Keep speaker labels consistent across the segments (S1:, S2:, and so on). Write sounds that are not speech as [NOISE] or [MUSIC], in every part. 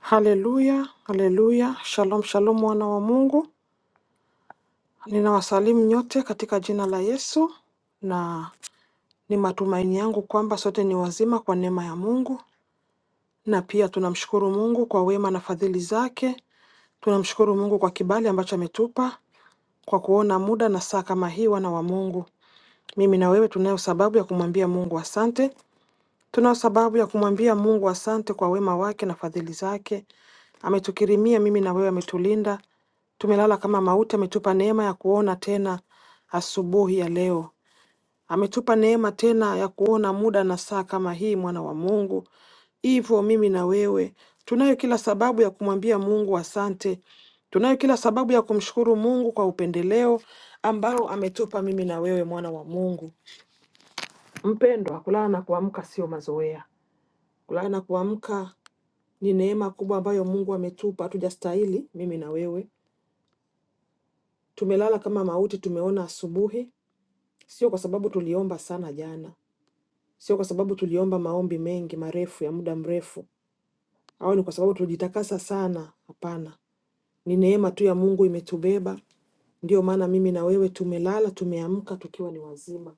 S1: Haleluya, haleluya. Shalom, shalom wana wa Mungu. Ninawasalimu nyote katika jina la Yesu na ni matumaini yangu kwamba sote ni wazima kwa neema ya Mungu na pia tunamshukuru Mungu kwa wema na fadhili zake. Tunamshukuru Mungu kwa kibali ambacho ametupa kwa kuona muda na saa kama hii wana wa Mungu. Mimi na wewe tunayo sababu ya kumwambia Mungu asante Tunao sababu ya kumwambia Mungu asante kwa wema wake na fadhili zake. Ametukirimia mimi na wewe, ametulinda. Tumelala kama mauti, ametupa neema ya kuona tena asubuhi ya leo. Ametupa neema tena ya kuona muda na saa kama hii, mwana wa Mungu. Hivyo mimi na wewe tunayo kila sababu ya kumwambia Mungu asante. Tunayo kila sababu ya kumshukuru Mungu kwa upendeleo ambao ametupa mimi na wewe, mwana wa Mungu. Mpendwa, kulala na kuamka sio mazoea. Kulala na kuamka ni neema kubwa ambayo Mungu ametupa, hatujastahili mimi na wewe. Tumelala kama mauti, tumeona asubuhi, sio kwa sababu tuliomba sana jana, sio kwa sababu tuliomba maombi mengi marefu ya muda mrefu, au ni kwa sababu tulijitakasa sana. Hapana, ni neema tu ya Mungu imetubeba. Ndiyo maana mimi na wewe tumelala, tumeamka tukiwa ni wazima.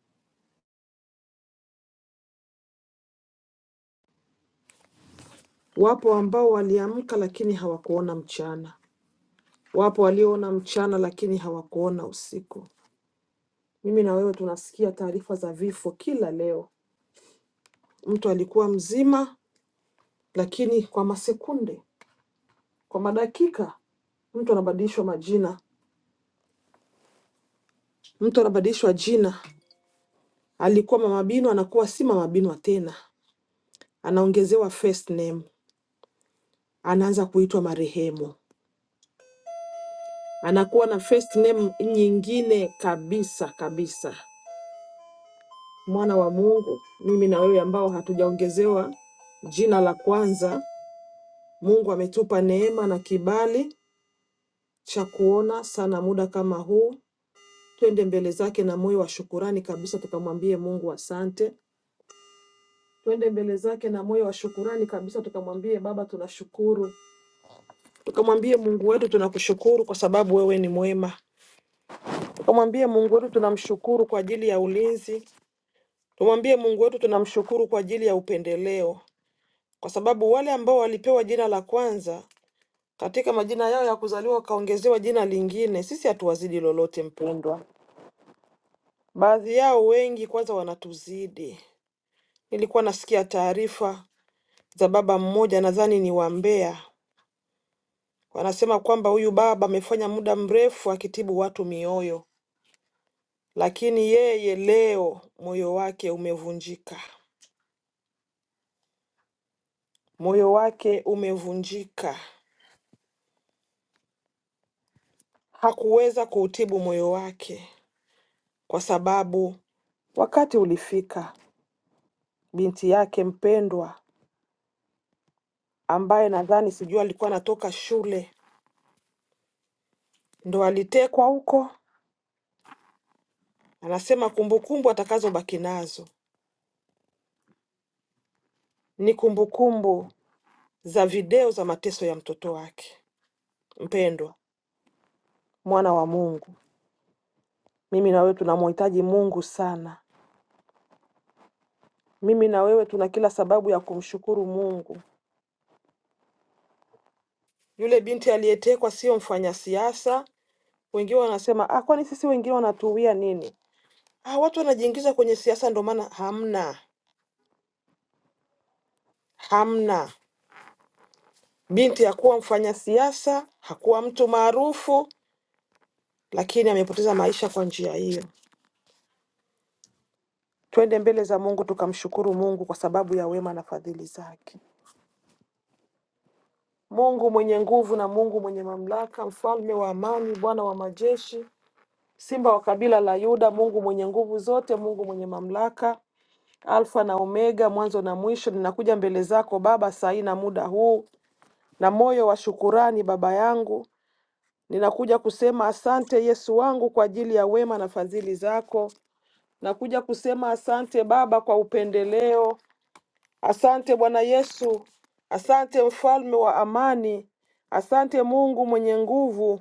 S1: Wapo ambao waliamka lakini hawakuona mchana, wapo walioona mchana lakini hawakuona usiku. Mimi na wewe tunasikia taarifa za vifo kila leo. Mtu alikuwa mzima, lakini kwa masekunde, kwa madakika, mtu anabadilishwa majina, mtu anabadilishwa jina. Alikuwa mama Binwa anakuwa si mama Binwa tena, anaongezewa first name, anaanza kuitwa marehemu, anakuwa na first name nyingine kabisa kabisa. Mwana wa Mungu, mimi na wewe ambao hatujaongezewa jina la kwanza, Mungu ametupa neema na kibali cha kuona sana muda kama huu. Twende mbele zake na moyo wa shukurani kabisa, tukamwambie Mungu asante. Twende mbele zake na moyo wa shukurani kabisa, tukamwambie Baba tunashukuru, tukamwambie Mungu wetu tunakushukuru kwa sababu wewe ni mwema, tukamwambie Mungu wetu tunamshukuru kwa ajili ya ulinzi, tumwambie Mungu wetu tunamshukuru kwa ajili ya upendeleo, kwa sababu wale ambao walipewa jina la kwanza katika majina yao ya kuzaliwa wakaongezewa jina lingine, sisi hatuwazidi lolote mpendwa. Baadhi yao wengi kwanza wanatuzidi. Nilikuwa nasikia taarifa za baba mmoja, nadhani ni wa Mbeya, wanasema kwamba huyu baba amefanya muda mrefu akitibu watu mioyo, lakini yeye leo moyo wake umevunjika, moyo wake umevunjika. Hakuweza kuutibu moyo wake kwa sababu wakati ulifika, binti yake mpendwa ambaye nadhani sijui alikuwa anatoka shule ndo alitekwa huko Anasema kumbukumbu atakazobaki nazo ni kumbukumbu za video za mateso ya mtoto wake mpendwa, mwana wa Mungu. Mimi na wewe tunamhitaji Mungu sana. Mimi na wewe tuna kila sababu ya kumshukuru Mungu. Yule binti aliyetekwa sio mfanyasiasa. Wengine wanasema ah, kwani sisi wengine wanatuwia nini? Ah, watu wanajiingiza kwenye siasa, ndo maana hamna hamna. Binti hakuwa mfanyasiasa, hakuwa mtu maarufu, lakini amepoteza maisha kwa njia hiyo. Twende mbele za Mungu tukamshukuru Mungu kwa sababu ya wema na fadhili zake. Mungu mwenye nguvu na Mungu mwenye mamlaka, mfalme wa amani, Bwana wa majeshi, simba wa kabila la Yuda, Mungu mwenye nguvu zote, Mungu mwenye mamlaka, Alfa na Omega, mwanzo na mwisho, ninakuja mbele zako Baba saa hii na muda huu na moyo wa shukurani, Baba yangu, ninakuja kusema asante Yesu wangu kwa ajili ya wema na fadhili zako. Nakuja kusema asante Baba kwa upendeleo Asante Bwana Yesu, asante mfalme wa amani, asante Mungu mwenye nguvu,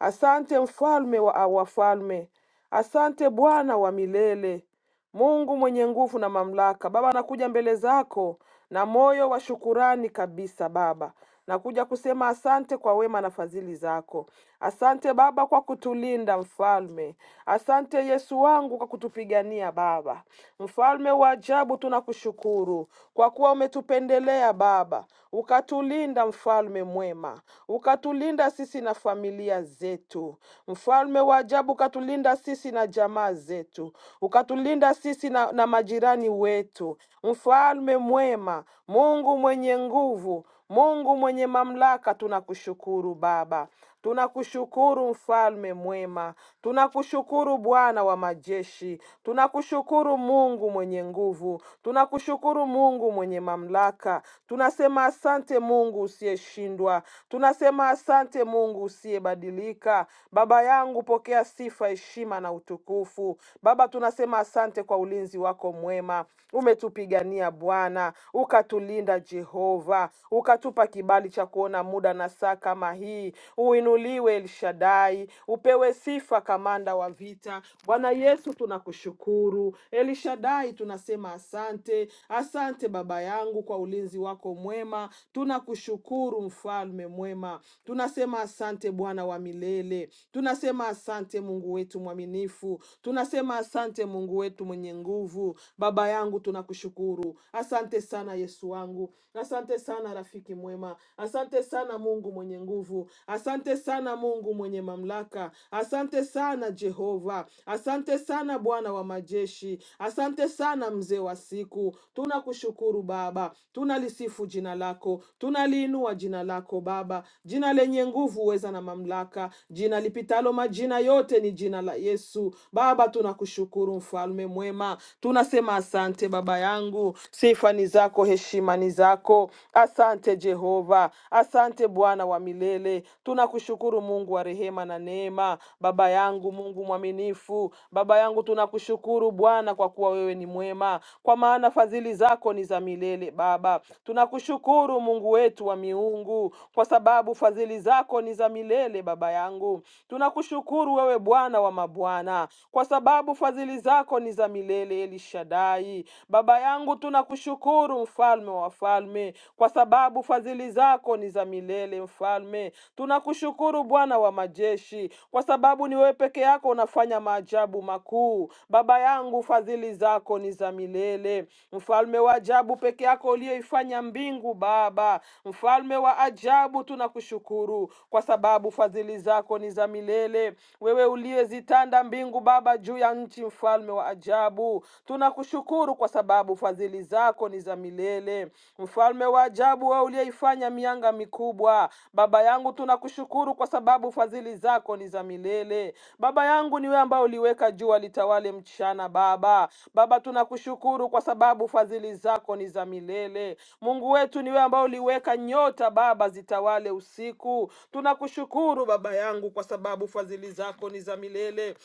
S1: asante mfalme wa a- wafalme, asante Bwana wa milele, Mungu mwenye nguvu na mamlaka. Baba, nakuja mbele zako na moyo wa shukurani kabisa Baba, Nakuja kusema asante kwa wema na fadhili zako. Asante Baba kwa kutulinda Mfalme. Asante Yesu wangu kwa kutupigania Baba. Mfalme wa ajabu, tunakushukuru kwa kuwa umetupendelea Baba, ukatulinda Mfalme mwema, ukatulinda sisi na familia zetu. Mfalme wa ajabu, ukatulinda sisi na jamaa zetu, ukatulinda sisi na, na majirani wetu. Mfalme mwema, Mungu mwenye nguvu, Mungu mwenye mamlaka, tunakushukuru Baba, tunakushukuru mfalme mwema, tunakushukuru Bwana wa majeshi, tunakushukuru Mungu mwenye nguvu, tunakushukuru Mungu mwenye mamlaka. Tunasema asante Mungu usiyeshindwa, tunasema asante Mungu usiyebadilika. Baba yangu, pokea sifa, heshima na utukufu. Baba, tunasema asante kwa ulinzi wako mwema, umetupigania Bwana ukatulinda Mpenda Jehova, ukatupa kibali cha kuona muda na saa kama hii. Uinuliwe El Shaddai, upewe sifa kamanda wa vita. Bwana Yesu tunakushukuru. El Shaddai tunasema asante, asante Baba yangu kwa ulinzi wako mwema. Tunakushukuru mfalme mwema, tunasema asante Bwana wa milele, tunasema asante Mungu wetu mwaminifu, tunasema asante Mungu wetu mwenye nguvu. Baba yangu tunakushukuru, asante Asante sana Yesu wangu, asante sana rafiki mwema, asante sana Mungu mwenye nguvu, asante sana Mungu mwenye mamlaka, asante sana Jehova, asante sana Bwana wa majeshi, asante sana mzee wa siku. Tunakushukuru Baba, tunalisifu jina lako, tunaliinua jina lako Baba, jina lenye nguvu, uweza na mamlaka, jina lipitalo majina yote, ni jina la Yesu. Baba, tunakushukuru mfalme mwema, tunasema asante. Asante baba yangu, sifa ni zako, heshima ni zako. Asante Jehova, asante Bwana wa milele. Tunakushukuru Mungu wa rehema na neema, baba yangu, Mungu mwaminifu. Baba yangu, tunakushukuru Bwana kwa kuwa wewe ni mwema, kwa maana fadhili zako ni za milele. Baba, tunakushukuru Mungu wetu wa miungu, kwa sababu fadhili zako ni za milele. Baba yangu, tunakushukuru wewe Bwana wa mabwana, kwa sababu fadhili zako ni za milele milele, El Shaddai. Baba yangu, tunakushukuru mfalme wa falme, kwa sababu fadhili zako ni za milele, mfalme. Tunakushukuru Bwana wa majeshi, kwa sababu ni wewe peke yako unafanya maajabu makuu. Baba yangu, fadhili zako ni za milele, mfalme wa ajabu, peke yako uliyoifanya mbingu. Baba mfalme wa ajabu, tunakushukuru kwa sababu fadhili zako ni za milele, wewe uliyezitanda mbingu Baba juu ya nchi nchi, mfalme wa ajabu. Tunakushukuru kwa sababu fadhili zako ni za milele, mfalme wa ajabu, wewe uliyeifanya mianga mikubwa. Baba yangu, tunakushukuru kwa sababu fadhili zako ni za milele. Baba yangu, ni wewe ambaye uliweka jua litawale mchana. Baba, Baba, tunakushukuru kwa sababu fadhili zako ni za milele. Mungu wetu, ni wewe ambaye uliweka nyota Baba zitawale usiku. Tunakushukuru Baba yangu kwa sababu fadhili zako ni za milele.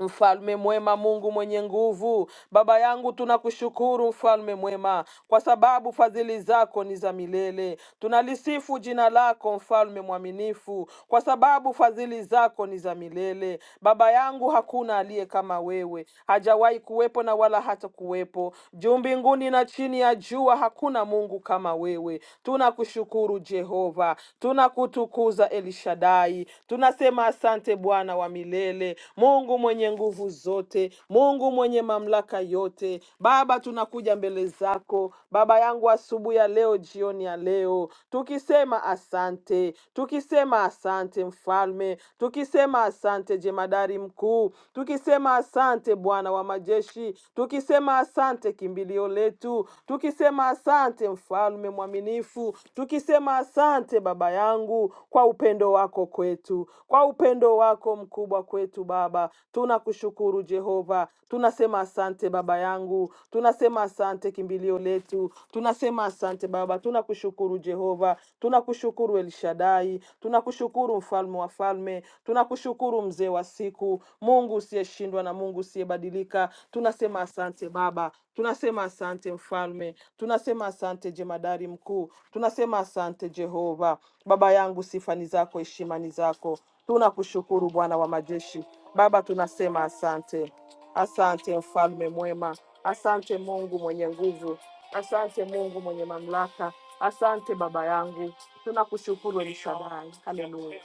S1: Mfalme mwema, Mungu mwenye nguvu, Baba yangu, tunakushukuru mfalme mwema, kwa sababu fadhili zako ni za milele. Tunalisifu jina lako mfalme mwaminifu, kwa sababu fadhili zako ni za milele. Baba yangu, hakuna aliye kama wewe, hajawahi kuwepo na wala hata kuwepo juu mbinguni na chini ya jua. Hakuna Mungu kama wewe. Tunakushukuru Jehova, tunakutukuza El Shaddai. Tunasema asante Bwana wa milele, Mungu mwenye nguvu zote, Mungu mwenye mamlaka yote. Baba, tunakuja mbele zako Baba yangu asubuhi ya leo, jioni ya leo, tukisema asante, tukisema asante Mfalme, tukisema asante Jemadari Mkuu, tukisema asante Bwana wa majeshi, tukisema asante kimbilio letu, tukisema asante Mfalme mfalme mwaminifu, tukisema asante Baba yangu kwa upendo wako kwetu, kwa upendo wako mkubwa kwetu Baba. Tunakushukuru Jehova, tunasema asante Baba yangu, tunasema asante kimbilio letu, tunasema asante Baba, tunakushukuru Jehova, tunakushukuru El Shaddai, tunakushukuru mfalme wa falme, tunakushukuru mzee wa siku, Mungu usiyeshindwa na Mungu usiyebadilika. Tunasema asante Baba, tunasema asante Mfalme, tunasema asante jemadari mkuu, tunasema asante Jehova. Baba yangu, sifa ni zako, heshima ni zako. Tunakushukuru Bwana wa majeshi. Baba, tunasema asante, asante mfalme mwema, asante Mungu mwenye nguvu, asante Mungu mwenye mamlaka, asante Baba yangu, tunakushukuru El Shaddai. Haleluya.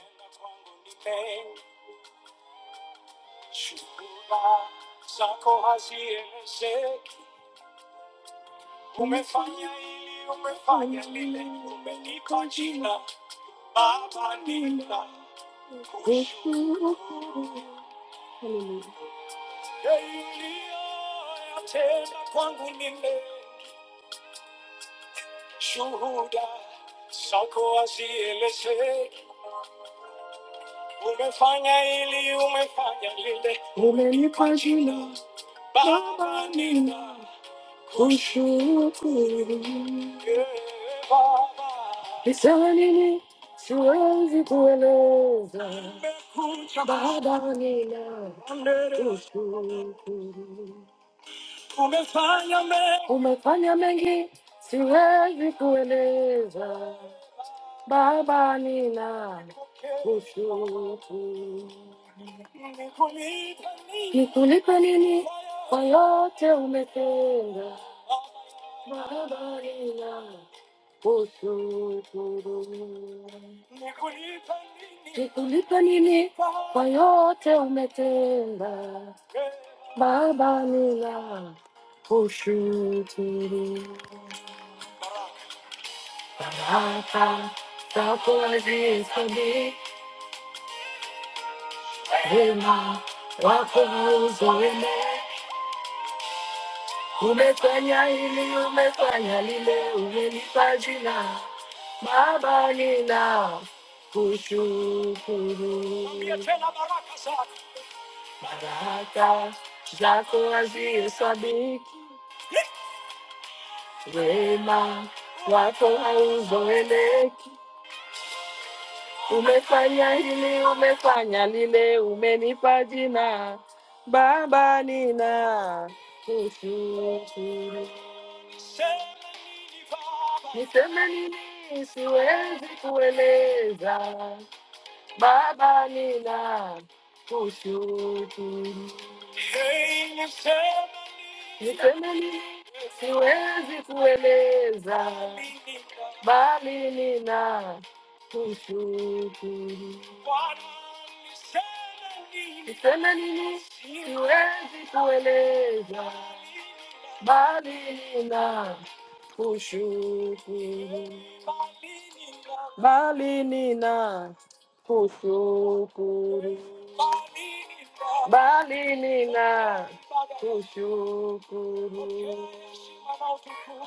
S1: Shukrani zako hazielezeki. Umefanya hili, umefanya lile, umenipa jina Baba nina kushukuru. Hallelujah. Yaliyoyatenda kwangu nime shuhuda zako hazielezeki. Umefanya hili, umefanya lile, umenipa jina Baba nina Nisanini, siwezi kueleza Baba nina kushukuru. Umefanya mengi siwezi eleza Baba kushukuru. nikuli, kwa yote umetenda Baba Nikulipa nini Nikulipa nini kwa yote umetenda Baba, nina kushukuru baraka zako hazihesabiki, wema wako hauzo wene. Umefanya hili, umefanya lile, umenipa jina Baba nina kushukuru. Mwambie tena baraka zako. Baraka zako hazihesabiki, wema wako hauzoeleki. Umefanya hili, umefanya lile, umenipa jina. Baba nina kushukuru. Sema nini Baba? Niseme nini? Siwezi kueleza Baba Nina, kushukuru. Ni semeni siwezi kueleza, bali nina kushukuru. Niseme nini siwezi kueleza, bali nina kushuku balinina kushukuru balinina kushukuru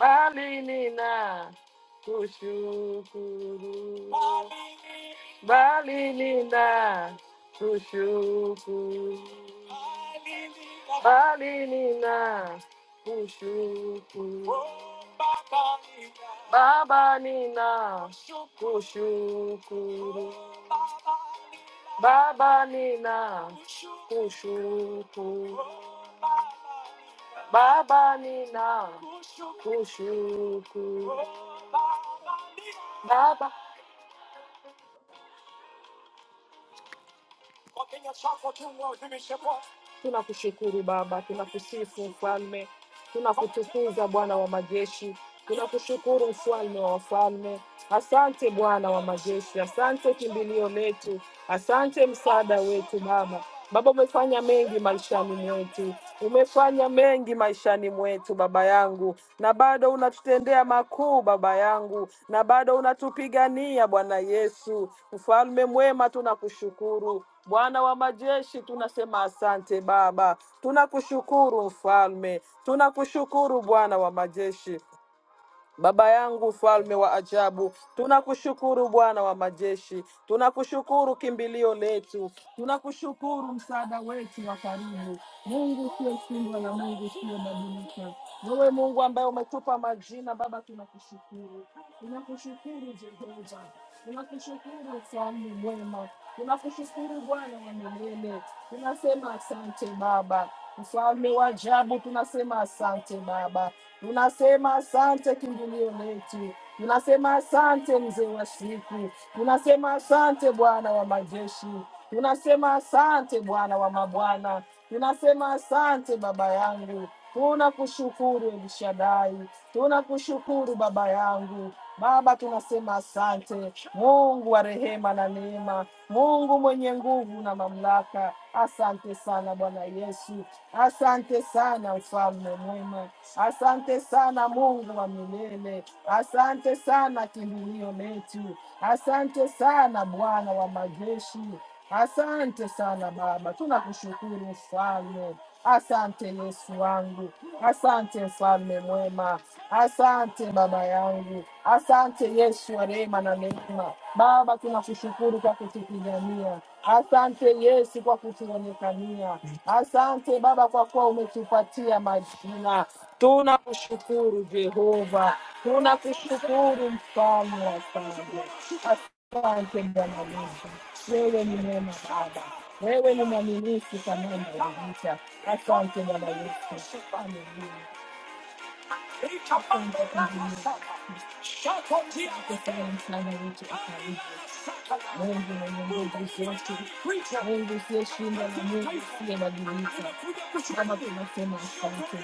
S1: balinina kushukuru balinina kushukuru balinina Oh, Baba Nina. Baba Nina. Shuku shukuru. Baba Nina. Shuku shukuru. Baba Nina. Shuku shukuru. Baba Tunakushukuru Baba, tunakusifu Mfalme, tunakutukuza Bwana wa majeshi, tunakushukuru Mfalme wa wafalme. Asante Bwana wa majeshi, asante kimbilio letu, asante msaada wetu Baba. Baba, umefanya mengi maishani mwetu, umefanya mengi maishani mwetu Baba yangu, na bado unatutendea makuu Baba yangu, na bado unatupigania Bwana Yesu. Mfalme mwema, tunakushukuru Bwana wa majeshi, tunasema asante Baba, tunakushukuru mfalme, tunakushukuru Bwana wa majeshi, Baba yangu mfalme wa ajabu, tunakushukuru Bwana wa majeshi, tunakushukuru kimbilio letu, tunakushukuru msaada wetu wa karibu. Mungu usiyeshindwa na Mungu usiyebadilika, wewe Mungu ambaye umetupa majina, Baba tunakushukuru, tunakushukuru Jehova, tunakushukuru mfalme mwema, tunakushukuru Bwana wa milele, tunasema asante Baba. Mfalme wa ajabu, tunasema asante Baba. Tunasema asante kimbilio letu, tunasema asante mzee wa siku, tunasema asante Bwana wa majeshi, tunasema asante Bwana wa mabwana, tunasema asante baba yangu, tunakushukuru Elishadai, tunakushukuru baba yangu. Baba, tunasema asante Mungu wa rehema na neema, Mungu mwenye nguvu na mamlaka, asante sana Bwana Yesu, asante sana mfalme mwema, asante sana Mungu wa milele, asante sana kimbilio letu, asante sana Bwana wa majeshi. Asante sana Baba, tunakushukuru mfalme. Asante Yesu wangu, asante mfalme mwema, asante baba yangu, asante Yesu wa rehema na neema. Baba, tunakushukuru kwa kutupigania, asante Yesu kwa kutuonekania, asante Baba kwa kuwa umetupatia majina. Tunakushukuru Jehova, tunakushukuru mfalme wa asante. Asante Bwana Yesu, wewe ni mwema Baba, wewe ni mwaminifu kwa ninayoridhisha. Asante Bwana Yesu, haleluya. Asante kwa ajili ya kutenda msaada wetu wa karibu. Mungu mwenye nguvu zote, Mungu usiyeshindwa na Mungu usiyebadilika. Baba, tunasema asante,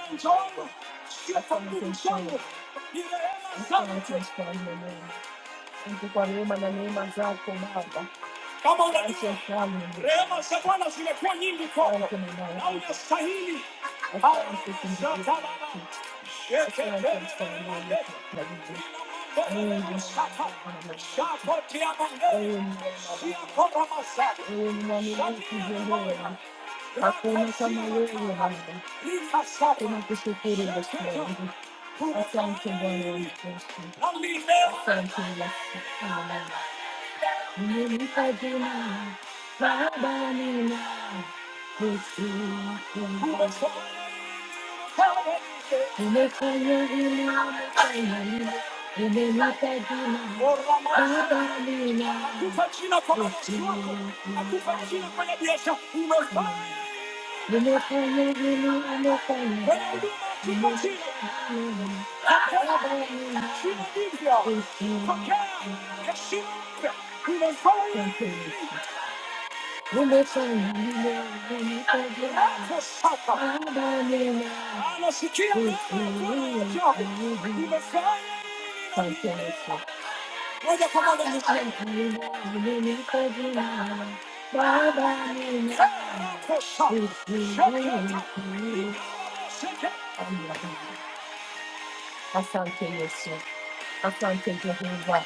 S1: asante Bwana. Asante kwa neema, asante kwa neema na neema zako Baba. Kama unajua Asante sana. rehema za Bwana zimekuwa nyingi kwako Asante Bwana. na unastahili. Asante kumtukuza. Haleluya. Shekepele Asante sana Bwana mandeka. Mungu. Ina mandele Mungu masaka. mwaminifu. Shako tia mandele. Wewe ni mwaminifu. Siako ramasaka. Wewe ni mwaminifu Shadia Jehova. kaboya. Hakuna kama Rakosima wewe kaya. Baba. Lika saka. Tunakushukuru this Sheketa. morning. Asante Bwana Tunafanya nini? Yesu. Na milele. Asante Yesu. Amen. Hakufanyika kwa maisha yako, hakufanyika kwa biashara, umefanya lile, umenipagina, Baba nila, Yesu ako. Thank you. Oh, yeah, come on, let me sing. Baba Nina. Asante Yesu. Asante Jehova.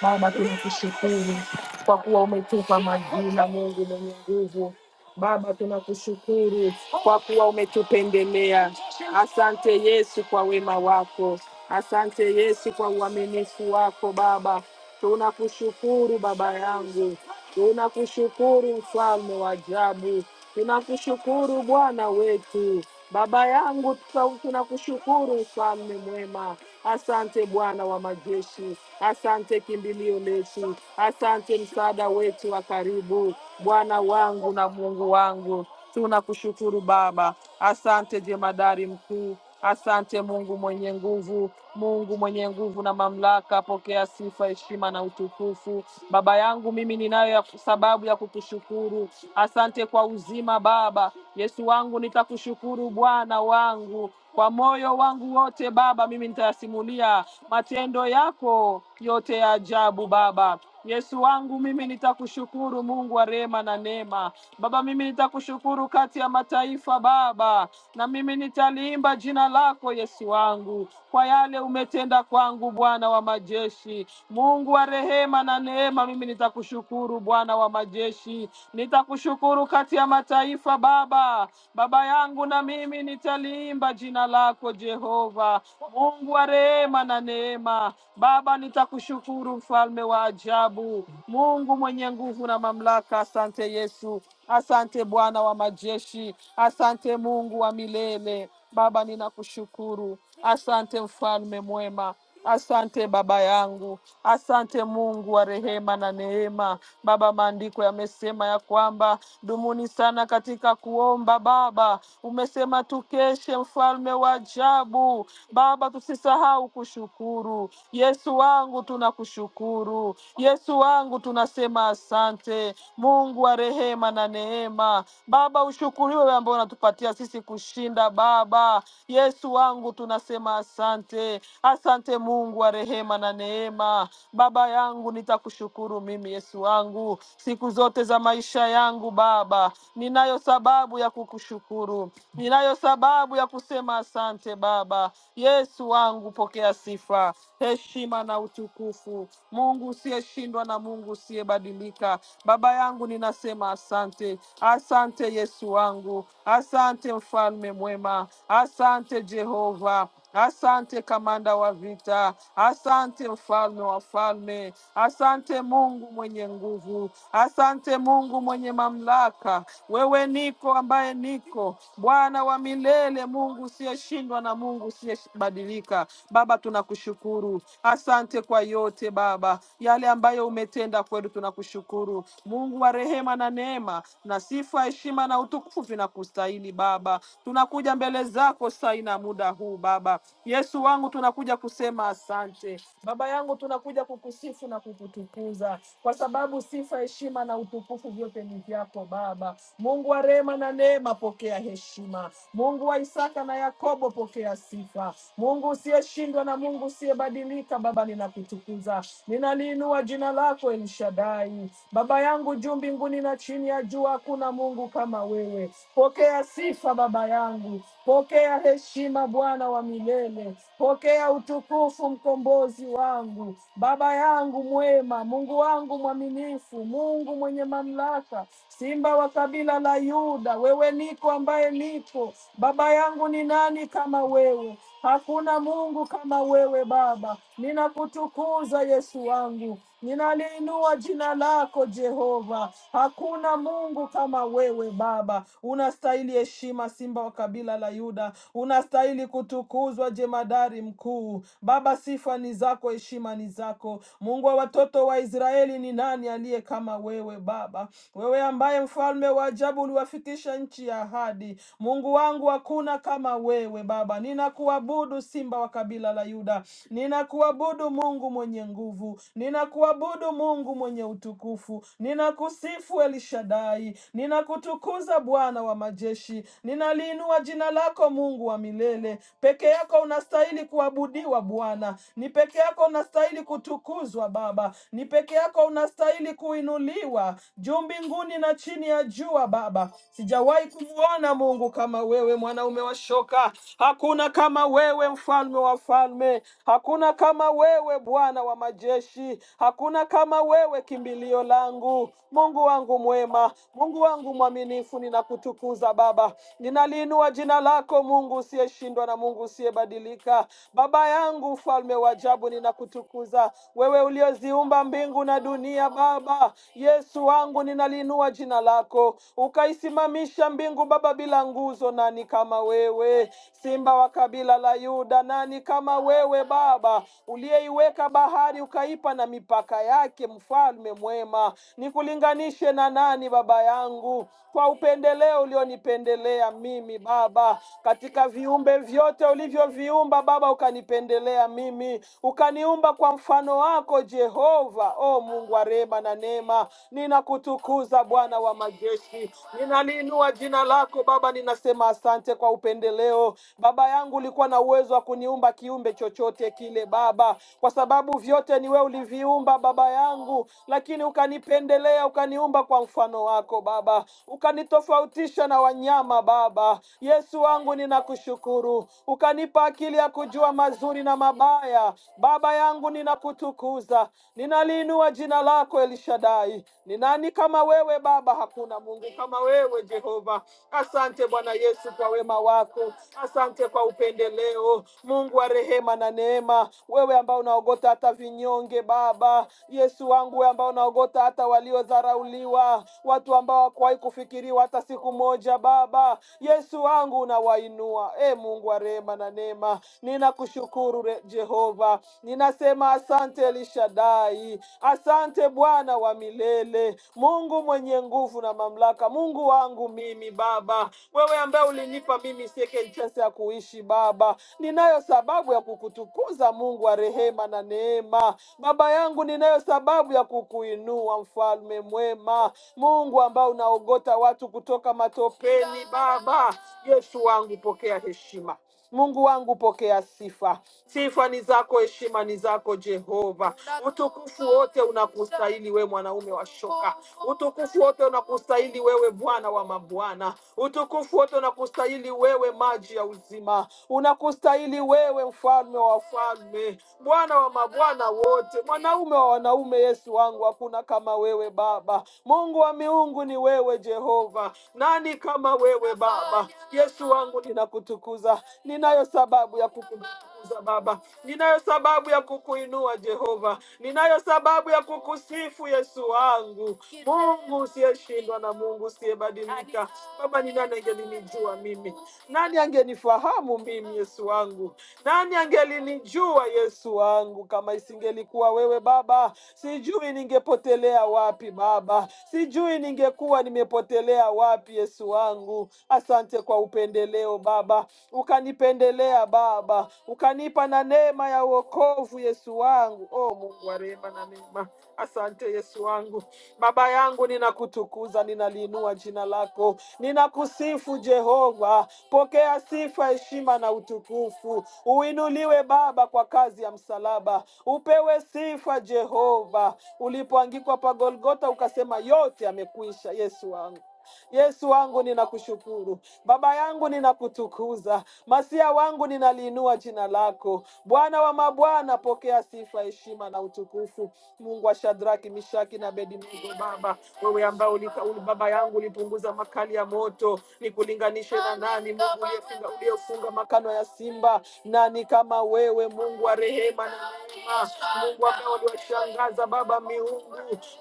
S1: Baba, tunakushukuru kwa kuwa umetupa majina, Mungu mwenye nguvu. Baba, tunakushukuru kwa kuwa umetupendelea. Asante Yesu kwa wema wako, asante Yesu kwa uaminifu wako. Baba, tunakushukuru baba yangu, tunakushukuru mfalme wa ajabu, tunakushukuru Bwana wetu. Baba yangu, tunakushukuru mfalme mwema. Asante Bwana wa majeshi, asante kimbilio letu, asante msaada wetu wa karibu, Bwana wangu na Mungu wangu. Tunakushukuru Baba, asante jemadari mkuu, asante Mungu mwenye nguvu, Mungu mwenye nguvu na mamlaka, pokea sifa, heshima na utukufu. Baba yangu, mimi ninayo ya- sababu ya kukushukuru. Asante kwa uzima Baba. Yesu wangu, nitakushukuru Bwana wangu, kwa moyo wangu wote Baba, mimi nitayasimulia matendo yako yote ya ajabu Baba. Yesu wangu mimi nitakushukuru, Mungu wa rehema na neema. Baba, mimi nitakushukuru kati ya mataifa Baba, na mimi nitaliimba jina lako Yesu wangu kwa yale umetenda kwangu, Bwana wa majeshi, Mungu wa rehema na neema. Mimi nitakushukuru Bwana wa majeshi, nitakushukuru kati ya mataifa Baba, Baba yangu na mimi nitaliimba jina lako Jehova, Mungu wa rehema na neema. Baba, nitakushukuru mfalme wa ajabu, Mungu mwenye nguvu na mamlaka. Asante Yesu, asante Bwana wa majeshi, asante Mungu wa milele. Baba, ninakushukuru, asante mfalme mwema. Asante baba yangu, asante Mungu wa rehema na neema. Baba, maandiko yamesema ya kwamba Dumuni sana katika kuomba Baba. Umesema tukeshe, mfalme wa ajabu. Baba, tusisahau kushukuru. Yesu wangu, tunakushukuru. Yesu wangu, tunasema asante. Mungu wa rehema na neema, Baba ushukuriwe wewe ambao unatupatia sisi kushinda. Baba Yesu wangu, tunasema asante. Asante Mungu wa rehema na neema, Baba yangu, nitakushukuru mimi Yesu wangu siku zote za maisha yangu. Baba, ninayo sababu ya kukushukuru, ninayo sababu ya kusema asante. Baba Yesu wangu, pokea sifa, heshima na utukufu. Mungu usiyeshindwa na Mungu usiyebadilika, Baba yangu, ninasema asante, asante Yesu wangu, asante mfalme mwema, asante Jehova, Asante kamanda wa vita, asante mfalme wa falme, asante Mungu mwenye nguvu, asante Mungu mwenye mamlaka. Wewe niko ambaye niko, Bwana wa milele, Mungu usiyeshindwa na Mungu usiyebadilika. Baba, tunakushukuru, asante kwa yote Baba, yale ambayo umetenda kwetu, tunakushukuru Mungu wa rehema na neema, na sifa, heshima na utukufu vinakustahili Baba. Tunakuja mbele zako saa hii na muda huu Baba Yesu wangu, tunakuja kusema asante. Baba yangu, tunakuja kukusifu na kukutukuza kwa sababu sifa, heshima na utukufu vyote ni vyako Baba. Mungu wa rehema na neema, pokea heshima. Mungu wa Isaka na Yakobo, pokea sifa. Mungu usiyeshindwa na Mungu usiyebadilika, Baba, ninakutukuza, ninaliinua jina lako El Shaddai. Baba yangu, juu mbinguni na chini ya jua hakuna Mungu kama wewe. Pokea sifa Baba yangu, pokea heshima Bwana wa wa milele. Pokea utukufu, mkombozi wangu, baba yangu mwema, Mungu wangu mwaminifu, Mungu mwenye mamlaka, simba wa kabila la Yuda. Wewe niko ambaye niko, baba yangu, ni nani kama wewe? Hakuna Mungu kama wewe Baba. Ninakutukuza Yesu wangu, Ninaliinua jina lako Jehova, hakuna Mungu kama wewe Baba. Unastahili heshima, Simba wa kabila la Yuda, unastahili kutukuzwa, jemadari mkuu. Baba, sifa ni zako, heshima ni zako. Mungu wa watoto wa Israeli, ni nani aliye kama wewe Baba? Wewe ambaye mfalme wa ajabu uliwafikisha nchi ya ahadi, Mungu wangu, hakuna kama wewe Baba. Ninakuabudu, Simba wa kabila la Yuda, nina Ninakuabudu Mungu mwenye nguvu, ninakuabudu Mungu mwenye utukufu, ninakusifu El Shaddai, ninakutukuza Bwana wa majeshi, ninaliinua jina lako Mungu wa milele. Peke yako unastahili kuabudiwa Bwana, ni peke yako unastahili kutukuzwa Baba, ni peke yako unastahili kuinuliwa juu mbinguni na chini ya jua Baba. Sijawahi kumwona Mungu kama wewe, mwanaume wa shoka, hakuna kama wewe, mfalme wa falme. Hakuna kama wewe, Bwana wa majeshi. Hakuna kama wewe, kimbilio langu, Mungu wangu mwema, Mungu wangu mwaminifu. Ninakutukuza Baba, ninaliinua jina lako, Mungu usiyeshindwa na Mungu usiyebadilika. Baba yangu, mfalme wa ajabu, ninakutukuza wewe, ulioziumba mbingu na dunia. Baba Yesu wangu, ninaliinua jina lako, ukaisimamisha mbingu Baba bila nguzo na nani kama wewe? Simba wa kabila la Yuda, nani kama wewe Baba, uliyeiweka bahari ukaipa na mipaka yake, mfalme mwema, nikulinganishe na nani baba yangu, kwa upendeleo ulionipendelea mimi Baba, katika viumbe vyote ulivyoviumba Baba, ukanipendelea mimi, ukaniumba kwa mfano wako Jehova. O Mungu wa rehema na neema, ninakutukuza Bwana wa majeshi, Ninaliinua jina lako Baba, ninasema asante kwa upendeleo. Baba yangu ulikuwa na uwezo wa kuniumba kiumbe chochote kile Baba, kwa sababu vyote ni wewe uliviumba Baba yangu, lakini ukanipendelea, ukaniumba kwa mfano wako Baba, ukanitofautisha na wanyama Baba. Yesu wangu, ninakushukuru, ukanipa akili ya kujua mazuri na mabaya. Baba yangu, ninakutukuza, ninaliinua jina lako El Shaddai, ni nani kama wewe Baba? Hakuna Mungu kama wewe Jehova. Asante Bwana Yesu kwa wema wako, asante kwa upendeleo, Mungu wa rehema na neema, wewe ambao unaogota hata vinyonge Baba Yesu wangu, wewe ambao unaogota hata waliodharauliwa, watu ambao hawakuwahi kufikiriwa hata siku moja. Baba Yesu wangu, unawainua e Mungu wa rehema na neema, ninakushukuru re- Jehova, ninasema asante Elishadai hai. Asante Bwana wa milele, Mungu mwenye nguvu na mamlaka, Mungu wangu mimi Baba, wewe ambaye ulinipa mimi second chance ya kuishi Baba, ninayo sababu ya kukutukuza Mungu wa rehema na neema. Baba yangu, ninayo sababu ya kukuinua, mfalme mwema, Mungu ambao unaogota watu kutoka matopeni. Baba Yesu wangu, pokea heshima Mungu wangu, pokea sifa. Sifa ni zako, heshima ni zako Jehova. Utukufu wote unakustahili we mwanaume wa shoka. Utukufu wote unakustahili wewe Bwana wa mabwana. Utukufu wote unakustahili wewe maji ya uzima. Unakustahili wewe mfalme wa wafalme, Bwana wa mabwana wote, mwanaume wa wanaume, Yesu wangu, hakuna kama wewe Baba. Mungu wa miungu ni wewe Jehova. Nani kama wewe Baba? Yesu wangu wangu ninakutukuza. Ninayo sababu ya kukutukuza Baba, ninayo sababu ya kukuinua Jehova, ninayo sababu ya kukusifu Yesu wangu, Mungu usiyeshindwa na Mungu usiyebadilika. Baba, ni nani angelinijua mimi? Nani angenifahamu mimi, Yesu wangu? Nani angelinijua Yesu wangu kama isingelikuwa wewe Baba? Sijui ningepotelea wapi Baba, sijui ningekuwa nimepotelea wapi Yesu wangu wangu. Asante kwa upendeleo Baba, ukanipendelea Baba, ukanipa na neema ya wokovu Yesu wangu. O Mungu wa rehema na neema, asante Yesu wangu. Baba yangu, ninakutukuza, ninaliinua jina lako, ninakusifu Jehova. Pokea sifa, heshima na utukufu. Uinuliwe Baba kwa kazi ya msalaba, upewe sifa Jehova. Ulipoangikwa pa Golgota ukasema yote yamekwisha, Yesu wangu Yesu wangu ninakushukuru, Baba yangu ninakutukuza, Masia wangu ninaliinua jina lako. Bwana wa mabwana, pokea sifa, heshima na utukufu. Mungu wa Shadraki, Mishaki na Abednego, Baba wewe ambao ulika- uli- baba yangu ulipunguza makali ya moto, nikulinganishe na nani? Mungu uliyefunga uliyofunga makano ya simba, nani kama wewe? Mungu wa rehema na neema, Mungu ambaye uliwashangaza Baba miungu,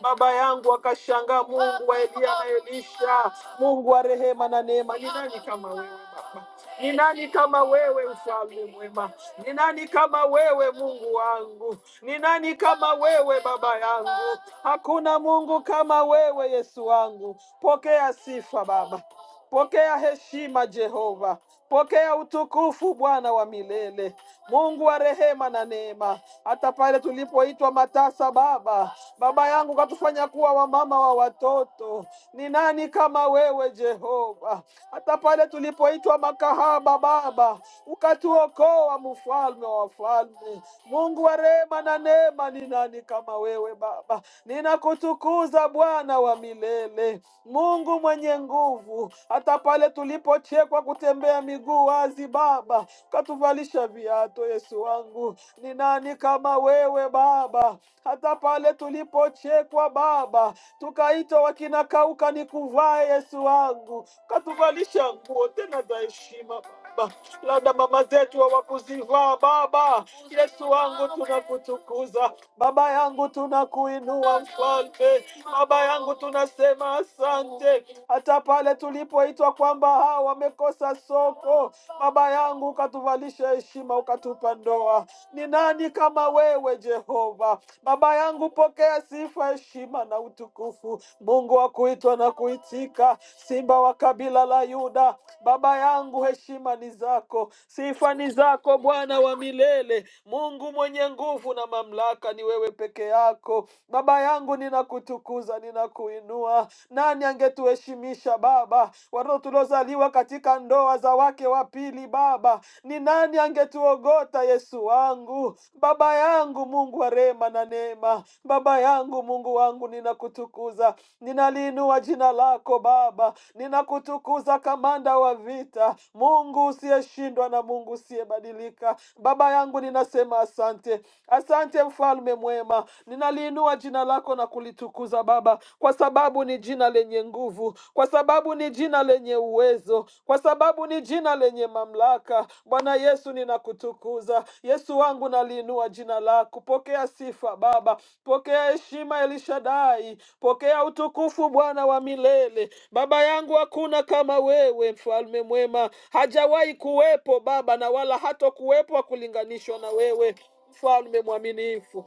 S1: Baba baba yangu, wakashangaa Mungu wa Eliya na Elisha, Mungu wa rehema na neema, ni nani kama wewe Baba? Ni nani kama wewe mfalme mwema? Ni nani kama wewe Mungu wangu? Ni nani kama wewe baba yangu? Hakuna Mungu kama wewe Yesu wangu. Pokea sifa Baba. Pokea heshima Jehova, pokea utukufu Bwana wa milele, Mungu wa rehema na neema. Hata pale tulipoitwa matasa, Baba, Baba yangu katufanya kuwa wamama wa watoto. Ni nani kama wewe Jehova? Hata pale tulipoitwa makahaba, Baba, ukatuokoa, mfalme wa wafalme, Mungu wa rehema na neema. Ni nani kama wewe Baba? Ninakutukuza Bwana wa milele, Mungu Mungu mwenye nguvu, hata pale tulipochekwa kutembea miguu wazi, Baba katuvalisha viatu. Yesu wangu, ni nani kama wewe Baba? Hata pale tulipochekwa Baba, tukaitwa wakinakauka ni kuvaa. Yesu wangu, katuvalisha nguo tena za heshima Baba, labda mama zetu hawakuzivaa Baba. Yesu wangu tunakutukuza, Baba yangu tunakuinua Mfalme, Baba yangu tunasema asante, hata pale tulipoitwa kwamba hawa wamekosa soko, Baba yangu ukatuvalisha heshima, ukatupa ndoa. Ni nani kama wewe Jehova? Baba yangu, pokea sifa, heshima na utukufu mtukufu, Mungu wa kuitwa na kuitika, Simba wa kabila la Yuda. Baba yangu, heshima ni zako, sifa ni zako, Bwana wa milele, Mungu mwenye nguvu na mamlaka, ni wewe peke yako. Baba yangu, ninakutukuza, ninakuinua. Nani angetuheshimisha Baba, watoto tuliozaliwa katika ndoa za wake wa pili? Baba, ni nani angetuogota Bwana Yesu wangu, Baba yangu, Mungu wa rehema na neema, Baba yangu, Mungu wangu, ninakutukuza, ninaliinua jina lako Baba, ninakutukuza kamanda wa vita, Mungu usiyeshindwa na Mungu usiyebadilika. Baba yangu, ninasema asante, asante mfalme mwema, ninaliinua jina lako na kulitukuza Baba, kwa sababu ni jina lenye nguvu, kwa sababu sababu ni jina lenye uwezo, kwa sababu ni jina lenye mamlaka. Bwana Yesu, ninakutukuza Yesu wangu, naliinua jina lako. Pokea sifa Baba, pokea heshima Elishadai, pokea utukufu Bwana wa milele. Baba yangu, hakuna kama wewe, mfalme mwema, hajawahi kuwepo Baba na wala hata kuwepo kulinganishwa na wewe, mfalme mwaminifu.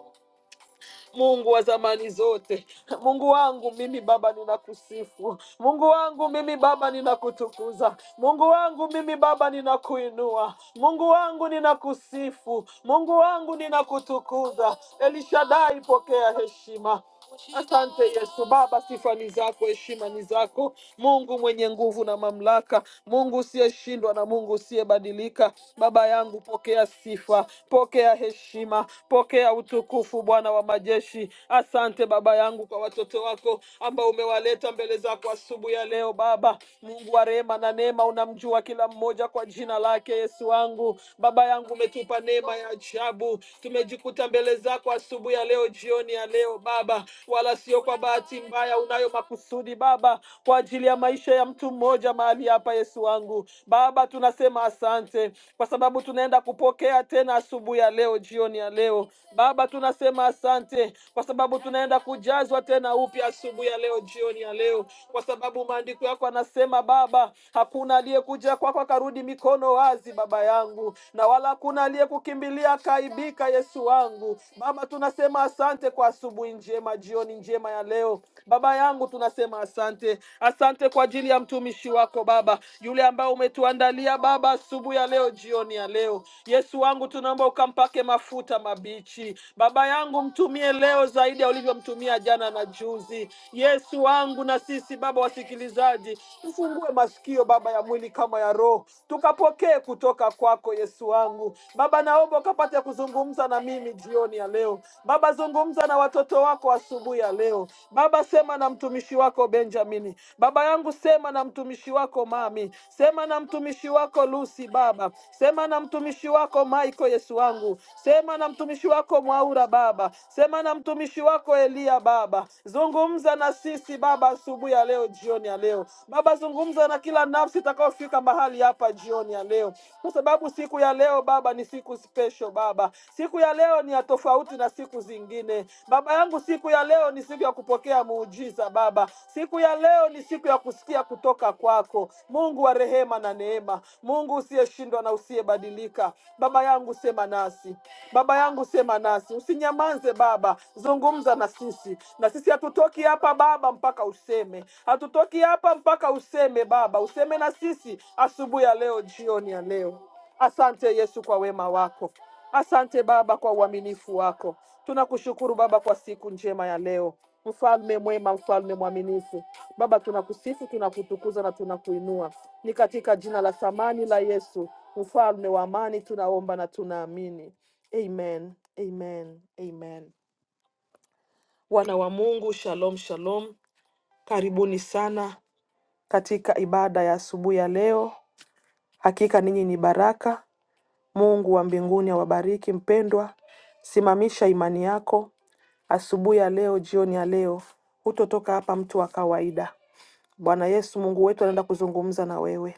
S1: Mungu wa zamani zote, Mungu wangu mimi Baba ninakusifu, Mungu wangu mimi Baba ninakutukuza, Mungu wangu mimi Baba ninakuinua, Mungu wangu ninakusifu, Mungu wangu ninakutukuza. Elishadai, pokea heshima. Asante Yesu. Baba, sifa ni zako, heshima ni zako, Mungu mwenye nguvu na mamlaka, Mungu usiyeshindwa na Mungu usiyebadilika. Baba yangu, pokea sifa, pokea heshima, pokea utukufu, Bwana wa majeshi. Asante Baba yangu kwa watoto wako ambao umewaleta mbele zako asubuhi ya leo. Baba Mungu wa rehema na neema, unamjua kila mmoja kwa jina lake. Yesu wangu, Baba yangu, umetupa neema ya ajabu Mungu, tumejikuta mbele zako asubuhi ya leo, jioni ya leo Baba, wala sio kwa bahati mbaya. Unayo makusudi Baba kwa ajili ya maisha ya mtu mmoja mahali hapa. Yesu wangu Baba, tunasema asante kwa sababu tunaenda kupokea tena asubuhi ya leo, jioni ya leo Baba, tunasema asante kwa sababu tunaenda kujazwa tena upya asubuhi ya leo, jioni ya leo, kwa sababu maandiko yako yanasema Baba, hakuna aliyekuja kwako akarudi mikono mikono wazi Baba yangu, na wala hakuna aliyekukimbilia akaibika. Yesu wangu Baba, tunasema asante kwa asubuhi njema, jioni njema ya leo. Baba yangu, tunasema asante, asante kwa ajili ya mtumishi wako Baba, yule ambaye umetuandalia Baba asubuhi ya leo, jioni ya leo. Yesu wangu, tunaomba ukampake mafuta mabichi Baba yangu, mtumie leo zaidi ya ulivyomtumia jana na juzi. Yesu wangu, na sisi Baba wasikilize msikilizaji, tufungue masikio Baba ya mwili kama ya roho, tukapokee kutoka kwako Yesu wangu. Baba, naomba ukapate kuzungumza na mimi jioni ya leo. Baba, zungumza na watoto wako asubuhi ya leo. Baba, sema na mtumishi wako Benjamini. Baba yangu, sema na mtumishi wako Mami, sema na mtumishi wako Lucy. Baba, sema na mtumishi wako Michael. Yesu wangu, sema na mtumishi wako Mwaura. Baba, sema na mtumishi wako Eli Angalia Baba, zungumza na sisi Baba asubuhi ya leo, jioni ya leo Baba, zungumza na kila nafsi itakayofika mahali hapa jioni ya leo, kwa sababu siku ya leo Baba ni siku special Baba, siku ya leo ni ya tofauti na siku zingine Baba yangu, siku ya leo ni siku ya kupokea muujiza Baba, siku ya leo ni siku ya kusikia kutoka kwako Mungu wa rehema na neema, Mungu usiyeshindwa na usiyebadilika. Baba yangu, sema nasi Baba yangu, sema nasi, usinyamanze Baba, zungumza na sisi. Na sisi hatutoki hapa Baba mpaka useme, hatutoki hapa mpaka useme Baba, useme na sisi asubuhi ya leo, jioni ya leo. Asante Yesu kwa wema wako, asante Baba kwa uaminifu wako. Tunakushukuru Baba kwa siku njema ya leo. Mfalme mwema, mfalme mwaminifu. Baba, tunakusifu, tunakutukuza na tunakuinua. Ni katika jina la thamani la Yesu, mfalme wa amani, tunaomba na tunaamini. Amen, amen, amen. Wana wa Mungu, shalom, shalom. Karibuni sana katika ibada ya asubuhi ya leo. Hakika ninyi ni baraka. Mungu wa mbinguni awabariki. Mpendwa, simamisha imani yako asubuhi ya leo, jioni ya leo, hutotoka hapa mtu wa kawaida. Bwana Yesu Mungu wetu anaenda kuzungumza na wewe.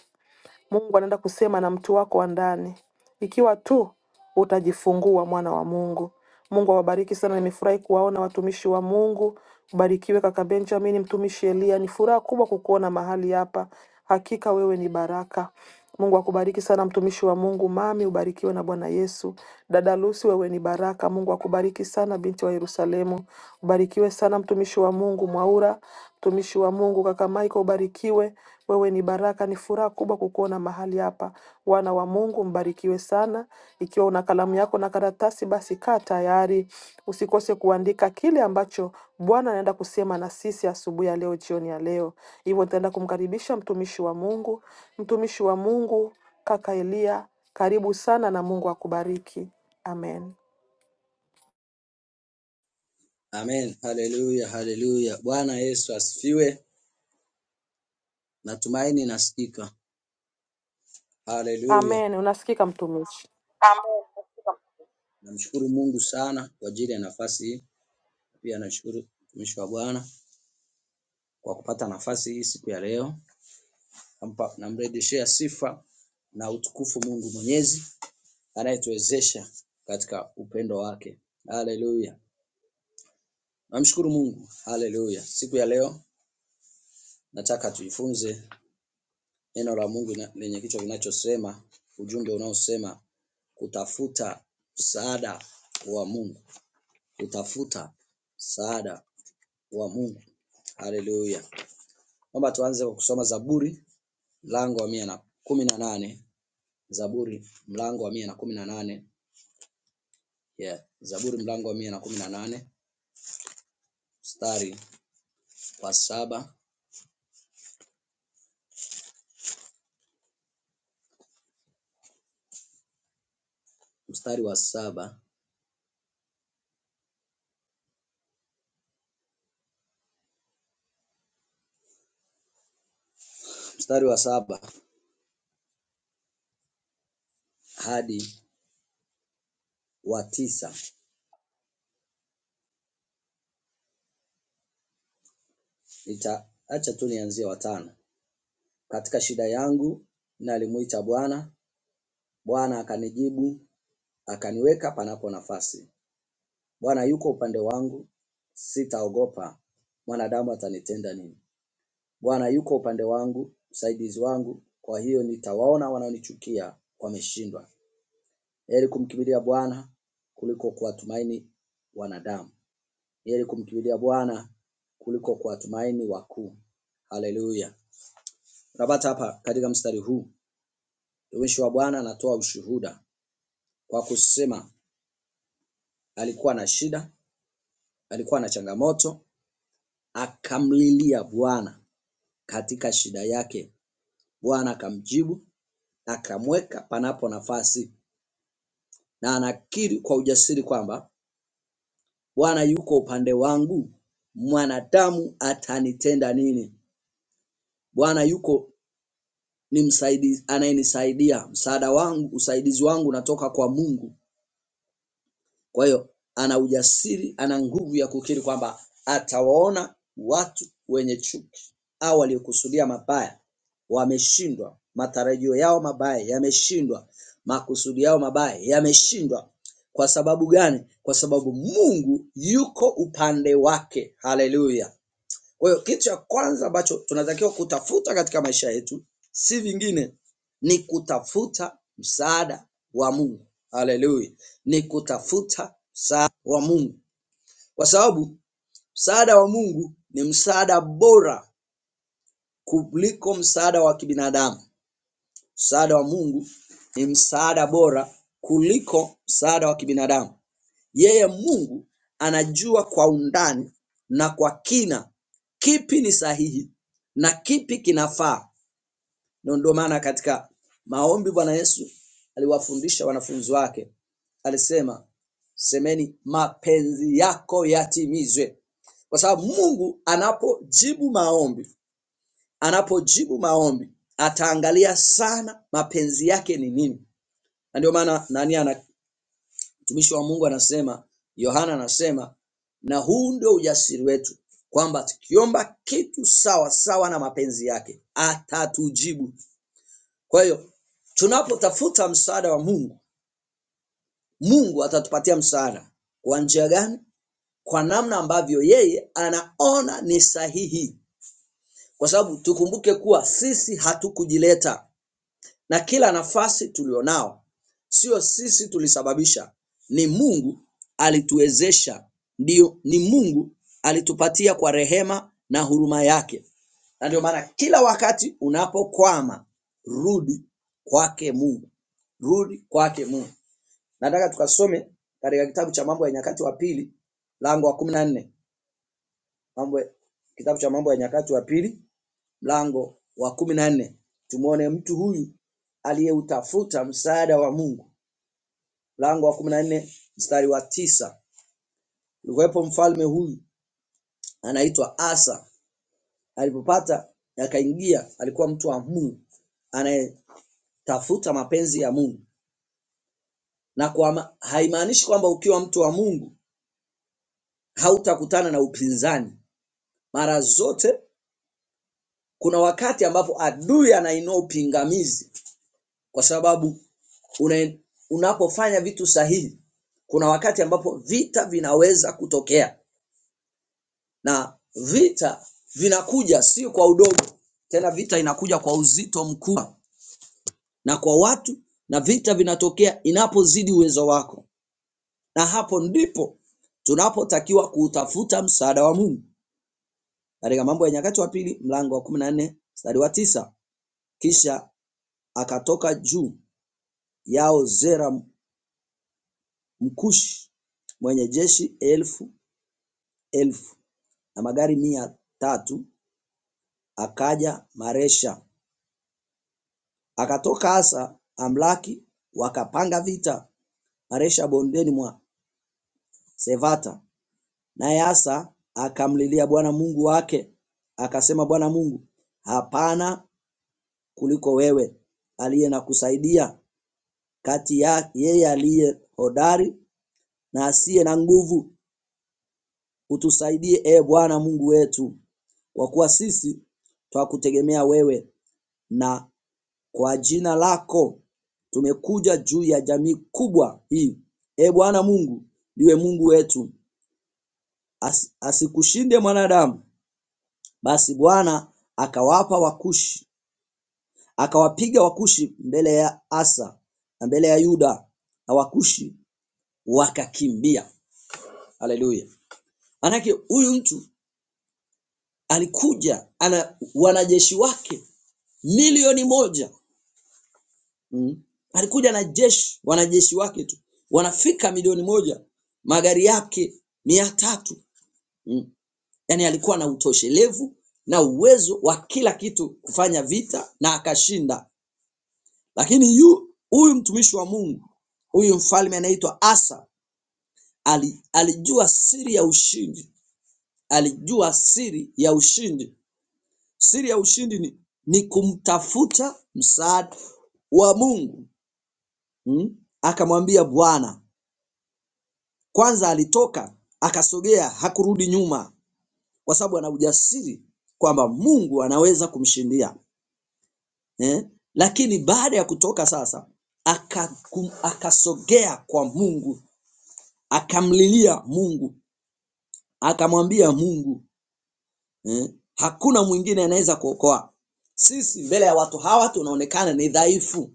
S1: Mungu anaenda kusema na mtu wako wa ndani, ikiwa tu utajifungua, mwana wa Mungu. Mungu awabariki sana. Nimefurahi kuwaona watumishi wa Mungu. Ubarikiwe kaka Benjamin, mtumishi Elia. Ni furaha kubwa kukuona mahali hapa, hakika wewe ni baraka. Mungu akubariki sana mtumishi wa Mungu. Mami, ubarikiwe na Bwana Yesu. Dada Lucy, wewe ni baraka. Mungu akubariki sana binti wa Yerusalemu. Ubarikiwe sana mtumishi wa Mungu Mwaura, mtumishi wa Mungu kaka Michael, ubarikiwe. Wewe ni baraka, ni furaha kubwa kukuona mahali hapa. Wana wa Mungu mbarikiwe sana. Ikiwa una kalamu yako na karatasi, basi kaa tayari, usikose kuandika kile ambacho Bwana anaenda kusema na sisi asubuhi ya leo, jioni ya leo. Hivyo nitaenda kumkaribisha mtumishi wa Mungu, mtumishi wa Mungu kaka Elia, karibu sana na Mungu akubariki. Amen.
S2: Amen. Haleluya, haleluya. Bwana Yesu asifiwe. Natumaini nasikika. Haleluya.
S1: Amen. Unasikika mtumishi.
S2: Amen. Namshukuru Mungu sana kwa ajili ya nafasi hii. Pia nashukuru mtumishi wa Bwana kwa kupata nafasi hii siku ya leo. Nampa- Namrejeshea sifa na utukufu Mungu Mwenyezi anayetuwezesha katika upendo wake. Haleluya. Namshukuru Mungu. Haleluya. Siku ya leo nataka tujifunze neno la Mungu na- lenye kichwa kinachosema ujumbe unaosema kutafuta msaada wa Mungu, kutafuta msaada wa Mungu. Haleluya! Naomba tuanze kwa kusoma Zaburi mlango wa mia na kumi na nane Zaburi mlango wa mia na kumi na nane yeah. Zaburi mlango wa mia na kumi na nane mstari wa saba mstari wa saba mstari wa saba hadi wa tisa nitaacha tu nianzie wa tano katika shida yangu nalimuita Bwana, Bwana akanijibu akaniweka panapo nafasi. Bwana yuko upande wangu, sitaogopa mwanadamu atanitenda nini. Bwana yuko upande wangu, msaidizi wangu, kwa hiyo nitawaona wanaonichukia wameshindwa. Heri kumkimbilia Bwana kuliko kuwatumaini wanadamu. Heri kumkimbilia Bwana kuliko kuwatumaini wakuu. Haleluya. Unapata hapa katika mstari huu, mtumishi wa Bwana anatoa ushuhuda kwa kusema alikuwa na shida, alikuwa na changamoto, akamlilia Bwana katika shida yake. Bwana akamjibu akamweka panapo nafasi, na anakiri kwa ujasiri kwamba Bwana yuko upande wangu, mwanadamu atanitenda nini? Bwana yuko ni msaidizi, anayenisaidia msaada wangu, usaidizi wangu unatoka kwa Mungu. Kwa hiyo ana ujasiri, ana nguvu ya kukiri kwamba atawaona watu wenye chuki au waliokusudia mabaya wameshindwa, matarajio yao mabaya yameshindwa, makusudi yao mabaya yameshindwa. Kwa sababu gani? Kwa sababu Mungu yuko upande wake. Haleluya! Kwa hiyo kitu cha kwanza ambacho tunatakiwa kutafuta katika maisha yetu si vingine, ni kutafuta msaada wa Mungu. Haleluya, ni kutafuta msaada wa Mungu, kwa sababu msaada wa Mungu ni msaada bora kuliko msaada wa kibinadamu. Msaada wa Mungu ni msaada bora kuliko msaada wa kibinadamu. Yeye Mungu anajua kwa undani na kwa kina kipi ni sahihi na kipi kinafaa. Na Ndio maana katika maombi Bwana Yesu aliwafundisha wanafunzi wake, alisema semeni, mapenzi yako yatimizwe, kwa sababu Mungu anapojibu maombi, anapojibu maombi ataangalia sana mapenzi yake ni nini, na ndio maana nani ana Mtumishi wa Mungu anasema, Yohana anasema, na huu ndio ujasiri wetu kwamba tukiomba kitu sawa sawa na mapenzi yake atatujibu. Kwa hiyo tunapotafuta msaada wa Mungu, Mungu atatupatia msaada. Kwa njia gani? Kwa namna ambavyo yeye anaona ni sahihi, kwa sababu tukumbuke kuwa sisi hatukujileta. na kila nafasi tulionao sio sisi tulisababisha, ni Mungu alituwezesha, ndio, ni Mungu alitupatia kwa rehema na huruma yake. Na ndio maana kila wakati unapokwama, rudi kwake Mungu, rudi kwake Mungu. Nataka tukasome katika kitabu cha Mambo ya Nyakati wa Pili, lango wa kumi na nne, mambo kitabu cha Mambo ya Nyakati wa Pili mlango wa kumi na nne tumwone mtu huyu aliyeutafuta msaada wa Mungu, mlango wa kumi na nne mstari wa tisa Ulikuwepo mfalme huyu anaitwa Asa, alipopata akaingia, alikuwa mtu wa Mungu anayetafuta mapenzi ya Mungu, na kwa ma- haimaanishi kwamba ukiwa mtu wa Mungu hautakutana na upinzani. Mara zote kuna wakati ambapo adui anainua upingamizi, kwa sababu una, unapofanya vitu sahihi, kuna wakati ambapo vita vinaweza kutokea, na vita vinakuja si kwa udogo tena, vita inakuja kwa uzito mkubwa na kwa watu, na vita vinatokea inapozidi uwezo wako, na hapo ndipo tunapotakiwa kutafuta msaada wa Mungu katika Mambo ya Nyakati wa Pili mlango wa kumi na nne mstari wa tisa kisha akatoka juu yao Zera Mkushi mwenye jeshi elfu elfu na magari mia tatu akaja Maresha akatoka Asa amlaki wakapanga vita Maresha bondeni mwa Sevata naye Asa akamlilia Bwana Mungu wake akasema Bwana Mungu hapana kuliko wewe aliye na kusaidia kati ya yeye aliye hodari na asiye na nguvu utusaidie e Bwana Mungu wetu kwa kuwa sisi twakutegemea wewe na Kwa jina lako tumekuja juu ya jamii kubwa hii. E Bwana Mungu, ndiwe Mungu wetu, As, asikushinde mwanadamu. Basi Bwana akawapa Wakushi, akawapiga Wakushi mbele ya Asa na mbele ya Yuda, na Wakushi wakakimbia. Haleluya! Manake huyu mtu alikuja ana wanajeshi wake milioni moja Mm. Alikuja na jeshi, wanajeshi wake tu wanafika milioni moja, magari yake mia tatu. Mm. Yaani alikuwa na utoshelevu na uwezo wa kila kitu kufanya vita na akashinda. Lakini yu huyu mtumishi wa Mungu, huyu mfalme anaitwa Asa, ali, alijua siri ya ushindi, alijua siri ya ushindi. Siri ya ushindi ni, ni kumtafuta msaada wa Mungu. Mm. Akamwambia Bwana Kwanza alitoka akasogea, hakurudi nyuma, kwa sababu ana ujasiri kwamba Mungu anaweza kumshindia eh? Lakini baada ya kutoka sasa akakum, akasogea kwa Mungu, akamlilia Mungu, akamwambia Mungu eh? hakuna mwingine anaweza kuokoa sisi mbele ya watu hawa tunaonekana ni dhaifu,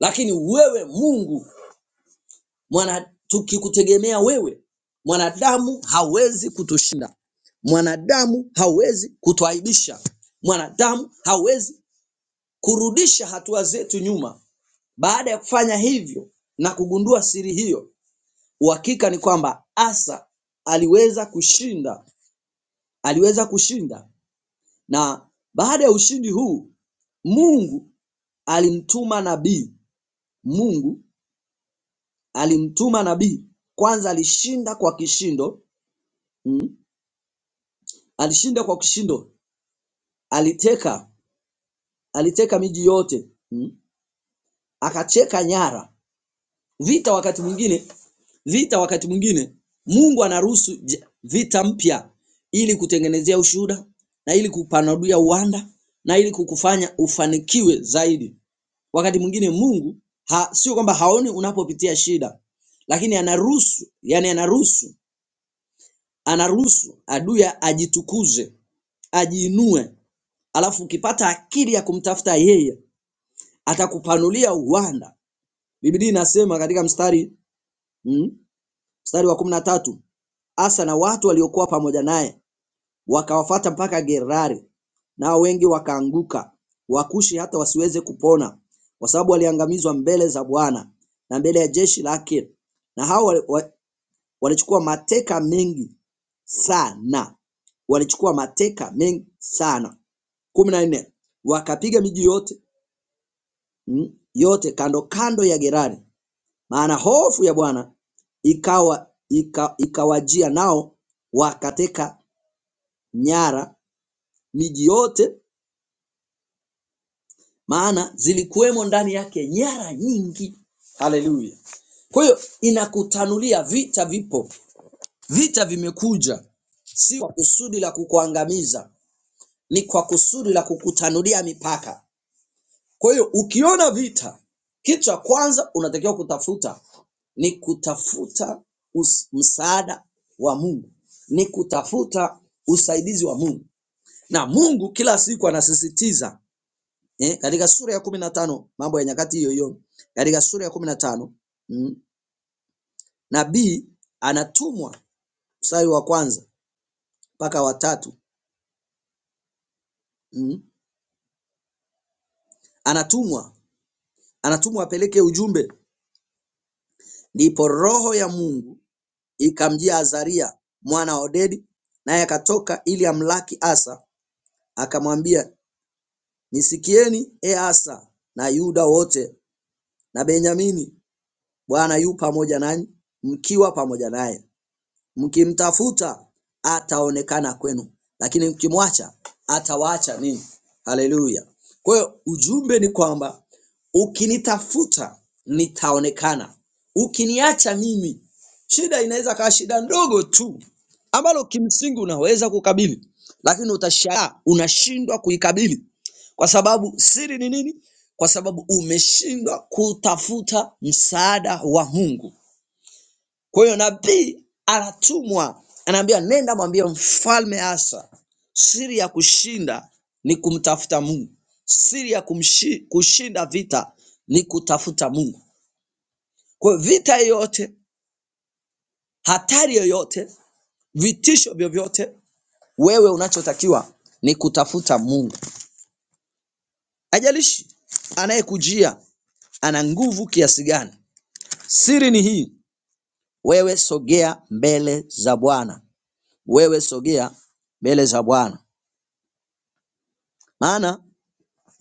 S2: lakini wewe Mungu Mwana, tukikutegemea wewe, mwanadamu hawezi kutushinda, mwanadamu hawezi kutuaibisha, mwanadamu hawezi kurudisha hatua zetu nyuma. Baada ya kufanya hivyo na kugundua siri hiyo, uhakika ni kwamba Asa aliweza kushinda, aliweza kushinda. Na baada ya ushindi huu, Mungu alimtuma nabii, Mungu alimtuma nabii. Kwanza alishinda kwa kishindo, alishinda kwa kishindo aliteka aliteka miji yote mm? akacheka nyara vita wakati mwingine vita wakati mwingine mungu anaruhusu j- vita mpya ili kutengenezea ushuhuda na ili kupanulia uwanda na ili kukufanya ufanikiwe zaidi wakati mwingine mungu ha, sio kwamba haoni unapopitia shida lakini anaruhusu yani anaruhusu anaruhusu adui ajitukuze ajiinue alafu ukipata akili ya kumtafuta yeye atakupanulia uwanda. Biblia inasema katika mstari mm, mstari wa kumi na tatu Asa na watu waliokuwa pamoja naye wakawafata mpaka Gerari, nao wengi wakaanguka, Wakushi hata wasiweze kupona, kwa sababu waliangamizwa mbele za Bwana na mbele ya jeshi lake. Na hao wali- wa- walichukua mateka mengi sana, walichukua mateka mengi sana. kumi na nne wakapiga miji yote mm, yote kando kando ya Gerari maana hofu ya Bwana ikawa ika, ikawajia nao wakateka nyara miji yote, maana zilikuwemo ndani yake nyara nyingi. Haleluya! Kwa hiyo inakutanulia vita vipo, vita vimekuja, si kwa kusudi la kukuangamiza, ni kwa kusudi la kukutanulia mipaka. Kwa hiyo ukiona vita, kitu cha kwanza unatakiwa kutafuta ni kutafuta us- msaada wa Mungu, ni kutafuta usaidizi wa Mungu. Na Mungu kila siku anasisitiza eh, katika sura ya kumi na tano mambo ya nyakati hiyo hiyo, katika sura ya kumi na tano mm, nabii anatumwa mstari wa kwanza mpaka watatu mm, anatumwa anatumwa apeleke ujumbe, ndipo Roho ya Mungu Ikamjia Azaria mwana wa Odedi, naye akatoka ili amlaki Asa. Akamwambia, nisikieni ee Asa na Yuda wote na Benyamini, Bwana yu pamoja nanyi, mkiwa pamoja naye. Mkimtafuta ataonekana kwenu, lakini mkimwacha atawaacha ninyi. Haleluya! Kwa hiyo ujumbe ni kwamba ukinitafuta nitaonekana, ukiniacha mimi. Shida inaweza kawa shida ndogo tu ambalo kimsingi unaweza kukabili, lakini utashangaa unashindwa kuikabili. Kwa sababu siri ni nini? Kwa sababu umeshindwa kutafuta msaada wa Mungu. Kwa hiyo nabii anatumwa, anaambia nenda mwambie mfalme Asa, siri ya kushinda ni kumtafuta Mungu, siri ya kumshi, kushinda vita ni kutafuta Mungu. Kwa hiyo vita yoyote, hatari yoyote, vitisho vyovyote, wewe unachotakiwa ni kutafuta Mungu. Ajalishi anayekujia ana nguvu kiasi gani. Siri ni hii, wewe sogea mbele za Bwana, wewe sogea mbele za Bwana. Maana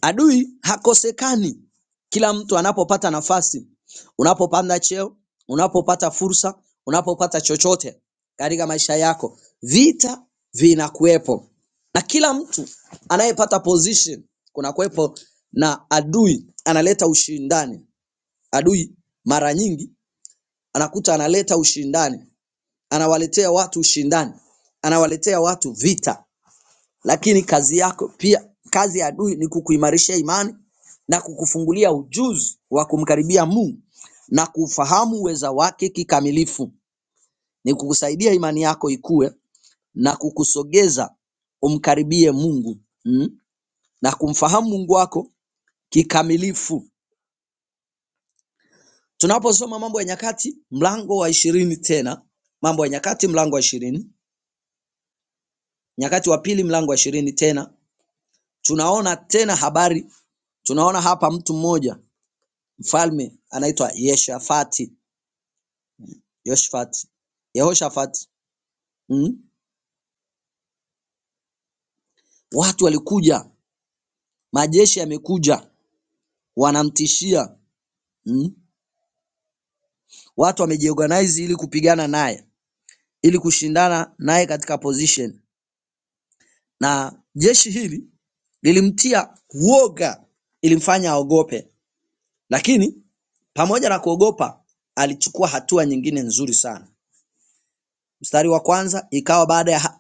S2: adui hakosekani kila mtu anapopata nafasi, unapopanda cheo, unapopata fursa, unapopata chochote katika maisha yako, vita vinakuwepo na kila mtu anayepata position kunakuwepo na adui analeta ushindani. Adui mara nyingi anakuta analeta ushindani, anawaletea watu ushindani, anawaletea watu vita lakini kazi yako pia, kazi ya adui ni kukuimarishia imani na kukufungulia ujuzi wa kumkaribia Mungu na kuufahamu uweza wake kikamilifu. Ni kukusaidia imani yako ikue na kukusogeza umkaribie Mungu mm, na kumfahamu Mungu wako kikamilifu. Tunaposoma Mambo ya Nyakati mlango wa ishirini tena Mambo ya Nyakati mlango wa ishirini Nyakati wa pili mlango wa ishirini tena tunaona tena habari, tunaona hapa mtu mmoja Mfalme anaitwa Yehoshafati. Yehoshafati. Yehoshafati. Mm. Watu walikuja, majeshi yamekuja, wanamtishia. Mm. Watu wamejiorganize ili kupigana naye, ili kushindana naye katika position. Na jeshi hili lilimtia uoga, ilimfanya aogope, lakini pamoja na kuogopa alichukua hatua nyingine nzuri sana. Mstari wa kwanza ikawa baada ya ha-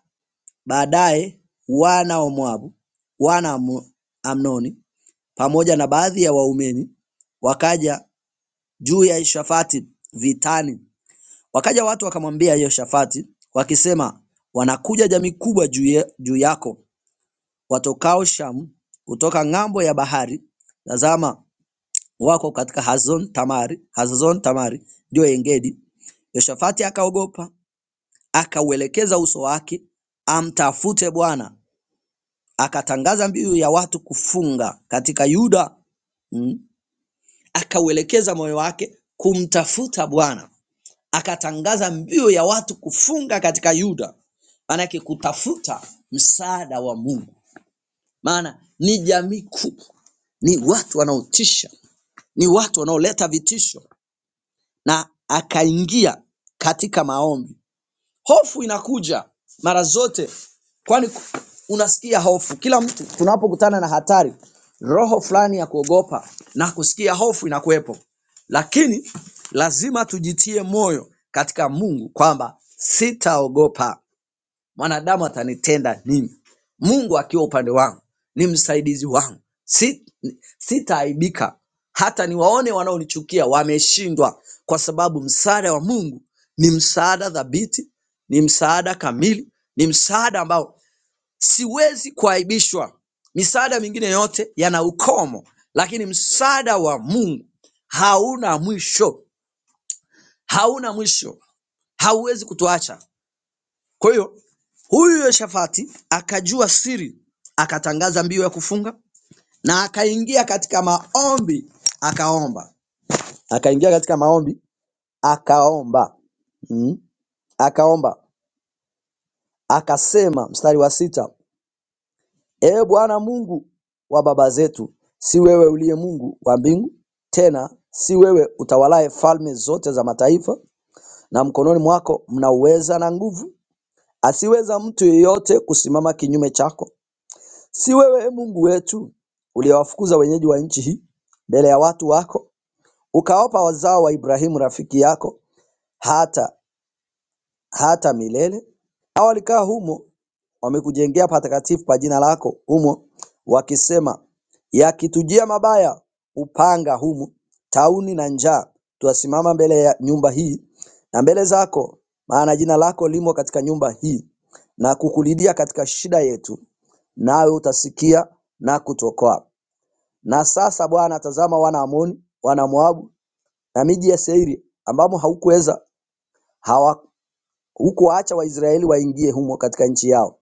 S2: Baadaye wana wa Moabu, wana wa Amnoni pamoja na baadhi ya Waumeni wakaja juu ya Yehoshafati vitani. Wakaja watu wakamwambia Yehoshafati wakisema, “Wanakuja jamii kubwa juu ye- juu yako watokao Shamu, kutoka ng'ambo ya bahari. Tazama, wako katika Hazon Tamari, Hazazon Tamari ndiyo Engedi.” Yehoshafati akaogopa, akauelekeza uso wake amtafute Bwana akatangaza mbiu ya watu kufunga katika Yuda mm, akauelekeza moyo wake kumtafuta Bwana, akatangaza mbiu ya watu kufunga katika Yuda, maanake kutafuta msaada wa Mungu. Maana ni jamii kubwa, ni watu wanaotisha, ni watu wanaoleta vitisho, na akaingia katika maombi Hofu inakuja mara zote, kwani unasikia hofu. Kila mtu tunapokutana na hatari, roho fulani ya kuogopa na kusikia hofu inakuwepo, lakini lazima tujitie moyo katika Mungu kwamba sitaogopa mwanadamu atanitenda nini? Mungu akiwa upande wangu ni msaidizi wangu, Si- sitaaibika. Hata niwaone wanaonichukia wameshindwa, kwa sababu msaada wa Mungu ni msaada thabiti, ni msaada kamili, ni msaada ambao siwezi kuaibishwa. Misaada mingine yote yana ukomo, lakini msaada wa Mungu hauna mwisho, hauna mwisho, hauwezi kutuacha. Kwa hiyo huyu Yoshafati akajua siri, akatangaza mbio ya kufunga na akaingia katika maombi akaomba, akaingia katika maombi akaomba mm. akaomba akasema, mstari wa sita, Ee Bwana Mungu wa baba zetu, si wewe uliye Mungu wa mbingu, tena si wewe utawalaye falme zote za mataifa, na mkononi mwako mna uweza na nguvu, asiweza mtu yeyote kusimama kinyume chako. Si wewe ee Mungu wetu uliwafukuza wenyeji wa nchi hii mbele ya watu wako, ukawapa wazao wa Ibrahimu rafiki yako hata hata milele? Hao walikaa humo, wamekujengea patakatifu pa jina lako humo, wakisema, yakitujia mabaya, upanga humu, tauni na njaa, twasimama mbele ya nyumba hii na mbele zako, maana jina lako limo katika nyumba hii, na kukulilia katika shida yetu, nawe utasikia na kutuokoa. Na sasa Bwana tazama wana wa Amoni, wana wa Moabu na miji ya Seiri ambamo haukuweza hawa hukuwaacha Waisraeli waingie humo katika nchi yao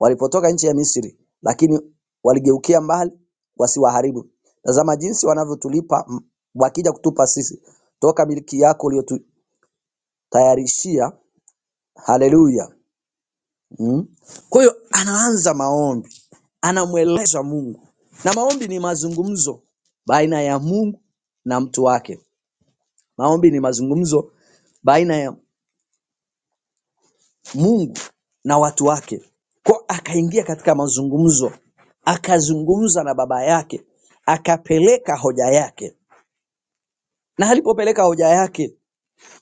S2: walipotoka nchi ya Misri, lakini waligeukia mbali wasiwaharibu. Tazama jinsi wanavyotulipa m- wakija kutupa sisi toka milki yako uliyotutayarishia. Haleluya! Mm. Kwa hiyo anaanza maombi, anamweleza Mungu, na maombi ni mazungumzo baina ya Mungu na mtu wake. Maombi ni mazungumzo baina ya Mungu na watu wake. Kwa akaingia katika mazungumzo, akazungumza na baba yake, akapeleka hoja yake, na alipopeleka hoja yake,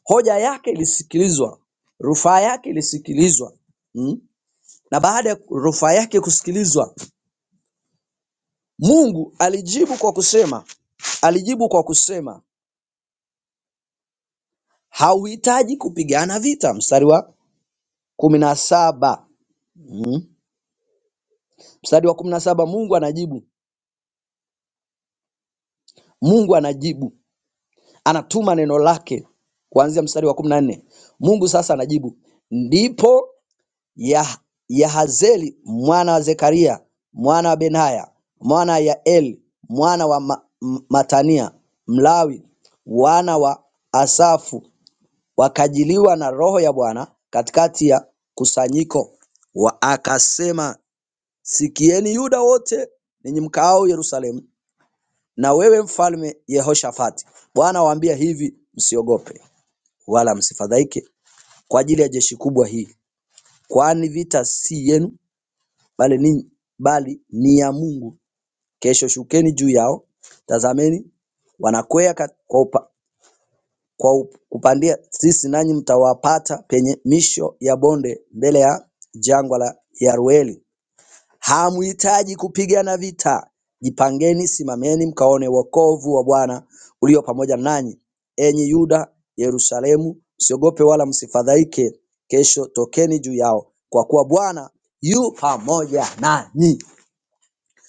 S2: hoja yake ilisikilizwa, rufaa yake ilisikilizwa mm? na baada ya rufaa yake kusikilizwa, Mungu alijibu kwa kusema, alijibu kwa kusema hauhitaji kupigana vita. Mstari wa kumi na saba mm? mstari wa kumi na saba Mungu anajibu Mungu anajibu, anatuma neno lake kuanzia mstari wa kumi na nne. Mungu sasa anajibu, ndipo Yah- Yahazeli mwana wa Zekaria mwana wa Benaya mwana wa Yaeli mwana wa Ma- M- Matania Mlawi wana wa Asafu wakajiliwa na roho ya Bwana katikati ya kusanyiko, wa akasema, sikieni Yuda wote ninyi mkaao Yerusalemu na wewe mfalme Yehoshafati, Bwana awaambia hivi, msiogope wala msifadhaike kwa ajili ya jeshi kubwa hili, kwani vita si yenu, bali ni, bali ni ya Mungu. Kesho shukeni juu yao, tazameni wanakwea kat- kwa, upa, kwa up- kupandia sisi, nanyi mtawapata penye misho ya bonde mbele ya jangwa la Yarueli. Hamhitaji kupigana vita. Jipangeni, simameni mkaone wokovu wa Bwana ulio pamoja nanyi. Enyi Yuda, Yerusalemu, msiogope wala msifadhaike. Kesho tokeni juu yao, kwa kuwa Bwana yu pamoja nanyi.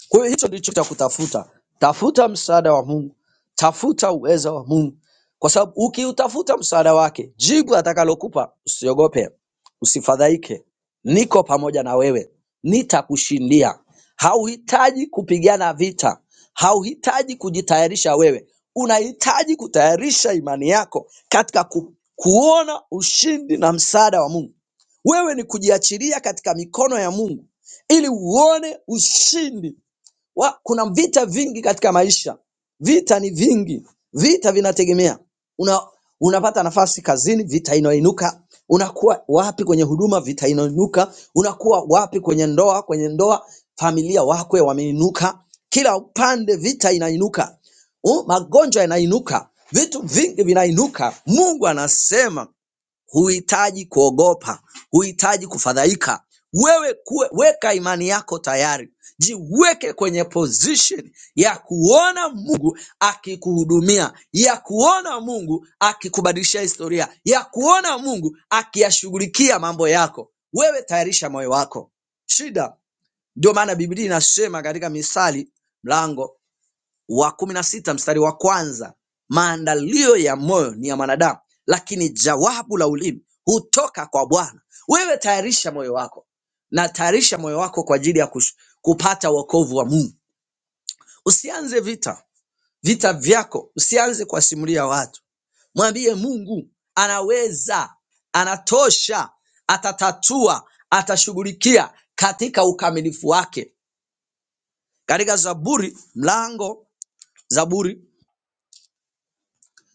S2: Kwa hiyo hicho ndicho cha kutafuta. Tafuta msaada wa Mungu, tafuta uweza wa Mungu, kwa sababu ukiutafuta msaada wake, jibu atakalokupa, usiogope, usifadhaike, niko pamoja na wewe, nitakushindia. Hauhitaji kupigana vita, hauhitaji kujitayarisha wewe, unahitaji kutayarisha imani yako katika ku, kuona ushindi na msaada wa Mungu. Wewe ni kujiachilia katika mikono ya Mungu ili uone ushindi wa, kuna vita vingi katika maisha. Vita ni vingi, vita vinategemea una, unapata nafasi kazini, vita inainuka. Unakuwa wapi kwenye huduma, vita inainuka. Unakuwa wapi kwenye ndoa, kwenye ndoa familia wakwe wameinuka. Kila upande vita inainuka, U- magonjwa yanainuka, vitu vingi vinainuka. Mungu anasema Huhitaji kuogopa, huhitaji kufadhaika. Wewe kuwe, weka imani yako tayari, jiweke kwenye position ya kuona Mungu akikuhudumia, ya kuona Mungu akikubadilishia historia, ya kuona Mungu akiyashughulikia mambo yako. Wewe tayarisha moyo wako. Shida ndio maana Biblia inasema katika Misali mlango wa kumi na sita mstari wa kwanza, maandalio ya moyo ni ya mwanadamu, lakini jawabu la ulimi hutoka kwa Bwana. Wewe tayarisha moyo wako na tayarisha moyo wako kwa ajili ya kush- kupata wokovu wa Mungu. Usianze vita vita vyako, usianze kuwasimulia watu. Mwambie Mungu anaweza, anatosha, atatatua, atashughulikia katika ukamilifu wake. Katika Zaburi mlango Zaburi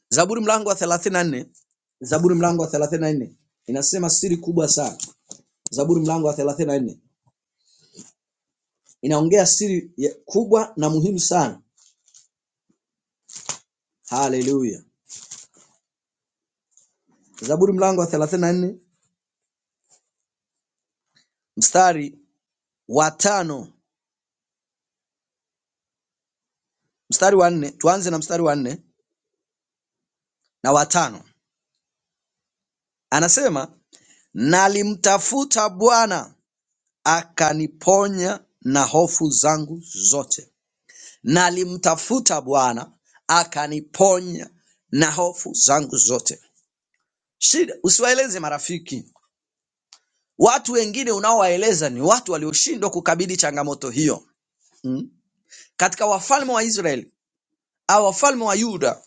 S2: Zaburi mlango wa 34, Zaburi mlango wa 34 inasema siri kubwa sana. Zaburi mlango wa 34 inaongea siri ya- kubwa na muhimu sana. Haleluya! Zaburi mlango wa 34 mstari wa tano, mstari wa nne, tuanze na mstari wa nne na wa tano. Anasema nalimtafuta Bwana akaniponya na hofu zangu zote. Nalimtafuta Bwana akaniponya na hofu zangu zote. Shida usiwaeleze marafiki. Watu wengine unaowaeleza ni watu walioshindwa kukabili changamoto hiyo. Mm. Katika wafalme wa Israeli au wafalme wa Yuda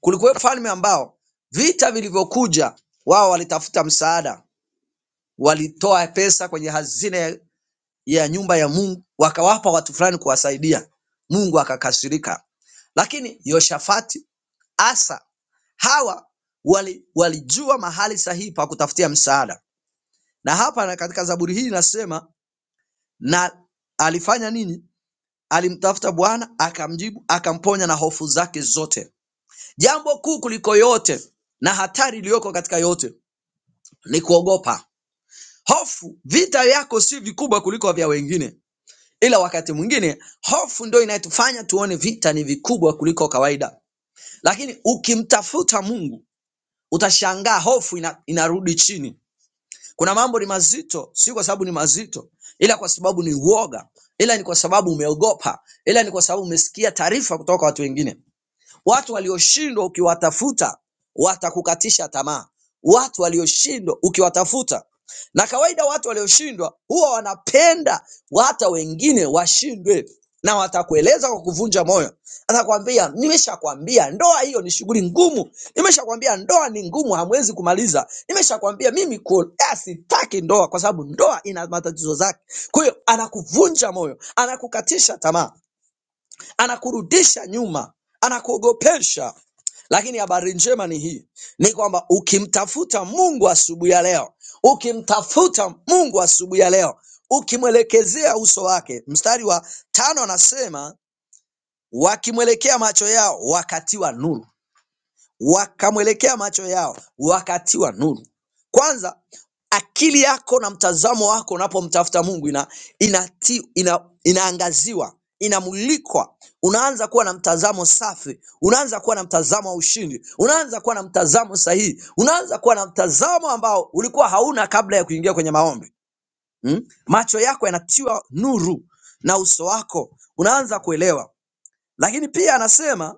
S2: kulikuwa wafalme ambao vita vilivyokuja, wao walitafuta msaada, walitoa pesa kwenye hazina ya nyumba ya Mungu, wakawapa watu fulani kuwasaidia. Mungu akakasirika. Lakini Yoshafati, Asa, hawa wali, walijua mahali sahihi pa kutafutia msaada Na hapa na katika Zaburi hii inasema na alifanya nini? Alimtafuta Bwana akamjibu, akamponya na hofu zake zote. Jambo kuu kuliko yote na hatari iliyoko katika yote ni kuogopa. Hofu, vita yako si vikubwa kuliko vya wengine, ila wakati mwingine hofu ndio inayotufanya tuone vita ni vikubwa kuliko kawaida. Lakini ukimtafuta Mungu utashangaa hofu ina, inarudi chini. Kuna mambo ni mazito, si kwa sababu ni mazito, ila kwa sababu ni uoga, ila ni kwa sababu umeogopa, ila ni kwa sababu umesikia taarifa kutoka kwa watu wengine. Watu walioshindwa ukiwatafuta watakukatisha tamaa, watu walioshindwa ukiwatafuta. Na kawaida watu walioshindwa huwa wanapenda hata wengine washindwe, na watakueleza kwa kuvunja moyo, atakwambia nimeshakwambia ndoa hiyo ni shughuli ngumu, nimeshakwambia ndoa ni ngumu, hamwezi kumaliza, nimeshakwambia mimi ku- eh, sitaki ndoa kwa sababu ndoa ina matatizo zake. Kwa hiyo anakuvunja moyo, anakukatisha tamaa anakurudisha nyuma, anakuogopesha. Lakini habari njema ni hii, ni kwamba ukimtafuta Mungu asubuhi ya leo, ukimtafuta Mungu asubuhi ya leo, ukimwelekezea uso wake, mstari wa tano anasema wakimwelekea macho yao wakatiwa nuru wakamwelekea macho yao wakatiwa nuru kwanza akili yako na mtazamo wako unapomtafuta mungu ina, inati, ina, inaangaziwa inamulikwa unaanza kuwa na mtazamo safi unaanza kuwa na mtazamo wa ushindi unaanza kuwa na mtazamo sahihi unaanza kuwa na mtazamo ambao ulikuwa hauna kabla ya kuingia kwenye maombi hmm? macho yako yanatiwa nuru na uso wako unaanza kuelewa lakini pia anasema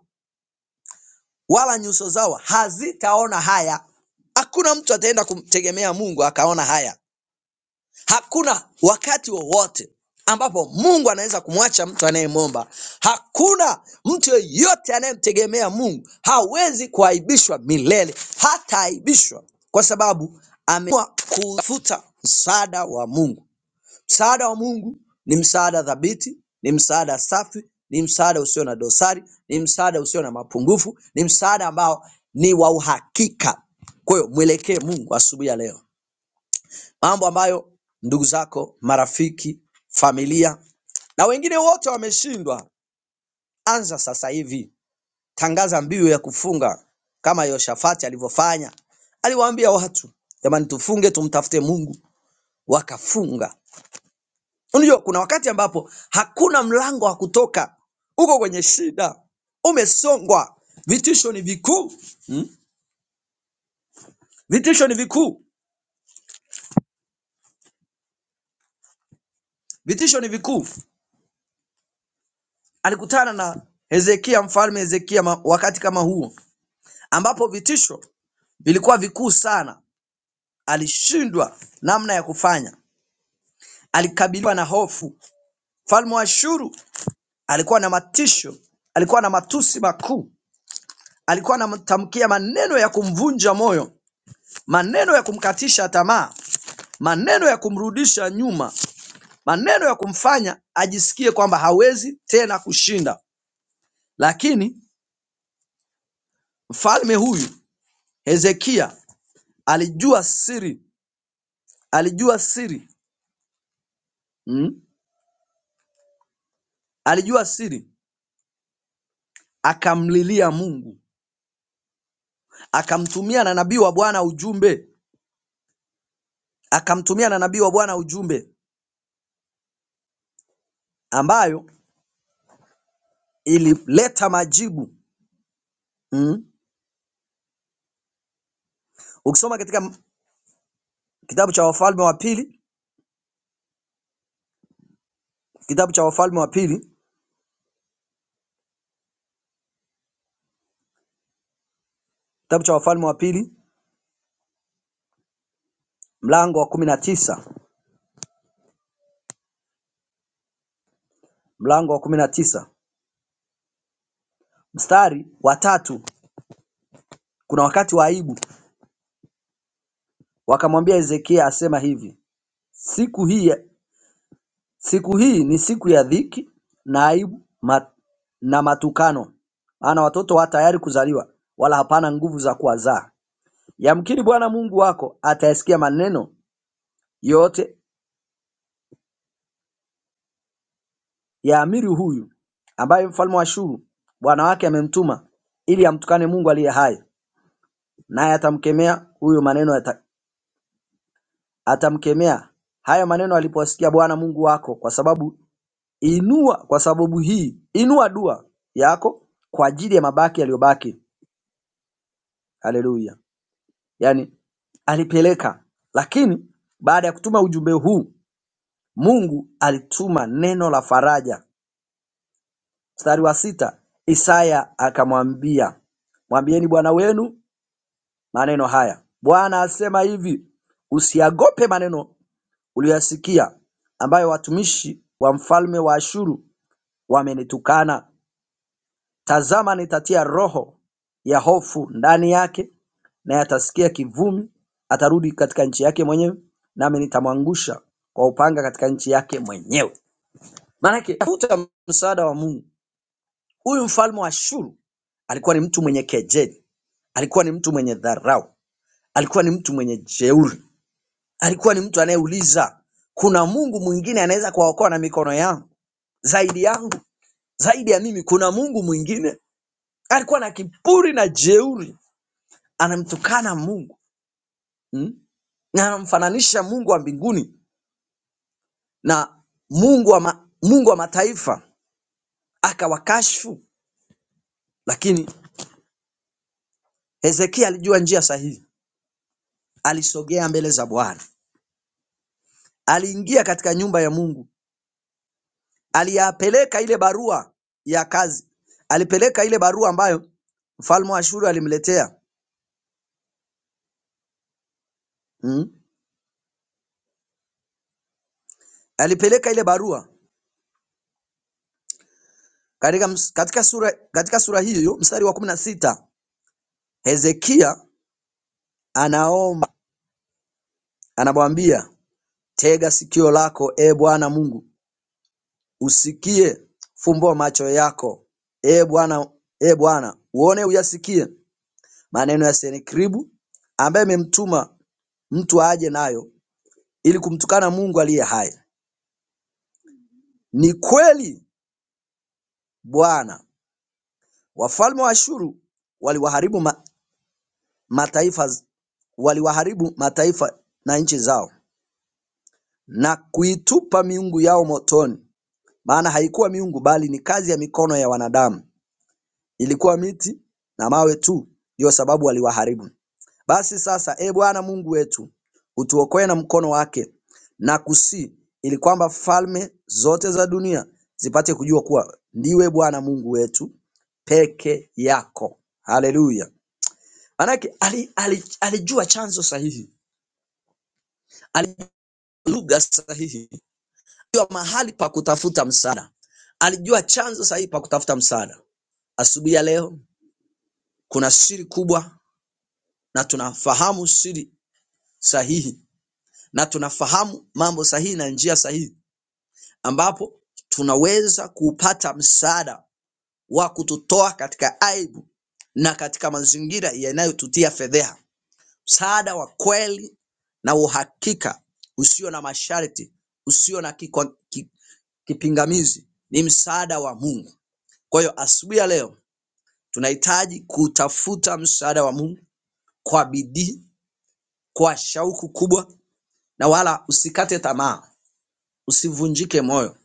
S2: wala nyuso zao hazitaona haya. Hakuna mtu ataenda kumtegemea Mungu akaona haya. Hakuna wakati wowote ambapo Mungu anaweza kumwacha mtu anayemwomba. Hakuna mtu yeyote anayemtegemea Mungu hawezi kuaibishwa milele, hataaibishwa kwa sababu ameamua kufuta msaada wa Mungu. Msaada wa Mungu ni msaada thabiti, ni msaada safi, ni msaada usio na dosari, ni msaada usio na mapungufu, ni msaada ambao ni wa uhakika. Kwa hiyo mwelekee Mungu asubuhi ya leo, mambo ambayo ndugu zako, marafiki, familia na wengine wote wameshindwa. Anza sasa hivi, tangaza mbiu ya kufunga kama Yoshafati alivyofanya. Aliwaambia watu, jamani, tufunge tumtafute Mungu, wakafunga. Unajua kuna wakati ambapo hakuna mlango wa kutoka, uko kwenye shida, umesongwa, vitisho ni vikuu mm? Vitisho ni vikuu, vitisho ni vikuu. Alikutana na Hezekia, mfalme Hezekia, ma- wakati kama huo ambapo vitisho vilikuwa vikuu sana, alishindwa namna ya kufanya, alikabiliwa na hofu. Mfalme wa Ashuru alikuwa na matisho, alikuwa na matusi makuu, alikuwa anamtamkia maneno ya kumvunja moyo, maneno ya kumkatisha tamaa maneno ya kumrudisha nyuma, maneno ya kumfanya ajisikie kwamba hawezi tena kushinda. Lakini mfalme huyu Hezekia alijua siri, alijua siri mm? alijua siri, akamlilia Mungu, akamtumia na nabii wa Bwana ujumbe, akamtumia na nabii wa Bwana ujumbe ambayo ilileta majibu mm? Ukisoma katika kitabu cha Wafalme wa pili, kitabu cha Wafalme wa pili, kitabu cha Wafalme wa pili mlango wa kumi na tisa mlango wa kumi na tisa mstari wa tatu kuna wakati wa aibu. Wakamwambia Hezekia asema hivi, siku hii, siku hii ni siku ya dhiki na aibu ma, na matukano, maana watoto wa tayari kuzaliwa, wala hapana nguvu za kuwazaa. Yamkini Bwana Mungu wako atayasikia maneno yote ya amiri huyu, ambaye mfalme wa Ashuru bwana wake amemtuma ili amtukane Mungu aliye hai, naye atamkemea huyo maneno yata- atamkemea hayo maneno alipoyasikia Bwana Mungu wako kwa sababu inua kwa sababu hii inua dua yako kwa ajili ya mabaki yaliyobaki. Haleluya. Yaani alipeleka lakini baada ya kutuma ujumbe huu Mungu alituma neno la faraja. Mstari wa sita Isaya akamwambia, mwambieni bwana wenu maneno haya. Bwana asema hivi, usiagope maneno uliyoyasikia ambayo watumishi wa mfalme wa Ashuru wamenitukana. Tazama nitatia roho ya hofu ndani yake, naye atasikia kivumi, atarudi katika nchi yake mwenyewe, nami nitamwangusha kwa upanga katika nchi yake mwenyewe. Maanake tafuta msaada wa Mungu. Huyu mfalme wa Ashuru alikuwa ni mtu mwenye kejeli, alikuwa ni mtu mwenye dharau, alikuwa ni mtu mwenye jeuri, alikuwa ni mtu anayeuliza kuna Mungu mwingine anaweza kuwaokoa na mikono yangu zaidi yangu, zaidi ya mimi, kuna Mungu mwingine? alikuwa na kiburi na jeuri anamtukana mungu mm? na anamfananisha mungu wa mbinguni na mungu wa, ma, mungu wa mataifa akawakashfu lakini hezekia alijua njia sahihi alisogea mbele za bwana aliingia katika nyumba ya mungu aliyapeleka ile barua ya kazi alipeleka ile barua ambayo mfalme wa ashuru alimletea mm? alipeleka ile barua katika, ms- katika, sura, katika sura hiyo hiyo mstari wa kumi na sita hezekia anaomba, Anamwambia tega sikio lako Ee Bwana Mungu usikie fumbua macho yako Ee Bwana e Bwana, uone uyasikie maneno ya Senakeribu ambaye amemtuma mtu aje nayo ili kumtukana Mungu aliye hai. Ni kweli Bwana, wafalme wa Ashuru waliwaharibu ma, mataifa waliwaharibu mataifa na nchi zao na kuitupa miungu yao motoni. maana haikuwa miungu bali ni kazi ya mikono ya wanadamu. Ilikuwa miti na mawe tu ndiyo sababu waliwaharibu. Basi sasa, e Bwana Mungu wetu, utuokoe na mkono wake na kusi, ili kwamba falme zote za dunia zipate kujua kuwa ndiwe Bwana Mungu wetu peke yako. Haleluya! Maanake ali, ali, alijua chanzo sahihi, alijua lugha sahihi, alijua mahali pa kutafuta msaada, alijua chanzo sahihi pa kutafuta msaada. Asubuhi ya leo kuna siri kubwa na tunafahamu siri sahihi na tunafahamu mambo sahihi na njia sahihi ambapo tunaweza kupata msaada wa kututoa katika aibu na katika mazingira yanayotutia fedheha. Msaada wa kweli na uhakika usio na masharti, usio na kikwa- ki- kipingamizi ni msaada wa Mungu. Kwa hiyo asubuhi ya leo tunahitaji kutafuta msaada wa Mungu kwa bidii kwa shauku kubwa na wala usikate tamaa, usivunjike moyo.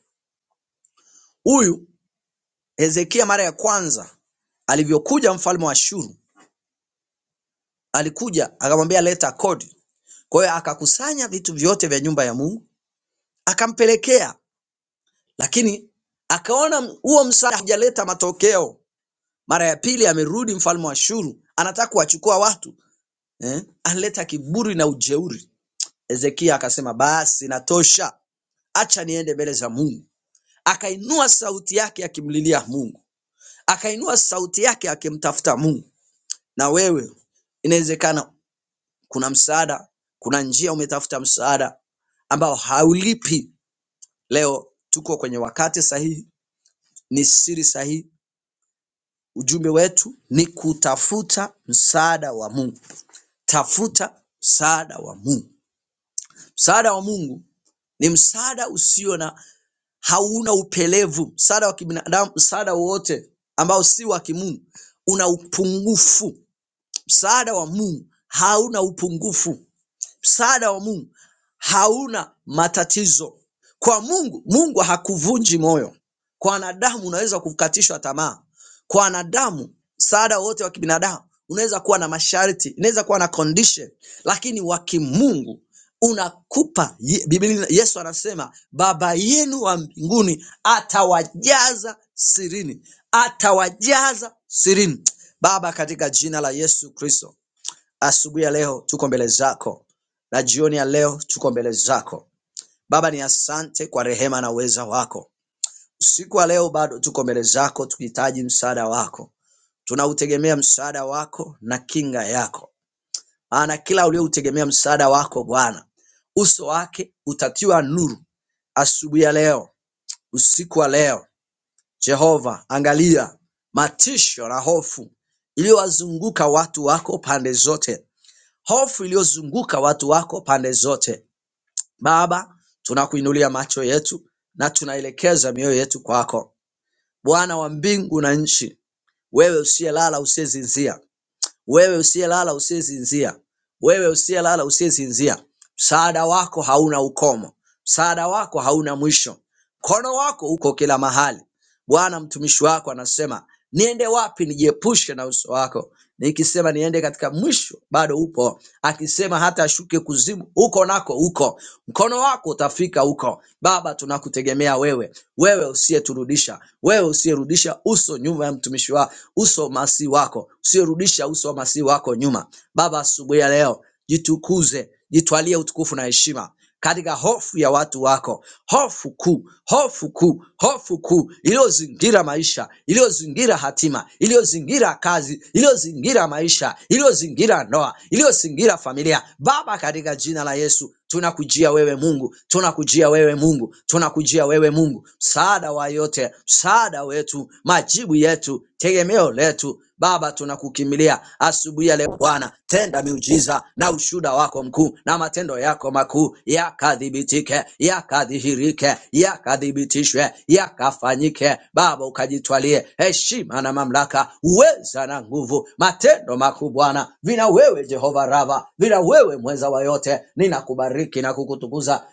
S2: Huyu Hezekia mara ya kwanza alivyokuja mfalme wa Ashuru, alikuja akamwambia leta kodi. Kwa hiyo akakusanya vitu vyote vya nyumba ya Mungu akampelekea, lakini akaona huo msaada hujaleta matokeo. Mara ya pili amerudi mfalme wa Ashuru, anataka kuwachukua watu eh? Analeta kiburi na ujeuri. Hezekia akasema basi, natosha, acha niende mbele za Mungu. akainua sauti yake akimlilia Mungu, akainua sauti yake akimtafuta Mungu. Na wewe inawezekana kuna msaada, kuna njia umetafuta msaada ambao haulipi. Leo tuko kwenye wakati sahihi, ni siri sahihi. Ujumbe wetu ni kutafuta msaada wa Mungu. Tafuta msaada wa Mungu. Msaada wa Mungu ni msaada usio na hauna upelevu. Msaada wa kibinadamu, msaada wowote ambao si wa kimungu una upungufu. Msaada wa Mungu hauna upungufu msaada wa Mungu hauna matatizo. Kwa Mungu, Mungu hakuvunji moyo. Kwa wanadamu unaweza kukatishwa tamaa. Kwa wanadamu, msaada wote wa kibinadamu unaweza kuwa na masharti, inaweza kuwa na condition, lakini wa kimungu unakupa. Ye- Biblia, Yesu anasema baba yenu wa mbinguni atawajaza sirini, atawajaza sirini. Baba, katika jina la Yesu Kristo Asubuhi ya leo tuko mbele zako na jioni ya leo tuko mbele zako. Baba ni asante kwa rehema na uweza wako. Usiku wa leo bado tuko mbele zako tukihitaji msaada wako. Tunautegemea msaada wako na kinga yako. Maana kila ulioutegemea msaada wako Bwana, uso wake utatiwa nuru. Asubuhi ya leo, usiku wa leo, Jehova, angalia matisho na hofu iliyowazunguka watu wako pande zote Hofu iliyozunguka watu wako pande zote. Baba, tunakuinulia macho yetu na tunaelekeza mioyo yetu kwako. Bwana wa mbingu na nchi, wewe usiyelala usiyezinzia, wewe usiyelala usiyezinzia, wewe usiyelala usiyezinzia, msaada wako hauna ukomo, msaada wako hauna mwisho, mkono wako uko kila mahali. Bwana mtumishi wako anasema, niende wapi nijiepushe na uso wako? Nikisema niende katika mwisho, bado upo. Akisema hata ashuke kuzimu, uko nako uko. Mkono wako utafika huko. Baba, tunakutegemea wewe, wewe usiyeturudisha, wewe usiyerudisha uso nyuma ya mtumishi wa uso masi wako, usiyerudisha uso wa masi wako nyuma. Baba, asubuhi ya leo jitukuze, jitwalie utukufu na heshima katika hofu ya watu wako, hofu kuu, hofu kuu, hofu kuu iliyozingira maisha, iliyozingira hatima, iliyozingira kazi, iliyozingira maisha, iliyozingira ndoa, iliyozingira familia. Baba, katika jina la Yesu tunakujia wewe Mungu, tunakujia wewe Mungu, tunakujia wewe Mungu, msaada wa yote, msaada wetu, majibu yetu, tegemeo letu eneo letu. Baba, tunakukimbilia asubuhi ya leo Bwana, tenda miujiza na ushuhuda wako mkuu na matendo yako makuu yakadhibitike, yakadhihirike, yakathibitishwe, yakafanyike. Baba, ukajitwalie heshima na mamlaka, uweza na nguvu, matendo makuu Bwana, vina wewe Jehova Rava, vina wewe mweza wa yote. Ninakubariki na kukutukuza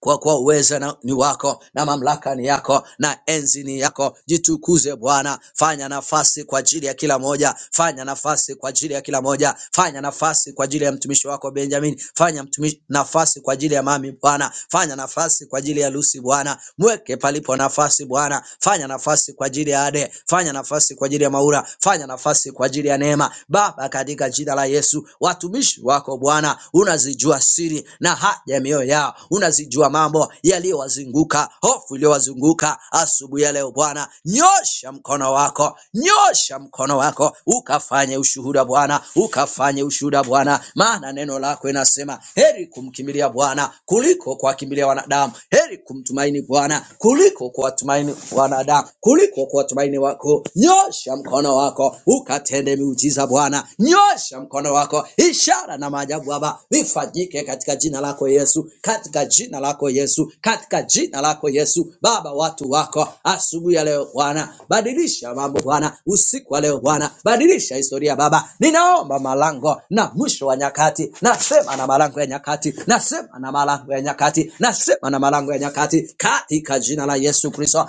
S2: kwa kuwa uweza na- ni wako na mamlaka ni yako na enzi ni yako. Jitukuze Bwana, fanya nafasi kwa ajili ya kila moja, fanya nafasi kwa ajili ya kila moja, fanya nafasi kwa ajili ya mtumishi wako Benjamin, fanya mtumishi, nafasi kwa ajili ya mami Bwana, fanya nafasi kwa ajili ya Lucy Bwana, mweke palipo nafasi Bwana, fanya nafasi kwa ajili ya Ade, fanya nafasi kwa ajili ya Maura, fanya nafasi kwa ajili ya Neema Baba, katika jina la Yesu, watumishi wako wako Bwana, unazijua siri na haja ya mioyo yao, unazijua mambo yaliyowazunguka, hofu iliyowazunguka asubuhi ya leo. Bwana, nyosha mkono wako, nyosha mkono wako ukafanye ushuhuda Bwana, ukafanye ushuhuda Bwana, maana neno lako inasema heri kumkimbilia Bwana kuliko kuwakimbilia wanadamu, heri kumtumaini Bwana kuliko kuwatumaini wanadamu, kuliko kuwatumaini wako. Nyosha mkono wako, wako ukatende miujiza Bwana, nyosha mkono wako, ishara na maajabu Baba vifanyike katika jina lako Yesu, katika jina lako Yesu, katika jina lako Yesu. Baba, watu wako asubuhi ya leo Bwana, badilisha mambo Bwana, usiku wa leo Bwana, badilisha historia Baba. Ninaomba malango na mwisho wa nyakati, nasema na malango ya nyakati, nasema na malango ya nyakati, nasema na malango ya nyakati, katika jina la Yesu Kristo.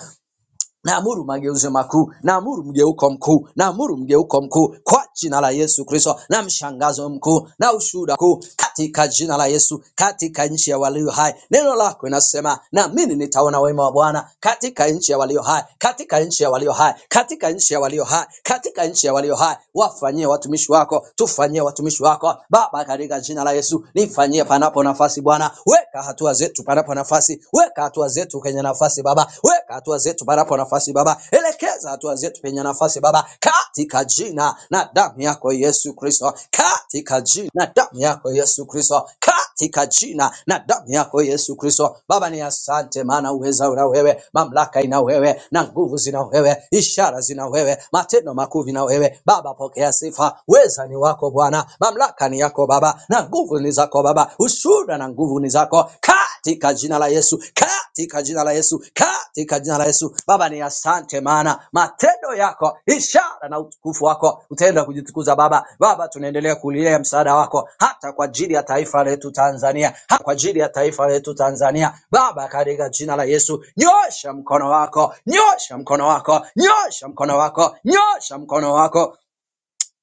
S2: Naamuru mageuzi makuu, naamuru mgeuko mkuu, naamuru mgeuko mkuu kwa jina la Yesu Kristo, na mshangazo mkuu na ushuhuda mkuu katika jina la Yesu, katika nchi ya walio hai. Neno lako linasema, na mimi nitaona wema wa Bwana katika nchi ya walio hai, katika nchi ya walio hai, katika nchi ya walio hai, katika nchi ya walio hai. Wafanyie watumishi wako, tufanyie watumishi wako Baba, katika jina la Yesu, nifanyie panapo nafasi Bwana, weka hatua zetu panapo panapo nafasi, weka hatua zetu kwenye nafasi Baba, weka hatua zetu panapo nafasi Baba, elekeza hatua zetu penye nafasi Baba, katika jina na damu yako Yesu Kristo, katika jina na damu yako Yesu Kristo, katika jina na damu yako Yesu Kristo. Baba ni asante, maana uweza una wewe, mamlaka ina wewe, na nguvu zina wewe, ishara zina wewe, matendo makuu vina wewe. Baba, pokea sifa, weza ni wako Bwana, mamlaka ni yako Baba na nguvu ni zako Baba, ushuhuda na nguvu ni zako katika jina la Yesu, katika jina la Yesu, katika jina la Yesu. Baba ni asante, maana matendo yako, ishara na utukufu wako utaenda kujitukuza Baba. Baba, tunaendelea kulilia msaada wako hata kwa ajili ya taifa letu Tanzania, hata kwa ajili ya taifa letu Tanzania Baba, katika jina la Yesu, nyosha mkono wako, nyosha mkono wako, nyosha mkono wako, nyosha mkono wako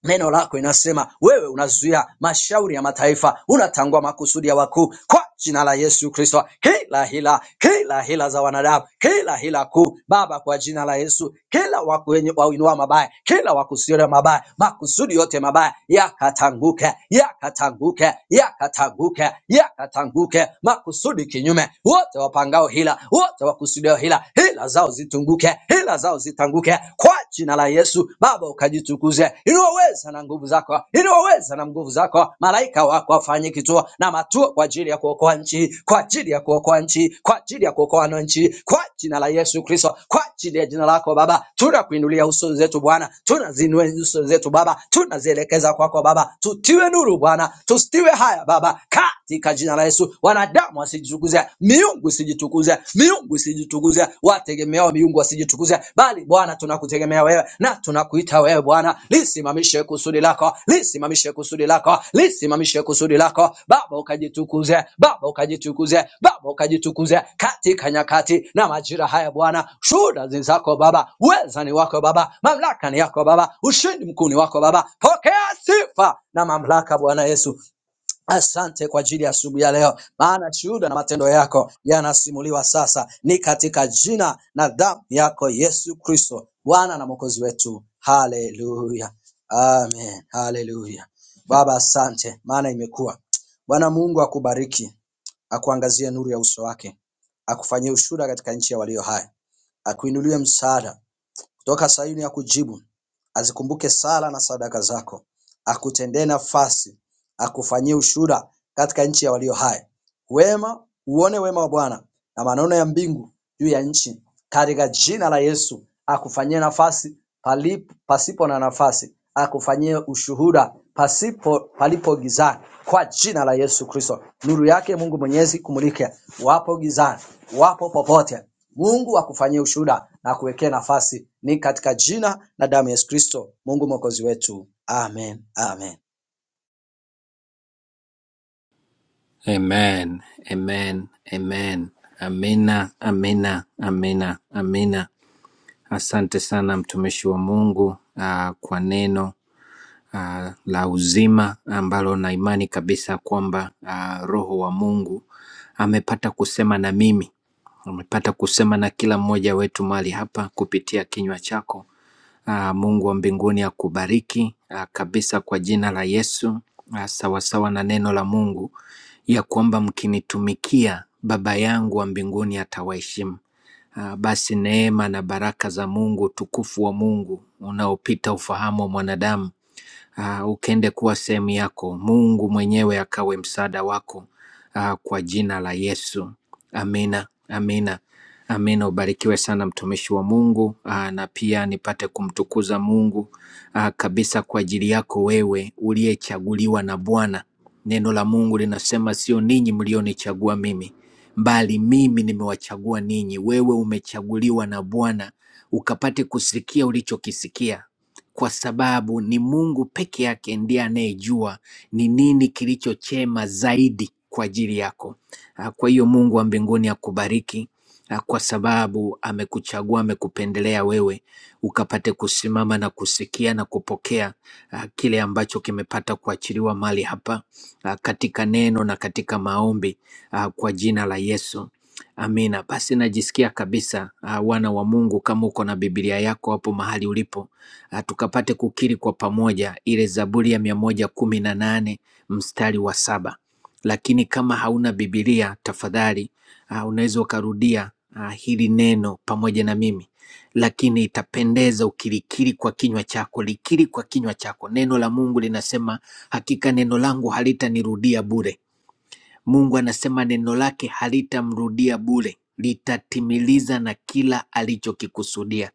S2: Neno lako inasema wewe unazuia mashauri ya mataifa, unatangua makusudi ya wakuu. Kwa jina la Yesu Kristo, kila hila, kila hila za wanadamu, kila hila kuu, Baba, kwa jina la Yesu, kila waku- wenye- wauinua mabaya, kila wakusudia mabaya, makusudi yote mabaya yakatanguke, yakatanguke, yakatanguke, yakatanguke, makusudi kinyume, wote wapangao hila, wote wakusudia hila, hila zao zitunguke, hila hila zao zitanguke kwa jina la Yesu. Baba ukajitukuze, inaweza na nguvu zako, inaweza na nguvu zako. Malaika wako wafanye kituo na matuo kwa ajili ya kuokoa nchi, kwa ajili ya kuokoa nchi, kwa ajili ya kuokoa wananchi, kwa jina la Yesu Kristo, kwa ajili ya jina lako Baba. Tunakuinulia uso zetu Bwana, tunazinua uso zetu Baba, tunazielekeza kwako Baba, tutiwe nuru Bwana, tusitiwe haya Baba, katika jina la Yesu. Wanadamu wasijitukuze, miungu isijitukuze, miungu isijitukuze, wategemeao miungu wasijitukuze, bali Bwana tunakutegemea wewe na tunakuita wewe Bwana, lisimamishe kusudi lako, lisimamishe kusudi lako, lisimamishe kusudi lako Baba, ukajitukuze Baba, ukajitukuze Baba, ukajitukuze katika nyakati na majira haya Bwana, shuhuda ni zako Baba, uweza ni wako Baba, mamlaka ni yako Baba, ushindi mkuu ni wako Baba, pokea sifa na mamlaka Bwana Yesu Asante kwa ajili ya asubuhi ya leo, maana shuhuda na matendo yako yanasimuliwa sasa. Ni katika jina na damu yako Yesu Kristo, Bwana na Mwokozi wetu. Haleluya, amen. Haleluya. Baba, asante maana imekuwa. Bwana Mungu akubariki, akuangazie nuru ya uso wake, akufanyie ushuhuda katika nchi ya walio hai, akuinulie msaada kutoka Sayuni akujibu, azikumbuke sala na sadaka zako, akutendee nafasi, akufanyie ushuhuda katika nchi ya walio hai wema uone wema wa Bwana na maneno ya mbingu juu ya nchi, katika jina la Yesu akufanyie nafasi palipo, pasipo na nafasi, akufanyie ushuhuda pasipo palipo gizani, kwa jina la Yesu Kristo. Nuru yake Mungu Mwenyezi kumulike, wapo gizani, wapo popote, Mungu akufanyie ushuhuda na kuwekea nafasi, ni katika jina na damu ya Yesu Kristo, Mungu mwokozi wetu. Amen, amen.
S3: Amen. Amen. Amen. Amina. Amina. Amina. Amina. Asante sana mtumishi wa Mungu ah, kwa neno ah, la uzima ambalo na imani kabisa kwamba ah, Roho wa Mungu amepata kusema na mimi, amepata kusema na kila mmoja wetu mahali hapa kupitia kinywa chako. Ah, Mungu wa mbinguni akubariki ah, kabisa kwa jina la Yesu ah, sawasawa na neno la Mungu ya kwamba mkinitumikia Baba yangu wa mbinguni atawaheshimu. Ah, Basi neema na baraka za Mungu, utukufu wa Mungu unaopita ufahamu wa mwanadamu ah, ukende kuwa sehemu yako, Mungu mwenyewe akawe msaada wako ah, kwa jina la Yesu. Amina, amina, amina. Ubarikiwe sana mtumishi wa Mungu ah, na pia nipate kumtukuza Mungu ah, kabisa kwa ajili yako wewe uliyechaguliwa na Bwana. Neno la Mungu linasema sio ninyi mlionichagua mimi, bali mimi nimewachagua ninyi. Wewe umechaguliwa na Bwana ukapate kusikia ulichokisikia kwa sababu ni Mungu peke yake ndiye anayejua ni nini kilicho chema zaidi kwa ajili yako. Ah, Kwa hiyo Mungu wa mbinguni akubariki ah, kwa sababu amekuchagua, amekupendelea wewe ukapate kusimama na kusikia na kupokea ah, kile ambacho kimepata kuachiliwa mali hapa ah, katika neno na katika maombi ah, kwa jina la Yesu. Amina. Basi najisikia kabisa ah, wana wa Mungu, kama uko na Biblia yako hapo mahali ulipo ah, tukapate kukiri kwa pamoja ile Zaburi ya mia moja kumi na nane mstari wa saba. Lakini kama hauna Bibilia, tafadhali ah, unaweza ukarudia ah, hili neno pamoja na mimi lakini itapendeza ukilikiri kwa kinywa chako, likiri kwa kinywa chako. Neno la Mungu linasema, hakika neno langu halitanirudia bure Mungu anasema neno lake halitamrudia bure, litatimiliza na kila alichokikusudia.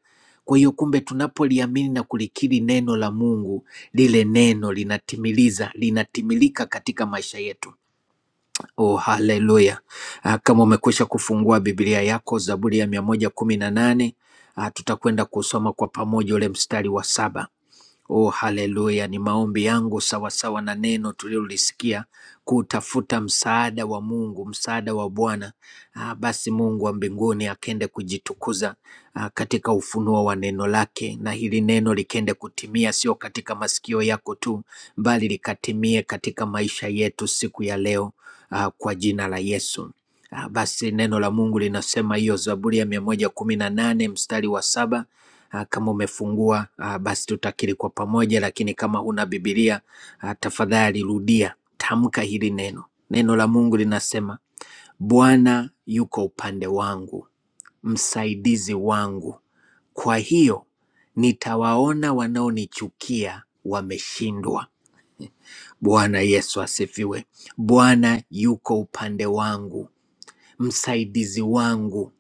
S3: Kwa hiyo kumbe, tunapoliamini na kulikiri neno la Mungu, lile neno linatimiliza, linatimilika katika maisha yetu. Oh, haleluya! Ah, Kama umekwisha kufungua Biblia yako, Zaburi ya mia moja kumi na nane, ah, tutakwenda kusoma kwa pamoja ule mstari wa saba. Oh, haleluya! Ni maombi yangu sawasawa na neno tulilolisikia, kutafuta msaada wa Mungu, msaada wa Bwana. Ah, basi Mungu wa mbinguni akende kujitukuza ah, katika ufunuo wa neno lake, na hili neno likende kutimia, sio katika masikio yako tu, bali likatimie katika maisha yetu siku ya leo ah, kwa jina la Yesu. Ah, Basi neno la Mungu linasema hiyo, Zaburi ya mia moja kumi na nane mstari wa saba Ah, Kama umefungua ah, basi tutakiri kwa pamoja, lakini kama huna Biblia ah, tafadhali rudia, tamka hili neno. Neno la Mungu linasema, Bwana yuko upande wangu, msaidizi wangu, kwa hiyo nitawaona wanaonichukia wameshindwa. Bwana Yesu asifiwe. Bwana yuko upande wangu msaidizi wangu.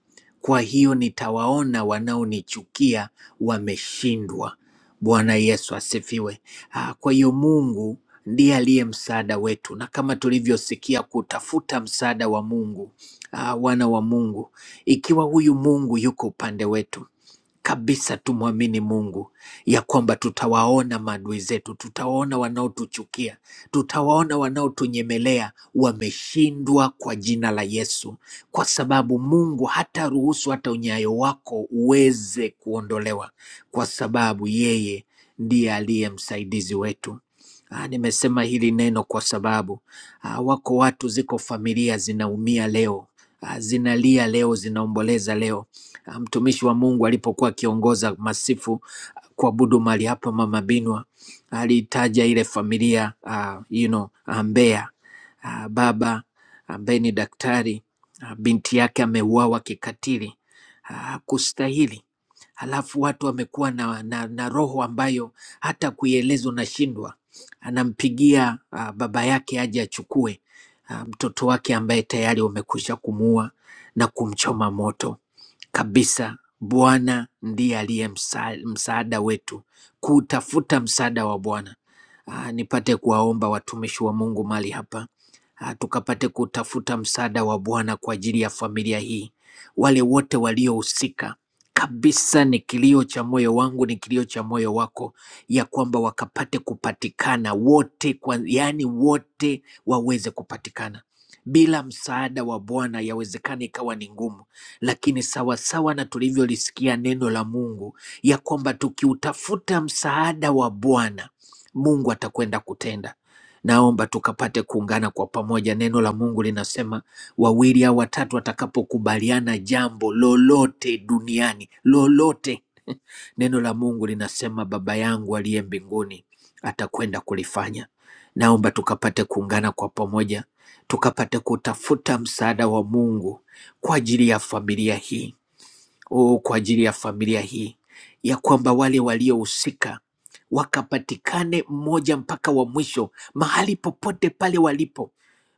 S3: Kwa hiyo nitawaona wanaonichukia wameshindwa. Bwana Yesu asifiwe. Ah, Kwa hiyo Mungu ndiye aliye msaada wetu, na kama tulivyosikia kutafuta msaada wa Mungu, ah, wana wa Mungu, ikiwa huyu Mungu yuko upande wetu kabisa tumwamini Mungu ya kwamba tutawaona maadui zetu, tutawaona wanaotuchukia, tutawaona wanaotunyemelea wameshindwa kwa jina la Yesu, kwa sababu Mungu hata ruhusu hata unyayo wako uweze kuondolewa, kwa sababu yeye ndiye aliye msaidizi wetu. Ah, nimesema hili neno kwa sababu ah, wako watu, ziko familia zinaumia leo, ah, zinalia leo, zinaomboleza leo Ah, mtumishi wa Mungu alipokuwa akiongoza masifu ah, kuabudu mali hapa Mama Binwa alitaja ile familia uh, you know, ah, Mbeya uh, baba ambaye ni daktari uh, binti yake ameuawa kikatili uh, kustahili halafu watu wamekuwa na, na, na roho ambayo hata kuieleza unashindwa. Anampigia uh, baba yake aje achukue ah, mtoto wake ambaye tayari wamekwisha kumuua na kumchoma moto kabisa. Bwana ndiye aliye msa- msaada wetu. Kutafuta msaada wa Bwana ah, nipate kuwaomba watumishi wa Mungu mali hapa ah, tukapate kutafuta msaada wa Bwana kwa ajili ya familia hii, wale wote waliohusika kabisa. Ni kilio cha moyo wangu, ni kilio cha moyo wako, ya kwamba wakapate kupatikana wote kwa, yani wote waweze kupatikana. Bila msaada wa Bwana yawezekana ikawa ni ngumu, lakini sawasawa na tulivyolisikia neno la Mungu ya kwamba tukiutafuta msaada wa Bwana Mungu atakwenda kutenda. Naomba tukapate kuungana kwa pamoja. Neno la Mungu linasema wawili au watatu watakapokubaliana jambo lolote duniani, lolote, neno la Mungu linasema Baba yangu aliye mbinguni atakwenda kulifanya. Naomba tukapate kuungana kwa pamoja, tukapate kutafuta msaada wa Mungu kwa ajili ya familia hii oh, kwa ajili ya familia hii ya kwamba wale waliohusika wakapatikane mmoja mpaka wa mwisho mahali popote pale walipo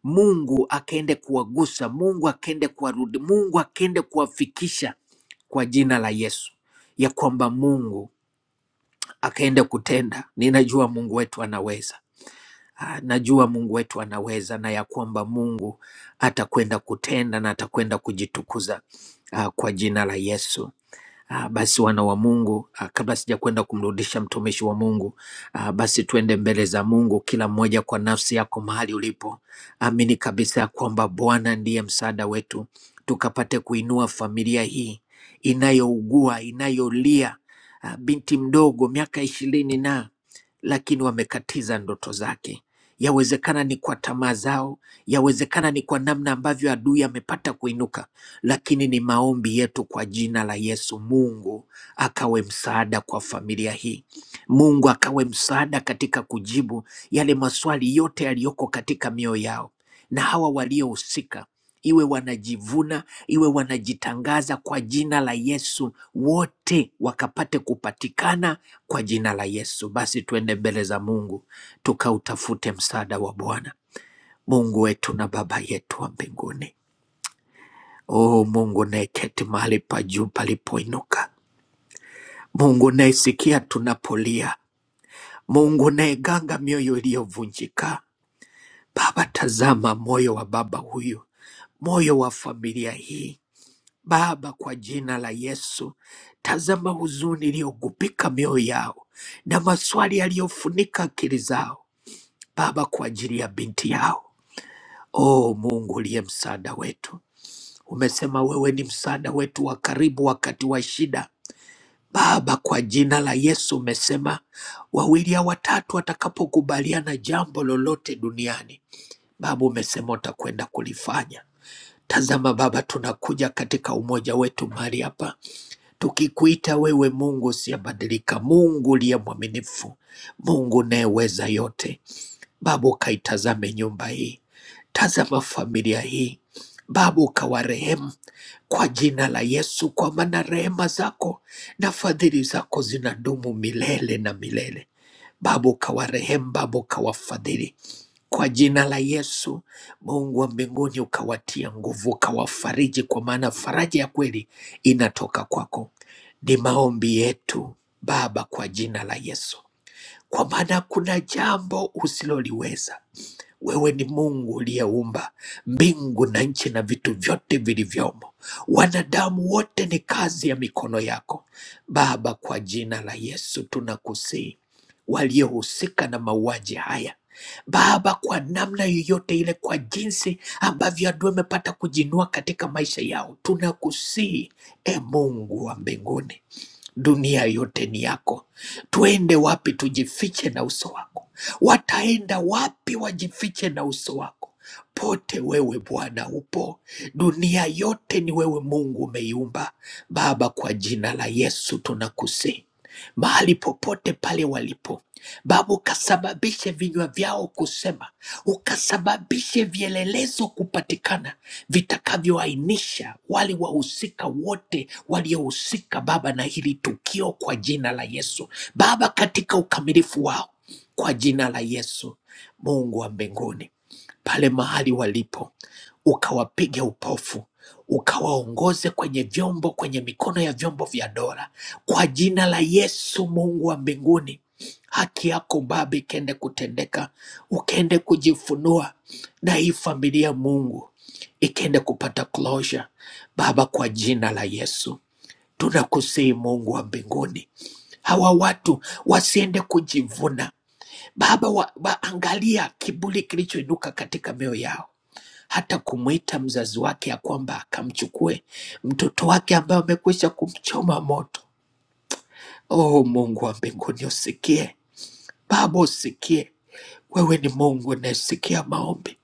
S3: mungu akaende kuwagusa mungu akaende kuwarudi mungu akaende kuwafikisha kwa jina la yesu ya kwamba mungu akaende kutenda ninajua mungu wetu anaweza Ah, najua mungu wetu anaweza na ya kwamba mungu atakwenda kutenda na atakwenda kujitukuza ah, kwa jina la yesu Ah, basi wana wa Mungu, ah, kabla sijakwenda kumrudisha mtumishi wa Mungu, ah, basi tuende mbele za Mungu, kila mmoja kwa nafsi yako mahali ulipo. Amini kabisa ya kwamba Bwana ndiye msaada wetu, tukapate kuinua familia hii inayougua, inayolia, ah, binti mdogo miaka ishirini na lakini wamekatiza ndoto zake. Yawezekana ni kwa tamaa zao, yawezekana ni kwa namna ambavyo adui amepata kuinuka lakini ni maombi yetu kwa jina la Yesu. Mungu akawe msaada kwa familia hii, Mungu akawe msaada katika kujibu yale maswali yote yaliyoko katika mioyo yao, na hawa waliohusika iwe wanajivuna iwe wanajitangaza kwa jina la Yesu, wote wakapate kupatikana kwa jina la Yesu. Basi tuende mbele za Mungu tukautafute msaada wa Bwana. Mungu wetu na Baba yetu wa mbinguni O Mungu unayeketi mahali pa juu palipoinuka, Mungu unayesikia tunapolia, Mungu unayeganga mioyo iliyovunjika. Baba, tazama moyo wa baba huyu, moyo wa familia hii. Baba, kwa jina la Yesu, tazama huzuni iliyogubika mioyo yao na maswali yaliyofunika akili zao, Baba, kwa ajili ya binti yao. O Mungu uliye msaada wetu, umesema wewe ni msaada wetu wa karibu wakati wa shida Baba, kwa jina la Yesu umesema wawili au watatu watakapokubaliana jambo lolote duniani, Baba umesema utakwenda kulifanya. Tazama Baba, tunakuja katika umoja wetu mahali hapa tukikuita wewe, Mungu usiyebadilika, Mungu uliye mwaminifu, Mungu unayeweza yote. Baba, ukaitazame nyumba hii, tazama familia hii, Baba ukawarehemu kwa jina la Yesu, kwa maana rehema zako na fadhili zako zinadumu milele na milele. Baba ukawarehemu, Baba ukawafadhili kwa jina la Yesu. Mungu wa mbinguni ukawatia nguvu, ukawafariji, kwa maana faraja ya kweli inatoka kwako. Ni maombi yetu Baba kwa jina la Yesu, kwa maana kuna jambo usiloliweza wewe ni Mungu uliyeumba mbingu na nchi na vitu vyote vilivyomo. Wanadamu wote ni kazi ya mikono yako. Baba, kwa jina la Yesu tunakusihi, waliohusika na mauaji haya Baba, kwa namna yoyote ile, kwa jinsi ambavyo adui amepata kujinua katika maisha yao, tunakusihi e Mungu wa mbinguni dunia yote ni yako. Twende wapi tujifiche na uso wako? Wataenda wapi wajifiche na uso wako? Pote wewe Bwana upo, dunia yote ni wewe Mungu umeiumba. Baba, kwa jina la Yesu tunakusihi, mahali popote pale walipo Baba, ukasababishe vinywa vyao kusema, ukasababishe vielelezo kupatikana vitakavyoainisha wale wahusika wote waliohusika Baba na hili tukio, kwa jina la Yesu Baba, katika ukamilifu wao, kwa jina la Yesu. Mungu wa mbinguni, pale mahali walipo, ukawapige upofu ukawaongoze kwenye vyombo, kwenye mikono ya vyombo vya dola, kwa jina la Yesu. Mungu wa mbinguni haki yako baba ikende kutendeka, ukende kujifunua na hii familia ya Mungu ikende kupata closure Baba, kwa jina la Yesu tunakusihi Mungu wa mbinguni, hawa watu wasiende kujivuna Baba, wa, waangalia kiburi kilichoinuka katika mioyo yao hata kumwita mzazi wake ya kwamba akamchukue mtoto wake ambaye amekwisha kumchoma moto. Oh Mungu wa mbinguni, usikie Baba, usikie wewe ni Mungu unayesikia maombi,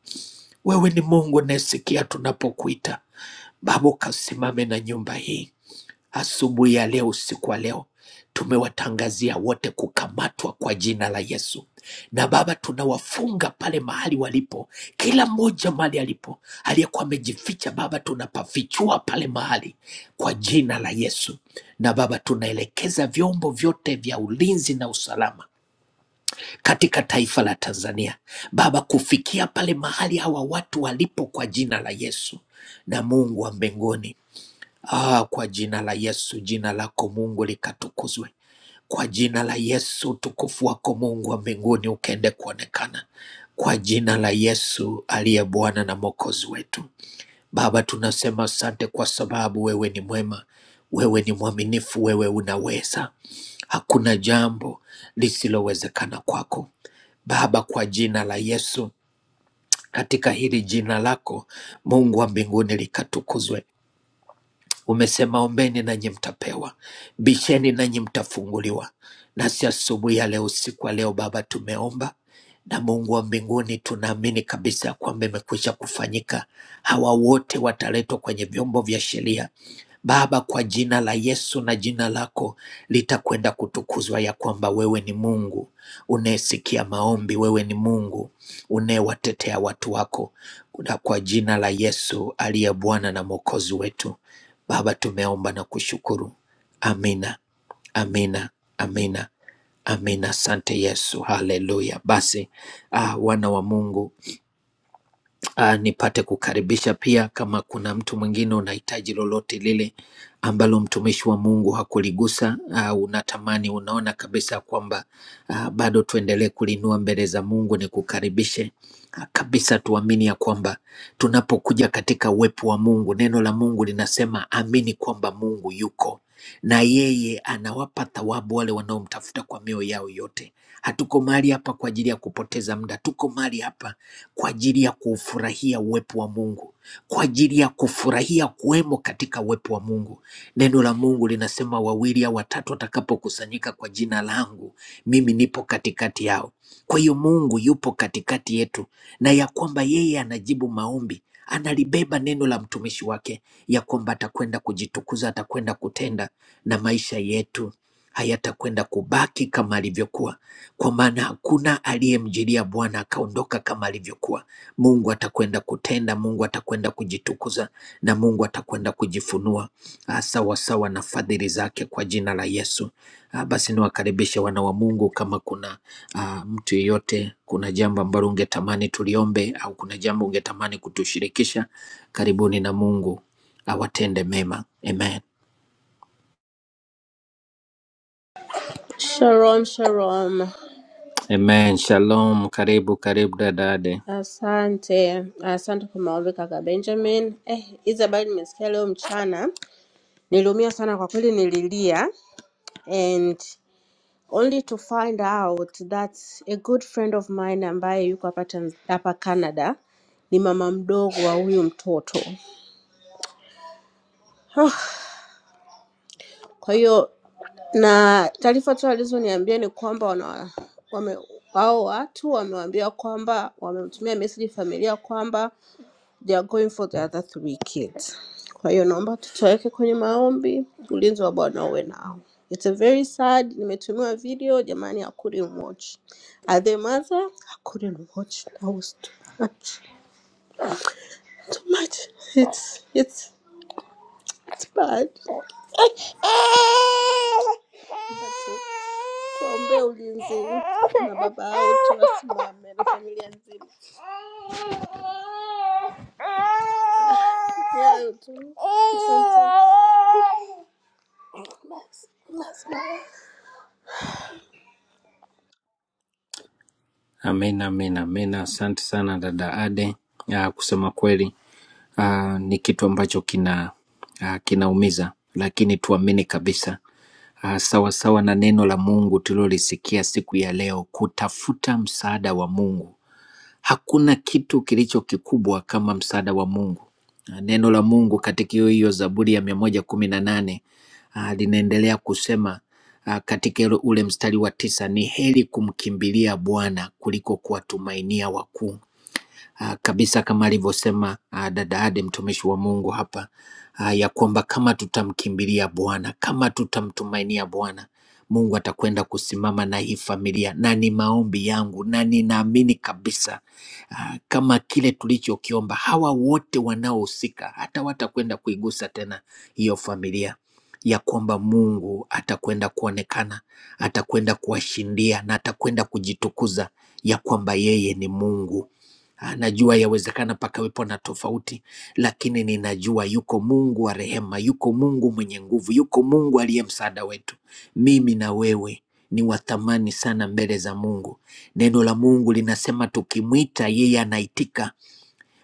S3: wewe ni Mungu unayesikia tunapokuita. Baba, ukasimame na nyumba hii asubuhi ya leo, usiku wa leo. Tumewatangazia wote kukamatwa kwa jina la Yesu, na Baba, tunawafunga pale mahali walipo, kila mmoja mahali alipo, aliyekuwa amejificha Baba, tunapafichua pale mahali kwa jina la Yesu. Na Baba, tunaelekeza vyombo vyote vya ulinzi na usalama katika taifa la Tanzania. Baba, kufikia pale mahali hawa watu walipo kwa jina la Yesu na Mungu wa mbinguni. Ah, kwa jina la Yesu, jina lako Mungu likatukuzwe. Kwa jina la Yesu, utukufu wako Mungu wa mbinguni ukaende kuonekana. Kwa jina la Yesu aliye Bwana na Mwokozi wetu. Baba, tunasema asante kwa sababu wewe ni mwema, wewe ni mwaminifu, wewe unaweza. Hakuna jambo lisilowezekana kwako. Baba, kwa jina la Yesu, katika hili jina lako Mungu wa mbinguni likatukuzwe. Umesema ombeni nanyi mtapewa, bisheni nanyi mtafunguliwa. Nasi asubuhi ya leo, usiku wa leo, Baba, tumeomba na Mungu wa mbinguni, tunaamini kabisa ya kwamba imekwisha kufanyika. Hawa wote wataletwa kwenye vyombo vya sheria Baba, kwa jina la Yesu na jina lako litakwenda kutukuzwa, ya kwamba wewe ni Mungu unayesikia maombi, wewe ni Mungu unayewatetea watu wako, na kwa jina la Yesu aliye Bwana na Mwokozi wetu. Baba, tumeomba na kushukuru. Amina, amina, amina, amina. Asante Yesu, haleluya. Basi ah, wana wa Mungu Ah, nipate kukaribisha pia kama kuna mtu mwingine unahitaji lolote lile ambalo mtumishi wa Mungu hakuligusa, ah, unatamani unaona kabisa kwamba ah, bado tuendelee kulinua mbele za Mungu, ni kukaribishe ah, kabisa. Tuamini ya kwamba tunapokuja katika uwepo wa Mungu, neno la Mungu linasema amini kwamba Mungu yuko na yeye anawapa thawabu wale wanaomtafuta kwa mioyo yao yote. Hatuko mahali hapa kwa ajili ya kupoteza muda, tuko mahali hapa kwa ajili ya kuufurahia uwepo wa Mungu, kwa ajili ya kufurahia kuwemo katika uwepo wa Mungu. Neno la Mungu linasema wawili au watatu watakapokusanyika kwa jina langu, mimi nipo katikati yao. Kwa hiyo Mungu yupo katikati yetu, na ya kwamba yeye anajibu maombi, analibeba neno la mtumishi wake, ya kwamba atakwenda kujitukuza, atakwenda kutenda, na maisha yetu hayatakwenda kubaki kama alivyokuwa kwa maana hakuna aliyemjilia Bwana akaondoka kama alivyokuwa. Mungu atakwenda kutenda, Mungu atakwenda kujitukuza na Mungu atakwenda kujifunua ah, sawasawa na fadhili zake kwa jina la Yesu. Ah, Basi niwakaribishe wana wa Mungu, kama kuna ah, mtu yeyote, kuna jambo ambalo ungetamani tuliombe au kuna jambo ungetamani kutushirikisha, karibuni na Mungu awatende mema. Amen.
S4: Shalom, shalom.
S3: Amen. Shalom. Karibu, karibu dadade.
S4: Asante, asante kwa maombi kaka Benjamin. Eh, hizi habari nimesikia leo mchana, niliumia sana kwa kweli, nililia and only to find out that a good friend of mine ambaye yuko hapa Tanz- hapa Canada ni mama mdogo wa huyu mtoto. Kwa hiyo na taarifa tu alizoniambia ni kwamba wana wame hao watu wamewaambia kwamba wamemtumia message familia kwamba They are going for the other three kids. Kwa hiyo naomba tutoweke kwenye maombi, ulinzi wa Bwana uwe nao. It's a very sad. Nimetumiwa video jamani, I couldn't watch. As a mother, I couldn't watch. That was too much. Too much. It's it's it's bad. Tuombe ulinzi na baba wote wasimame na familia nzima. Hayo tu. Asante. Basi, basi.
S3: Amen, amen, amen. Asante sana dada Ade. Ah, kusema kweli ah, ni kitu ambacho kina ah, kinaumiza, lakini tuamini kabisa ah, sawa sawa na neno la Mungu tulilolisikia siku ya leo, kutafuta msaada wa Mungu Hakuna kitu kilicho kikubwa kama msaada wa Mungu. Ah, Neno la Mungu katika hiyo hiyo Zaburi ya mia moja kumi na nane ah, linaendelea kusema ah, katika ule ule mstari wa tisa, ni heri kumkimbilia Bwana kuliko kuwatumainia wakuu. Ah, Kabisa kama alivyosema ah, dada Ade mtumishi wa Mungu hapa ah, ya kwamba kama tutamkimbilia Bwana, kama tutamtumainia Bwana Mungu atakwenda kusimama na hii familia, na ni maombi yangu, na ninaamini kabisa ah, kama kile tulichokiomba. Hawa wote wanaohusika hata watakwenda kuigusa tena hiyo familia ya kwamba Mungu atakwenda kuonekana, atakwenda kuwashindia na atakwenda kujitukuza ya kwamba yeye ni Mungu Ah, Najua yawezekana pakawepo na tofauti, lakini ninajua yuko Mungu wa rehema, yuko Mungu mwenye nguvu, yuko Mungu aliye msaada wetu. Mimi na wewe ni wa thamani sana mbele za Mungu. Neno la Mungu linasema tukimwita yeye anaitika.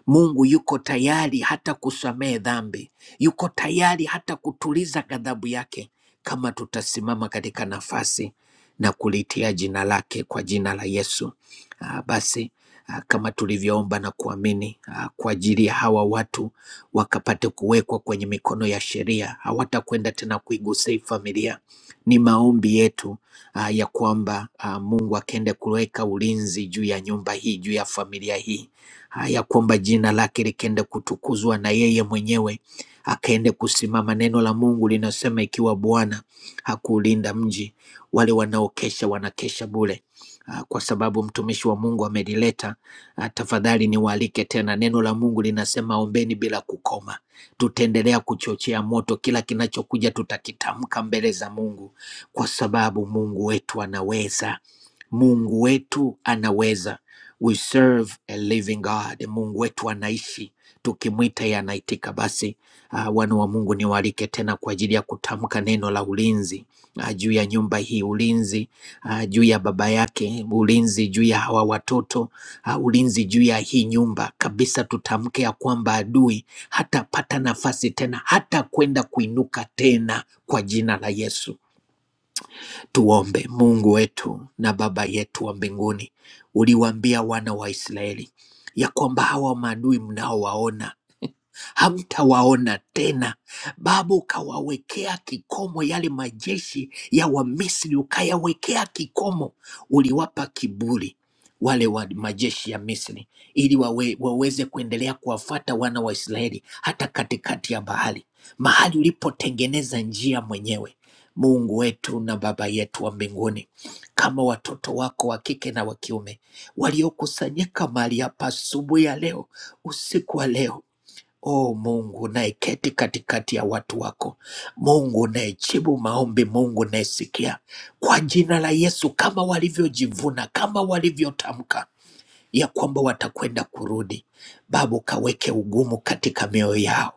S3: Mungu yuko tayari hata kusamehe dhambi, yuko tayari hata kutuliza ghadhabu yake, kama tutasimama katika nafasi na kulitia jina lake kwa jina la Yesu. Ah, Basi ah, kama tulivyoomba na kuamini ah, kwa ajili ya hawa watu wakapate kuwekwa kwenye mikono ya sheria, hawatakwenda tena kuigusa hii familia. Ni maombi yetu ah, ya kwamba ah, Mungu akaende kuweka ulinzi juu ya nyumba hii, juu ya familia hii ah, ya kwamba jina lake likaende kutukuzwa na yeye mwenyewe akaende kusimama. Neno la Mungu linasema ikiwa Bwana hakuulinda mji, wale wanaokesha wanakesha bure. Ah, Kwa sababu mtumishi wa Mungu amelileta, ah, tafadhali niwaalike tena. Neno la Mungu linasema ombeni bila kukoma. Tutaendelea kuchochea moto, kila kinachokuja tutakitamka mbele za Mungu, kwa sababu Mungu wetu anaweza. Mungu wetu anaweza. We serve a living God. Mungu wetu anaishi, tukimwita yeye anaitika. Basi uh, wana wa Mungu, niwaalike tena kwa ajili ya kutamka neno la ulinzi uh, juu ya nyumba hii, ulinzi uh, juu ya baba yake, ulinzi juu ya hawa watoto uh, ulinzi juu ya hii nyumba kabisa. Tutamke ya kwamba adui hatapata nafasi tena, hata kwenda kuinuka tena kwa jina la Yesu. Tuombe. Mungu wetu na Baba yetu wa mbinguni, uliwaambia wana wa Israeli ya kwamba hawa maadui mnaowaona [LAUGHS] hamtawaona tena. Baba, ukawawekea kikomo yale majeshi ya Wamisri, ukayawekea kikomo. Uliwapa kiburi wale wa majeshi ya Misri ili wawe, waweze kuendelea kuwafuata wana wa Israeli hata katikati ya bahari, mahali ulipotengeneza njia mwenyewe. Mungu wetu na Baba yetu wa mbinguni, kama watoto wako wa kike na wa kiume waliokusanyika mahali hapa asubuhi ya leo, usiku wa leo, O Mungu unayeketi katikati ya watu wako, Mungu unayejibu maombi, Mungu unayesikia, kwa jina la Yesu, kama walivyojivuna, kama walivyotamka ya kwamba watakwenda kurudi, Baba ukaweke ugumu katika mioyo yao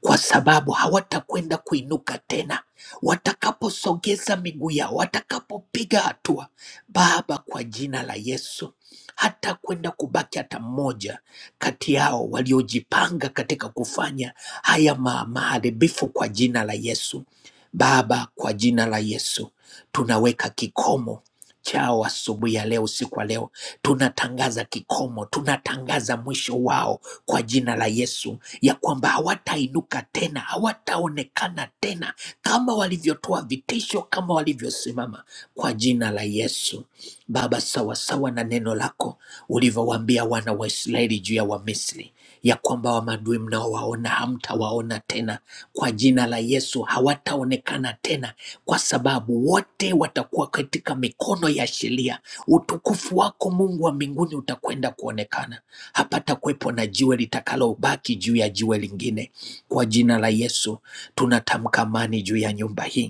S3: kwa sababu hawatakwenda kuinuka tena. Watakaposogeza miguu yao, watakapopiga hatua, Baba, kwa jina la Yesu, hata kwenda kubaki hata mmoja kati yao waliojipanga katika kufanya haya ma maharibifu kwa jina la Yesu. Baba, kwa jina la Yesu tunaweka kikomo chao asubuhi ya leo, usiku wa leo, tunatangaza kikomo, tunatangaza mwisho wao kwa jina la Yesu ya kwamba hawatainuka tena, hawataonekana tena kama walivyotoa vitisho, kama walivyosimama kwa jina la Yesu. Baba, sawasawa na neno lako ulivyowaambia wana wa Israeli juu ya Wamisri ya kwamba wa maadui mnaowaona hamtawaona tena, kwa jina la Yesu hawataonekana tena, kwa sababu wote watakuwa katika mikono ya sheria. Utukufu wako Mungu wa mbinguni utakwenda kuonekana hapata kuwepo na jiwe litakalobaki juu ya jiwe lingine. Kwa jina la Yesu tunatamka amani juu ya nyumba hii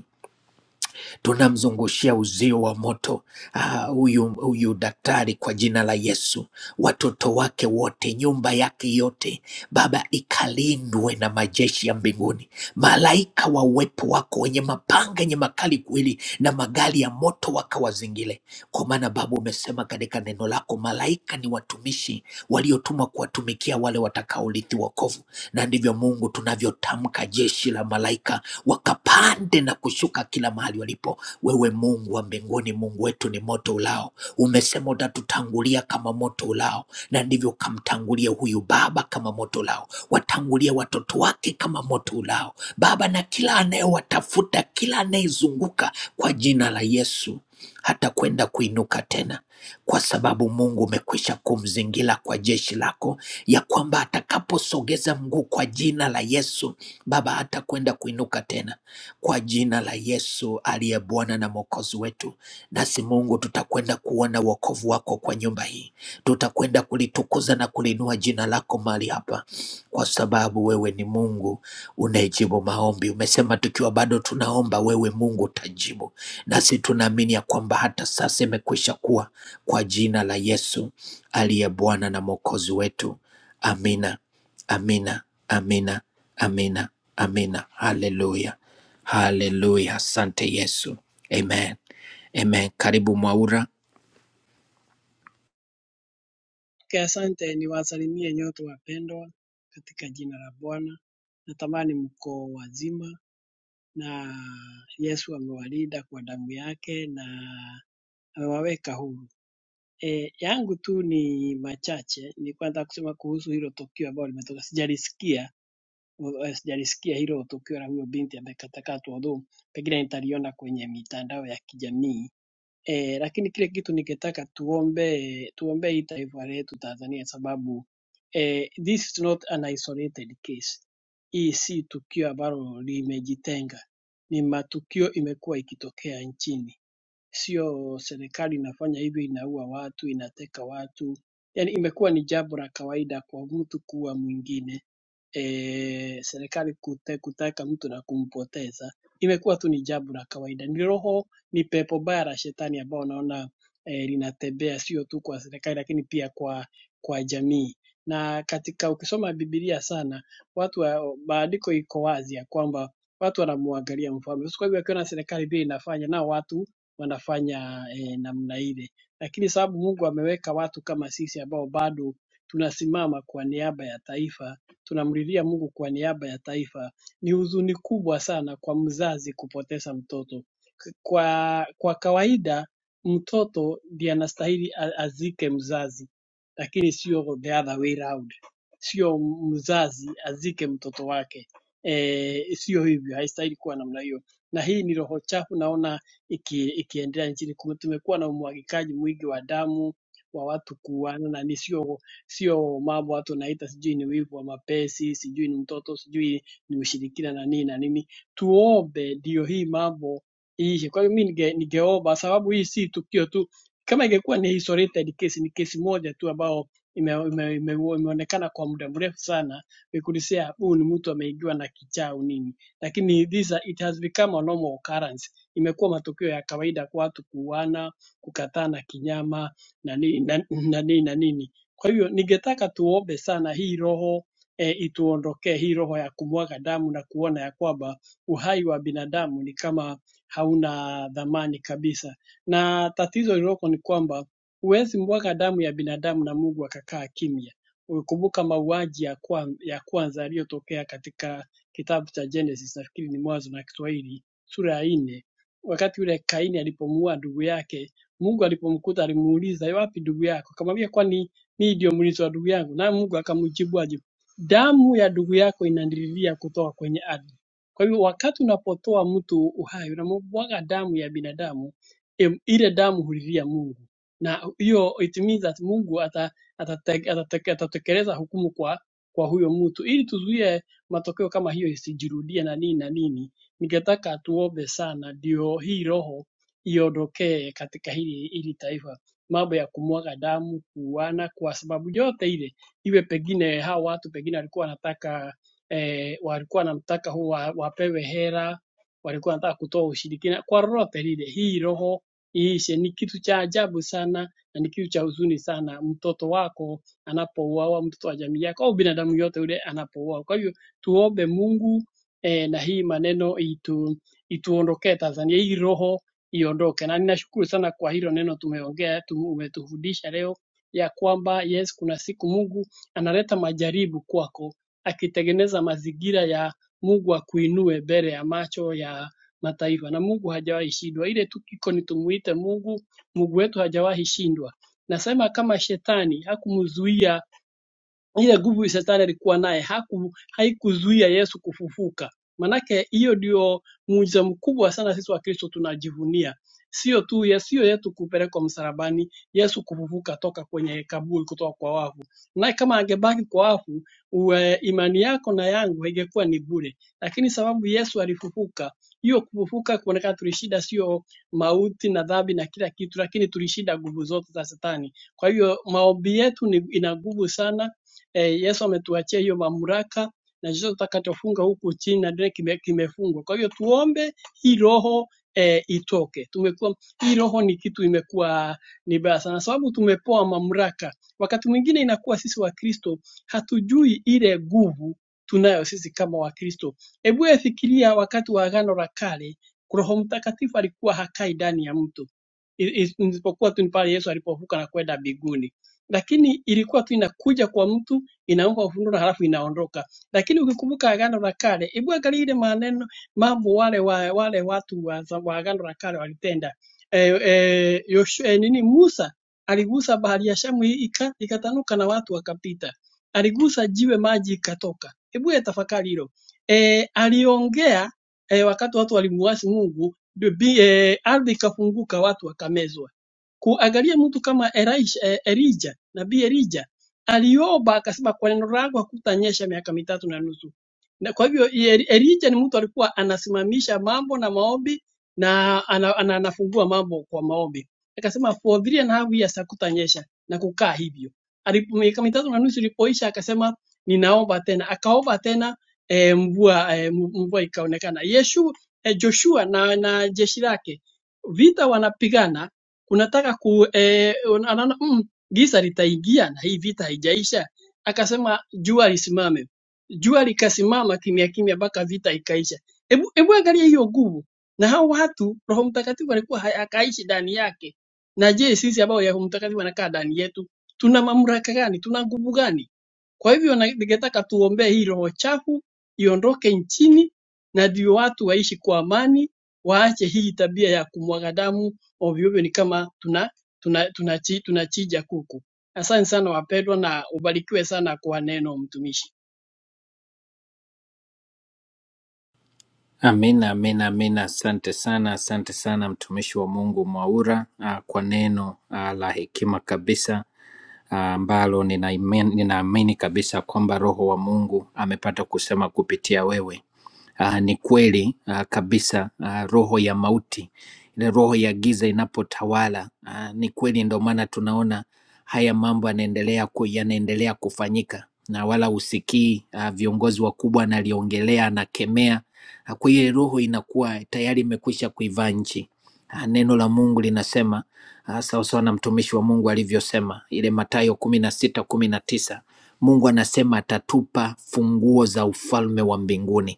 S3: tunamzungushia uzio wa moto ah, huyu uh, huyu daktari kwa jina la Yesu, watoto wake wote, nyumba yake yote, Baba, ikalindwe na majeshi ya mbinguni, malaika wa uwepo wako wenye mapanga yenye makali kweli, na magari ya moto wakawazingile. Kwa maana Baba umesema katika neno lako, malaika ni watumishi waliotumwa kuwatumikia wale watakaorithi wokovu na ndivyo Mungu tunavyotamka jeshi la malaika wakapande na kushuka kila mahali walipo. Wewe Mungu wa mbinguni, Mungu wetu ni moto ulao, umesema utatutangulia kama moto ulao, na ndivyo ukamtangulia huyu baba kama moto ulao, watangulia watoto wake kama moto ulao, Baba, na kila anayewatafuta, kila anayezunguka kwa jina la Yesu hata kwenda kuinuka tena, kwa sababu Mungu umekwisha kumzingira kwa jeshi lako ya kwamba atakaposogeza mguu kwa jina la Yesu, Baba hatakwenda kuinuka tena. Kwa jina la Yesu aliye Bwana na Mwokozi wetu, nasi Mungu tutakwenda kuona wokovu wako kwa nyumba hii, tutakwenda kulitukuza na kulinua jina lako mahali hapa, kwa sababu wewe ni Mungu unayejibu maombi. Umesema tukiwa bado tunaomba, wewe Mungu utajibu, nasi tunaamini ya kwamba hata sasa imekwisha kuwa, kwa jina la Yesu aliye Bwana na Mwokozi wetu. Amina, amina, amina, amina, amina. Haleluya, haleluya. Asante Yesu, amen, amen. Karibu Mwaura.
S5: Ke asante niwasalimie nyote wapendwa katika jina la Bwana. Natamani mko wazima na Yesu amewalinda kwa damu yake na amewaweka huru. E, yangu tu ni machache. Nilikuwa nataka kusema kuhusu hilo tukio ambalo limetoka. Sijalisikia eh, sijalisikia hilo tukio la huyo binti ambaye katakatwa, although pengine nitaliona kwenye mitandao ya kijamii E, lakini kile kitu ningetaka tuombe tuombee hii taifa letu Tanzania sababu e, this is not an isolated case. Hii si tukio ambalo limejitenga, ni matukio imekuwa ikitokea nchini sio serikali inafanya hivyo, inaua watu, inateka watu. Yani imekuwa ni jambo la kawaida kwa mtu kuwa mwingine e, serikali kute, kuteka mtu na kumpoteza imekuwa tu ni jambo la kawaida. Ni roho, ni pepo baya la shetani ambao naona e, linatembea sio tu kwa serikali, lakini pia kwa kwa jamii. Na katika ukisoma Biblia sana, watu wa, maandiko iko wazi ya kwamba watu wanamwangalia mfalme. Kwa hivyo akiona serikali vile inafanya, nao watu wanafanya eh, namna ile, lakini sababu Mungu ameweka watu kama sisi ambao bado tunasimama kwa niaba ya taifa, tunamlilia Mungu kwa niaba ya taifa. Ni huzuni kubwa sana kwa mzazi kupoteza mtoto. K- Kwa, kwa kawaida mtoto ndiye anastahili a- azike mzazi lakini sio the other way round. Sio mzazi azike mtoto wake e, sio hivyo, haistahili kuwa namna hiyo. Na hii ni roho chafu naona iki, ikiendelea nchini. Kume- Tumekuwa na umwagikaji mwingi wa damu wa watu kuuana, na ni sio sio mambo watu naita sijui ni wivu wa mapesi, sijui ni mtoto, sijui ni ushirikina na nini na nini. Tuombe ndio hii mambo iishe. Kwa hiyo mi ninge, ningeomba sababu hii si tukio tu, kama ingekuwa ni isolated case, ni kesi moja tu ambao imeonekana ime, ime, ime, imeonekana kwa muda mrefu sana vikulisea huu ni mtu ameingiwa na kichaa au nini, lakini this, are- it has become a normal occurrence. Imekuwa matukio ya kawaida kwa watu kuuana, kukatana kinyama na nini na, na, nini na nini. Kwa hivyo ningetaka tuombe sana hii roho e, ituondokee hii roho ya kumwaga damu na kuona ya kwamba uhai wa binadamu ni kama hauna dhamani kabisa, na tatizo lililoko ni kwamba Huwezi mwaga damu ya binadamu na Mungu akakaa kimya. Ukikumbuka mauaji ya, kwa, ya kwanza yaliyotokea katika kitabu cha Genesis, nafikiri ni Mwanzo na Kiswahili sura ya nne, wakati yule Kaini alipomuua ndugu yake, Mungu alipomkuta alimuuliza, "Yu wapi ndugu yako? Akamwambia, kwani mimi ndio mlinzi wa ndugu yangu? Naye Mungu akamjibu aje, damu ya ndugu yako inanililia kutoka kwenye ardhi. Kwa hivyo wakati unapotoa mtu uhai, unamwaga damu ya binadamu, em, ile damu hulilia Mungu na hiyo it means that Mungu ata- atate- atate- atatekeleza hukumu kwa kwa huyo mtu, ili tuzuie matokeo kama hiyo isijirudie na nini na nini. Ningetaka tuombe sana, ndio hii roho iondokee katika hili hili taifa, mambo ya kumwaga damu, kuuana, kwa sababu yote ile, iwe pengine hao watu pengine walikuwa wanataka eh, walikuwa wanamtaka huwa wapewe hera, walikuwa wanataka kutoa ushirikina kwa lolote lile, hii roho iishe. Ni kitu cha ajabu sana na ni kitu cha huzuni sana, mtoto wako anapouawa, mtoto wa jamii yako au binadamu yote yule anapouawa. Kwa hivyo tuombe Mungu eh, na hii maneno itu, ituondokee Tanzania, hii roho iondoke. Na ninashukuru sana kwa hilo neno tumeongea, tu- umetufundisha leo ya kwamba yes, kuna siku Mungu analeta majaribu kwako akitengeneza mazingira ya Mungu akuinue mbele ya macho ya mataifa na Mungu hajawahi shindwa. Ile tu iko ni tumuite Mungu, Mungu wetu hajawahi shindwa. Nasema kama shetani hakumzuia ile nguvu shetani alikuwa naye haku, haikuzuia Yesu kufufuka. Manake hiyo ndio muujiza mkubwa sana sisi Wakristo tunajivunia, sio tu Yesu, sio yetu kupelekwa msalabani, Yesu kufufuka toka kwenye kaburi, kutoka kwa wafu. Naye kama angebaki kwa wafu, uwe, imani yako na yangu ingekuwa ni bure, lakini sababu Yesu alifufuka, hiyo kufufuka kuonekana tulishinda, sio mauti na dhambi na kila kitu, lakini tulishinda nguvu zote za Shetani. Kwa hiyo maombi yetu ni, ina nguvu sana Eh, Yesu ametuachia hiyo mamlaka na chochote utakachofunga huku chini na dunia kime, kimefungwa. Kwa hiyo tuombe hii roho eh, itoke. Tumekuwa hii roho ni kitu imekuwa ni baya sana, sababu tumepewa mamlaka. Wakati mwingine inakuwa sisi Wakristo hatujui ile nguvu tunayo sisi kama Wakristo. Hebu wewe fikiria wakati wa Agano la Kale, Roho Mtakatifu alikuwa hakai ndani ya mtu I- is- isipokuwa tu ni pale Yesu alipovuka na kwenda mbinguni, lakini ilikuwa tu inakuja kwa mtu inaomba ufunuo halafu inaondoka. Lakini ukikumbuka agano la kale, hebu angalia ile maneno mambo wale wa, wale watu wa, za- wa agano la kale walitenda. Eh, eh, Yoshua, eh, nini Musa aligusa bahari ya Shamu i- ika, ikatanuka na watu wakapita. Aligusa jiwe maji ikatoka. Hebu ya tafakari hilo. Eh, aliongea eh, wakati watu walimuasi Mungu, bi- eh, ardhi ikafunguka, watu wakamezwa kuangalia mtu kama Elisha, eh, Elijah, nabii Elijah aliomba akasema kwa neno lako hakutanyesha miaka mitatu na nusu. Na kwa hivyo Eli- Elijah ni mtu alikuwa anasimamisha mambo na maombi na ana, ana, anafungua mambo kwa maombi. Akasema for three and a half years hakutanyesha na kukaa hivyo. Alipo miaka mitatu na nusu ilipoisha akasema ninaomba tena. Akaomba tena eh, mvua eh, mvua ikaonekana. Yeshu, eh, Joshua na, na jeshi lake vita wanapigana unataka ku eh, un- anaona mm, giza litaingia na hii vita haijaisha. Akasema jua lisimame, jua likasimama kimya kimya mpaka vita ikaisha. Hebu hebu angalia hiyo nguvu, na hao watu Roho Mtakatifu alikuwa ha- akaishi ndani yake. Na je, sisi ambao Roho Mtakatifu anakaa ndani yetu tuna mamlaka gani? Tuna nguvu gani? Kwa hivyo ningetaka tuombee hii roho chafu iondoke nchini, na ndio watu waishi kwa amani, waache hii tabia ya kumwaga damu ovyo ovyo, ni kama tuna tunachija tuna, tuna, tunachija kuku. Asante sana wapendwa, na ubarikiwe sana kwa neno mtumishi.
S3: Amina, amina, amina. Asante sana, asante sana mtumishi wa Mungu Mwaura ah, kwa neno ah, la hekima kabisa ah, ambalo nina imani- ninaamini kabisa kwamba Roho wa Mungu amepata kusema kupitia wewe Ah, ni kweli ah, kabisa ah, roho ya mauti ile roho ya giza inapotawala ah, ni kweli ndio maana tunaona haya mambo yanaendelea ku, yanaendelea kufanyika na wala husikii ah, viongozi wakubwa analiongelea anakemea Ah, kwa hiyo roho inakuwa tayari imekwisha kuivaa nchi Ah, neno la Mungu linasema ah, sawasawa na mtumishi wa Mungu alivyosema ile Mathayo kumi na sita kumi na tisa Mungu anasema atatupa funguo za ufalme wa mbinguni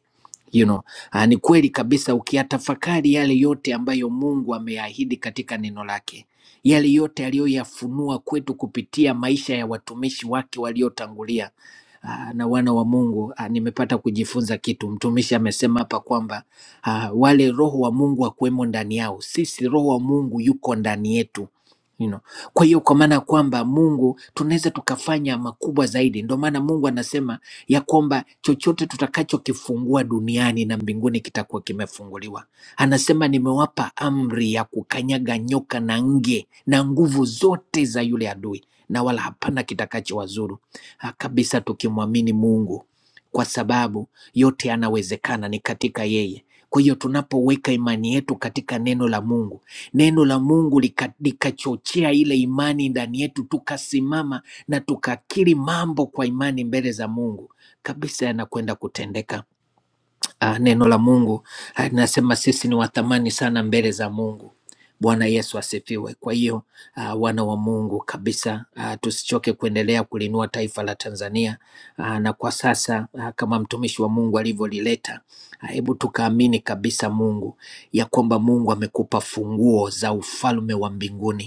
S3: you know, ah, ni kweli kabisa ukiyatafakari yale yote ambayo Mungu ameahidi katika neno lake, yale yote aliyoyafunua kwetu kupitia maisha ya watumishi wake waliotangulia ah, na wana wa Mungu. ah, Nimepata kujifunza kitu. Mtumishi amesema hapa kwamba ah, wale roho wa Mungu akuwemo ndani yao, sisi roho wa Mungu yuko ndani yetu. You know. Kwa hiyo kwa maana ya kwamba Mungu tunaweza tukafanya makubwa zaidi. Ndio maana Mungu anasema ya kwamba chochote tutakachokifungua duniani na mbinguni kitakuwa kimefunguliwa. Anasema nimewapa amri ya kukanyaga nyoka na nge na nguvu zote za yule adui, na wala hapana kitakachowazuru Ah, kabisa, tukimwamini Mungu kwa sababu yote yanawezekana ni katika yeye. Kwa hiyo tunapoweka imani yetu katika neno la Mungu, neno la Mungu lika- likachochea ile imani ndani yetu, tukasimama na tukakiri mambo kwa imani mbele za Mungu kabisa yanakwenda kutendeka. Ah, neno la Mungu ah, linasema sisi ni wa thamani sana mbele za Mungu. Bwana Yesu asifiwe. Kwa hiyo ah, wana wa Mungu kabisa, ah, tusichoke kuendelea kulinua taifa la Tanzania. Ah, na kwa sasa ah, kama mtumishi wa Mungu alivyolileta, ah, hebu tukaamini kabisa Mungu ya kwamba Mungu amekupa funguo za ufalme wa mbinguni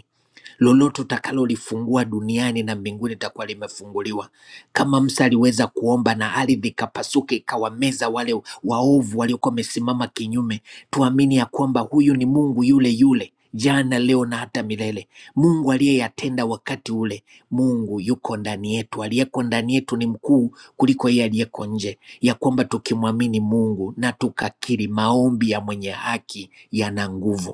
S3: Lolote utakalolifungua duniani na mbinguni litakuwa limefunguliwa. Kama Musa aliweza kuomba na ardhi ikapasuka ikawameza wale waovu waliokuwa wamesimama kinyume, tuamini ya kwamba huyu ni Mungu yule yule jana, leo na hata milele. Mungu aliyeyatenda wakati ule, Mungu yuko ndani yetu. Aliyeko ndani yetu ni mkuu kuliko yeye aliyeko nje, ya kwamba tukimwamini Mungu na tukakiri, maombi ya mwenye haki yana nguvu.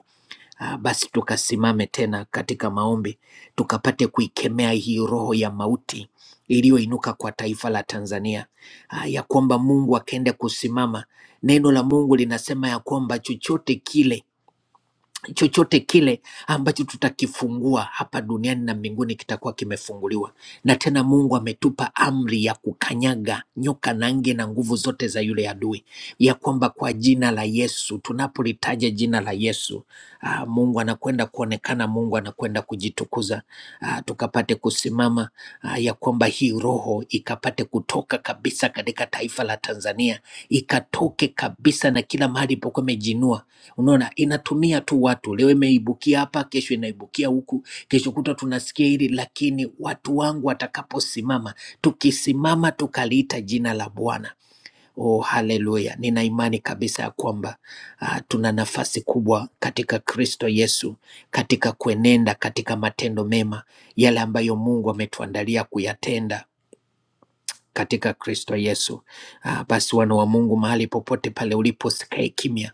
S3: Ah, basi tukasimame tena katika maombi tukapate kuikemea hii roho ya mauti iliyoinuka kwa taifa la Tanzania, ah, ya kwamba Mungu akaenda kusimama. Neno la Mungu linasema ya kwamba chochote kile chochote kile ambacho tutakifungua hapa duniani na mbinguni kitakuwa kimefunguliwa. Na tena Mungu ametupa amri ya kukanyaga nyoka na nge na nguvu zote za yule adui, ya kwamba kwa jina la Yesu, tunapolitaja jina la Yesu, ah, Mungu anakwenda kuonekana, Mungu anakwenda kujitukuza, ah, tukapate kusimama, ah, ya kwamba hii roho ikapate kutoka kabisa katika taifa la Tanzania, ikatoke kabisa na kila mahali pokuwa imejinua Unaona, inatumia tu watu, leo imeibukia hapa, kesho inaibukia huku, kesho kuta tunasikia hili. Lakini watu wangu watakaposimama, tukisimama tukaliita jina la Bwana, oh, haleluya! Nina imani kabisa ya kwamba uh, tuna nafasi kubwa katika Kristo Yesu, katika kuenenda katika matendo mema, yale ambayo Mungu ametuandalia kuyatenda katika Kristo Yesu. Ah, Basi wana wa Mungu, mahali popote pale ulipo, usikae kimya.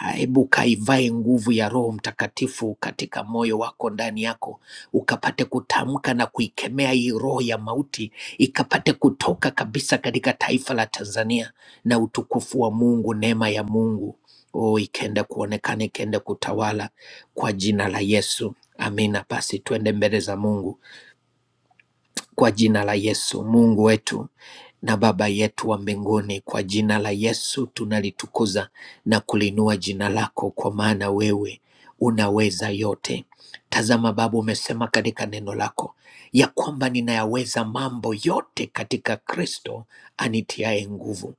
S3: Ah, Hebu kaivae nguvu ya Roho Mtakatifu katika moyo wako, ndani yako, ukapate kutamka na kuikemea hii roho ya mauti, ikapate kutoka kabisa katika taifa la Tanzania, na utukufu wa Mungu, neema ya Mungu oh, ikaenda kuonekana, ikaenda kutawala kwa jina la Yesu. Amina. Basi twende mbele za Mungu kwa jina la Yesu. Mungu wetu na Baba yetu wa mbinguni, kwa jina la Yesu tunalitukuza na kuliinua jina lako, kwa maana wewe unaweza yote. Tazama Baba, umesema katika neno lako ya kwamba ninayaweza mambo yote katika Kristo anitiaye nguvu.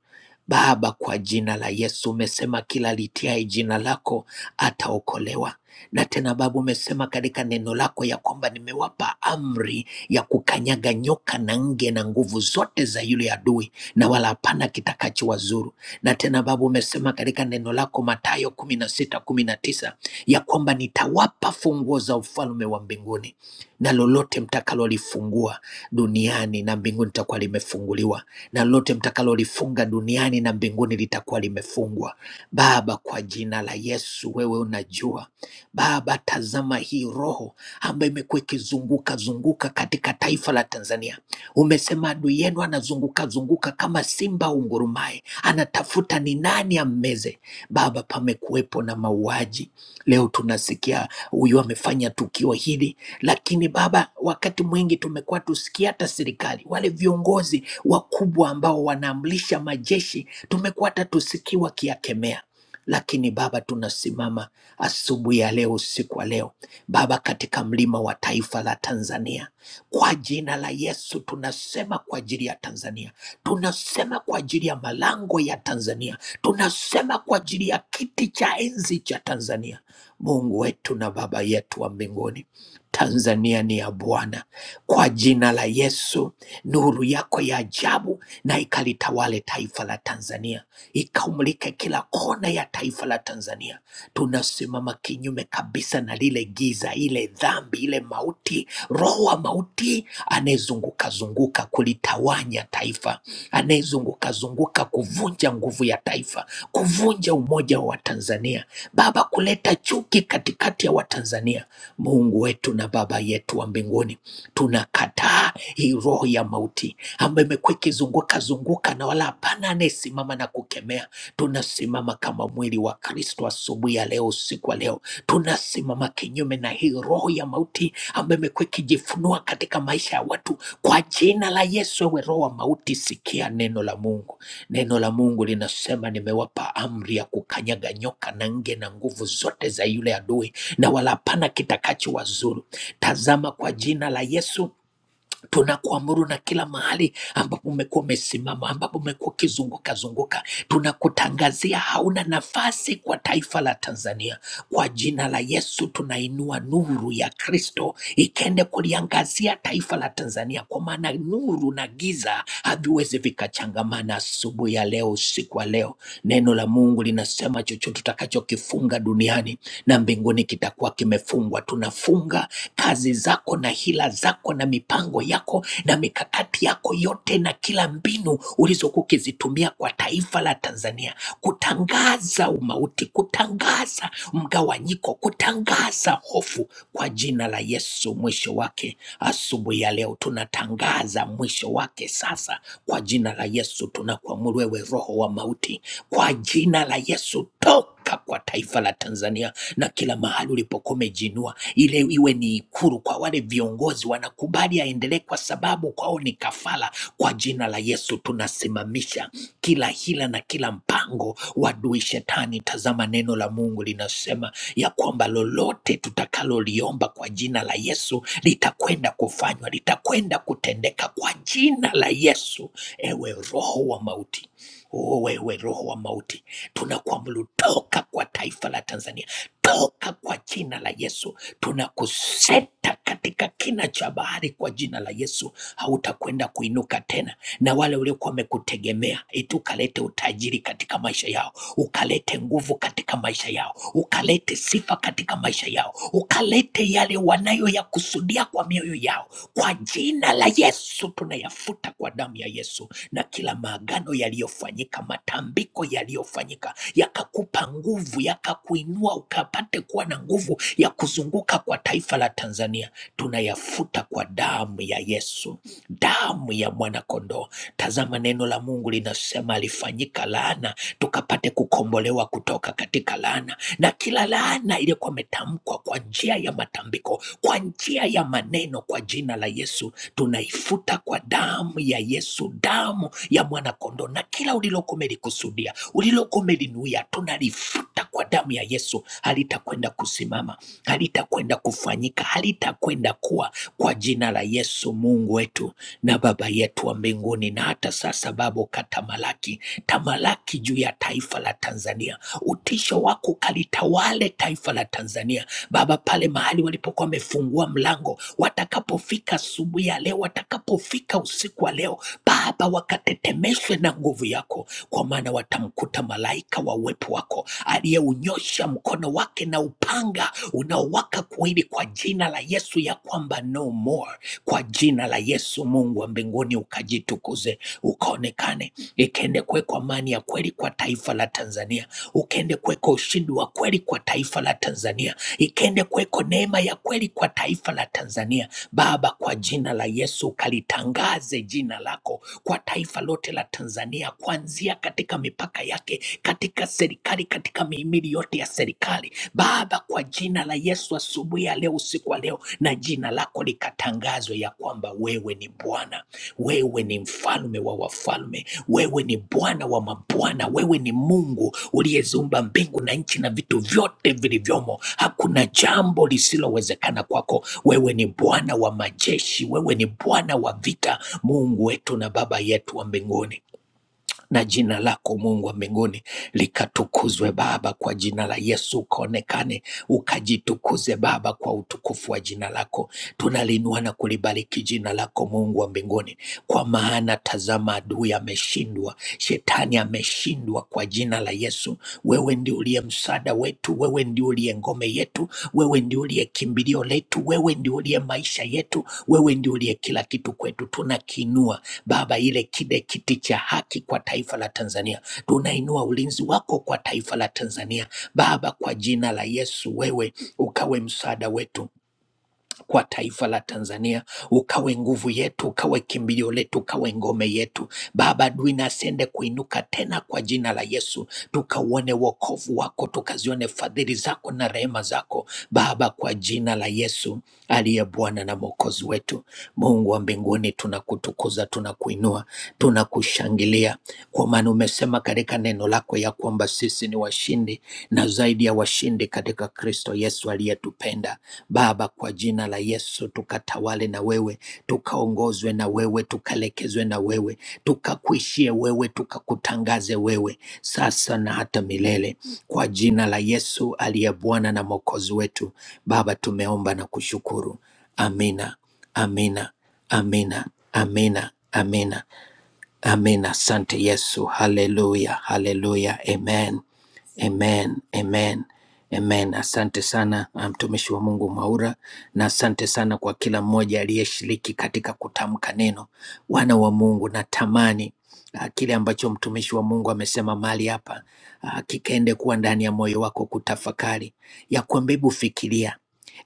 S3: Baba, kwa jina la Yesu umesema kila litiaye jina lako ataokolewa. Na tena Baba, umesema katika neno lako ya kwamba nimewapa amri ya kukanyaga nyoka na nge na nguvu zote za yule adui, na wala hapana kitakachowazuru. Na tena Baba, umesema katika neno lako Mathayo kumi na sita kumi na tisa ya kwamba nitawapa funguo za ufalme wa mbinguni, na lolote mtakalolifungua duniani na mbinguni litakuwa limefunguliwa, na lolote mtakalolifunga duniani na mbinguni litakuwa limefungwa. Baba, kwa jina la Yesu, wewe unajua Baba, tazama hii roho ambayo imekuwa ikizunguka zunguka katika taifa la Tanzania. Umesema adui yenu anazunguka zunguka kama simba ungurumaye, anatafuta ni nani ammeze. Baba, pamekuwepo na mauaji. Leo tunasikia huyu amefanya tukio hili, lakini Baba, wakati mwingi tumekuwa tusikia hata serikali, wale viongozi wakubwa ambao wanaamlisha majeshi, tumekuwa hata tusikii wakiyakemea lakini Baba, tunasimama asubuhi ya leo, usiku wa leo Baba, katika mlima wa taifa la Tanzania, kwa jina la Yesu tunasema kwa ajili ya Tanzania, tunasema kwa ajili ya malango ya Tanzania, tunasema kwa ajili ya kiti cha enzi cha Tanzania. Mungu wetu na Baba yetu wa mbinguni, Tanzania ni ya Bwana. Kwa jina la Yesu, nuru yako ya ajabu na ikalitawale taifa la Tanzania, ikaumulike kila kona ya taifa la Tanzania tunasimama kinyume kabisa na lile giza, ile dhambi, ile mauti, roho wa mauti anayezunguka zunguka kulitawanya taifa, anayezunguka zunguka kuvunja nguvu ya taifa, kuvunja umoja wa Watanzania, Baba, kuleta chuki katikati ya Watanzania. Mungu wetu na Baba yetu wa mbinguni, tunakataa hii roho ya mauti ambayo imekuwa ikizunguka zunguka na wala hapana anayesimama na kukemea Tunasimama kama mwili wa Kristo asubuhi ya leo, usiku wa leo, tunasimama kinyume na hii roho ya mauti ambayo imekuwa ikijifunua katika maisha ya watu. Kwa jina la Yesu, ewe roho wa mauti, sikia neno la Mungu. Neno la Mungu linasema, nimewapa amri ya kukanyaga nyoka na nge na nguvu zote za yule adui, na wala hapana kitakachowazuru. Tazama, kwa jina la Yesu tunakuamuru na kila mahali ambapo umekuwa umesimama, ambapo umekuwa ukizunguka zunguka, tunakutangazia hauna nafasi kwa taifa la Tanzania. Kwa jina la Yesu tunainua nuru ya Kristo ikende kuliangazia taifa la Tanzania, kwa maana nuru na giza haviwezi vikachangamana. Asubuhi ya leo, usiku wa leo, neno la Mungu linasema chochote tutakachokifunga duniani na mbinguni kitakuwa kimefungwa. Tunafunga kazi zako na hila zako na mipango yako na mikakati yako yote na kila mbinu ulizokuwa ukizitumia kwa taifa la Tanzania kutangaza umauti, kutangaza mgawanyiko, kutangaza hofu kwa jina la Yesu. Mwisho wake asubuhi ya leo tunatangaza mwisho wake sasa kwa jina la Yesu. Tunakuamuru wewe roho wa mauti, kwa jina la Yesu toka kwa taifa la Tanzania na kila mahali ulipokuwa umejiinua ile iwe ni ikulu kwa wale viongozi wanakubali aendelee, kwa sababu kwao ni kafara. Kwa jina la Yesu tunasimamisha kila hila na kila mpango wa adui shetani. Tazama, neno la Mungu linasema ya kwamba lolote tutakaloliomba kwa jina la Yesu litakwenda kufanywa, litakwenda kutendeka kwa jina la Yesu. Ewe roho wa mauti, o wewe roho wa mauti, tunakuamuru toka kwa taifa la Tanzania toka kwa jina la Yesu. Tunakuseta katika kina cha bahari kwa jina la Yesu, hautakwenda kuinuka tena. Na wale waliokuwa wamekutegemea eti ukalete utajiri katika maisha yao, ukalete nguvu katika maisha yao, ukalete sifa katika maisha yao, ukalete yale wanayoyakusudia kwa mioyo yao, kwa jina la Yesu tunayafuta kwa damu ya Yesu na kila maagano yaliyofanyika, matambiko yaliyofanyika yakakupa nguvu, yakakuinua ukapate kuwa na nguvu ya kuzunguka kwa taifa la Tanzania, tunayafuta kwa damu ya Yesu, damu ya mwanakondoo. Tazama neno la Mungu linasema alifanyika laana tukapate kukombolewa kutoka katika laana, na kila laana iliyokuwa imetamkwa kwa njia ya matambiko, kwa njia ya maneno, kwa jina la Yesu tunaifuta kwa damu ya Yesu, damu ya mwanakondoo, na kila ulilokuwa umelikusudia, ulilokuwa umelinuia, tunalifuta kwa damu ya Yesu. Halitakwenda kusimama, halitakwenda kufanyika, halitakwenda kuwa, kwa jina la Yesu, Mungu wetu na Baba yetu wa mbinguni. Na hata sasa, Baba, ukatamalaki tamalaki juu ya taifa la Tanzania, utisho wako ukalitawale taifa la Tanzania Baba, pale mahali walipokuwa wamefungua mlango watakapofika asubuhi ya leo, watakapofika usiku wa leo, Baba, wakatetemeshwe na nguvu yako, kwa maana watamkuta malaika wa uwepo wako aliyeunyosha mkono wake na upanga unaowaka kuwili, kwa jina la Yesu, ya kwamba no more. Kwa jina la Yesu, Mungu wa mbinguni, ukajitukuze, ukaonekane, ikaende kuwekwa amani ya kweli kwa taifa la Tanzania, ukaende kuweka ushindi wa kweli kwa taifa la Tanzania ikende kuweko neema ya kweli kwa taifa la Tanzania. Baba, kwa jina la Yesu ukalitangaze jina lako kwa taifa lote la Tanzania, kuanzia katika mipaka yake, katika serikali, katika mihimili yote ya serikali. Baba, kwa jina la Yesu, asubuhi ya leo, usiku wa leo, na jina lako likatangazwe ya kwamba wewe ni Bwana. Wewe ni mfalme wa wafalme, wewe ni Bwana wa mabwana, wewe ni Mungu uliyeziumba mbingu na nchi na vitu vyote vilivyomo. Hakuna jambo lisilowezekana kwako. Wewe ni Bwana wa majeshi, wewe ni Bwana wa vita, Mungu wetu na Baba yetu wa mbinguni na jina lako Mungu wa mbinguni likatukuzwe Baba, kwa jina la Yesu ukaonekane, ukajitukuze Baba kwa utukufu wa jina lako. Tunaliinua na kulibariki jina lako Mungu wa mbinguni, kwa maana tazama, adui ameshindwa, shetani ameshindwa kwa jina la Yesu. Wewe ndio uliye msaada wetu, wewe ndio uliye ngome yetu, wewe ndio uliye kimbilio letu, wewe ndio uliye maisha yetu, wewe ndio uliye kila kitu kwetu. Tunakiinua Baba, ile kile kiti cha haki kwa taifa la Tanzania, tunainua ulinzi wako kwa taifa la Tanzania Baba, kwa jina la Yesu, wewe ukawe msaada wetu kwa taifa la Tanzania, ukawe nguvu yetu, ukawe kimbilio letu, ukawe ngome yetu. Baba, adui na asiende kuinuka tena kwa jina la Yesu, tukauone wokovu wako, tukazione fadhili zako na rehema zako Baba, kwa jina la Yesu aliye Bwana na Mwokozi wetu. Mungu wa mbinguni, tunakutukuza, tunakuinua, tunakushangilia kwa maana umesema katika neno lako ya kwamba sisi ni washindi na zaidi ya washindi katika Kristo Yesu aliyetupenda. Baba, kwa jina la Yesu tukatawale na wewe, tukaongozwe na wewe, tukalekezwe na wewe, tukakuishie wewe, tukakutangaze wewe sasa na hata milele, kwa jina la Yesu aliye Bwana na Mwokozi wetu. Baba, tumeomba na kushukuru. Amina, amina, amina, amina, amina. Amen. Asante Yesu. Haleluya, haleluya. Amen, amen, amen, amen. Asante sana ah, mtumishi wa Mungu Mwaura, na asante sana kwa kila mmoja aliyeshiriki katika kutamka neno. Wana wa Mungu, natamani ah, kile ambacho mtumishi wa Mungu amesema mahali hapa ah, kikaende kuwa ndani ya moyo wako kutafakari, ya kwamba hebu fikiria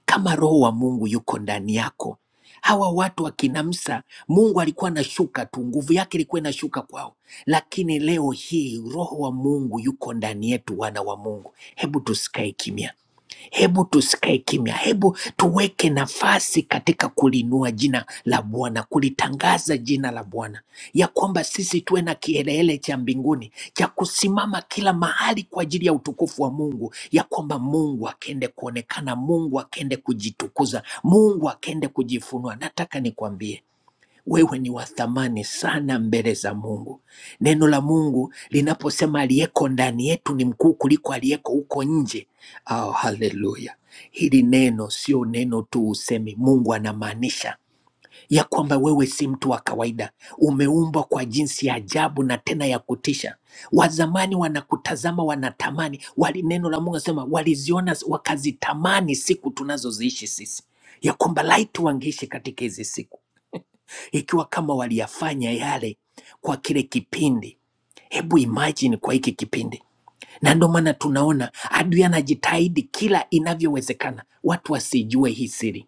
S3: kama roho wa Mungu yuko ndani yako. Hawa watu wa Kinamsa, Mungu alikuwa anashuka tu, nguvu yake ilikuwa inashuka kwao, lakini leo hii roho wa Mungu yuko ndani yetu, wana wa Mungu. Hebu tusikae kimya, Hebu tusikae kimya, hebu tuweke nafasi katika kulinua jina la Bwana, kulitangaza jina la Bwana, ya kwamba sisi tuwe na kielele cha mbinguni cha kusimama kila mahali kwa ajili ya utukufu wa Mungu, ya kwamba Mungu akende kuonekana, Mungu akende kujitukuza, Mungu akende kujifunua. Nataka nikwambie wewe ni wa thamani sana mbele za Mungu. Neno la Mungu linaposema aliyeko ndani yetu ni mkuu kuliko aliyeko huko nje. Oh, haleluya! Hili neno sio neno tu usemi, Mungu anamaanisha ya kwamba wewe si mtu wa kawaida, umeumbwa kwa jinsi ya ajabu na tena ya kutisha. Wazamani wanakutazama, wanatamani wali, neno la Mungu anasema waliziona wakazitamani siku tunazoziishi sisi, ya kwamba laiti wangeishi katika hizi siku ikiwa kama waliyafanya yale kwa kile kipindi. Hebu imagine kwa hiki kipindi, na ndio maana tunaona adui anajitahidi kila inavyowezekana watu wasijue hii siri.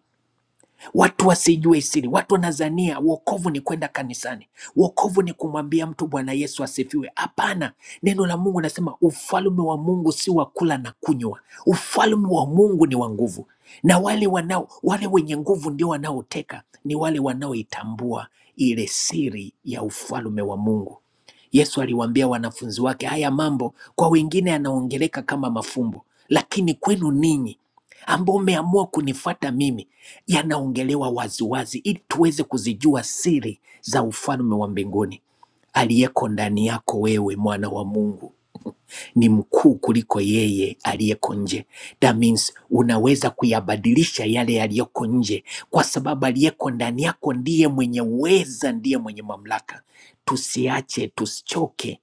S3: Watu wasijue siri. Watu wanazania wokovu ni kwenda kanisani, wokovu ni kumwambia mtu Bwana Yesu asifiwe. Hapana, neno la Mungu nasema ufalme wa Mungu si wa kula na kunywa, ufalme wa Mungu ni wa nguvu, na wale wanao wale wenye nguvu ndio wanaoteka, ni wale wanaoitambua ile siri ya ufalme wa Mungu. Yesu aliwaambia wanafunzi wake haya mambo, kwa wengine yanaongeleka kama mafumbo, lakini kwenu ninyi ambao umeamua kunifuata mimi yanaongelewa waziwazi ili tuweze kuzijua siri za ufalme wa mbinguni aliyeko ndani yako wewe mwana wa Mungu ni mkuu kuliko yeye aliyeko nje. That means unaweza kuyabadilisha yale yaliyoko nje, kwa sababu aliyeko ndani yako ndiye mwenye uweza, ndiye mwenye mamlaka. Tusiache, tusichoke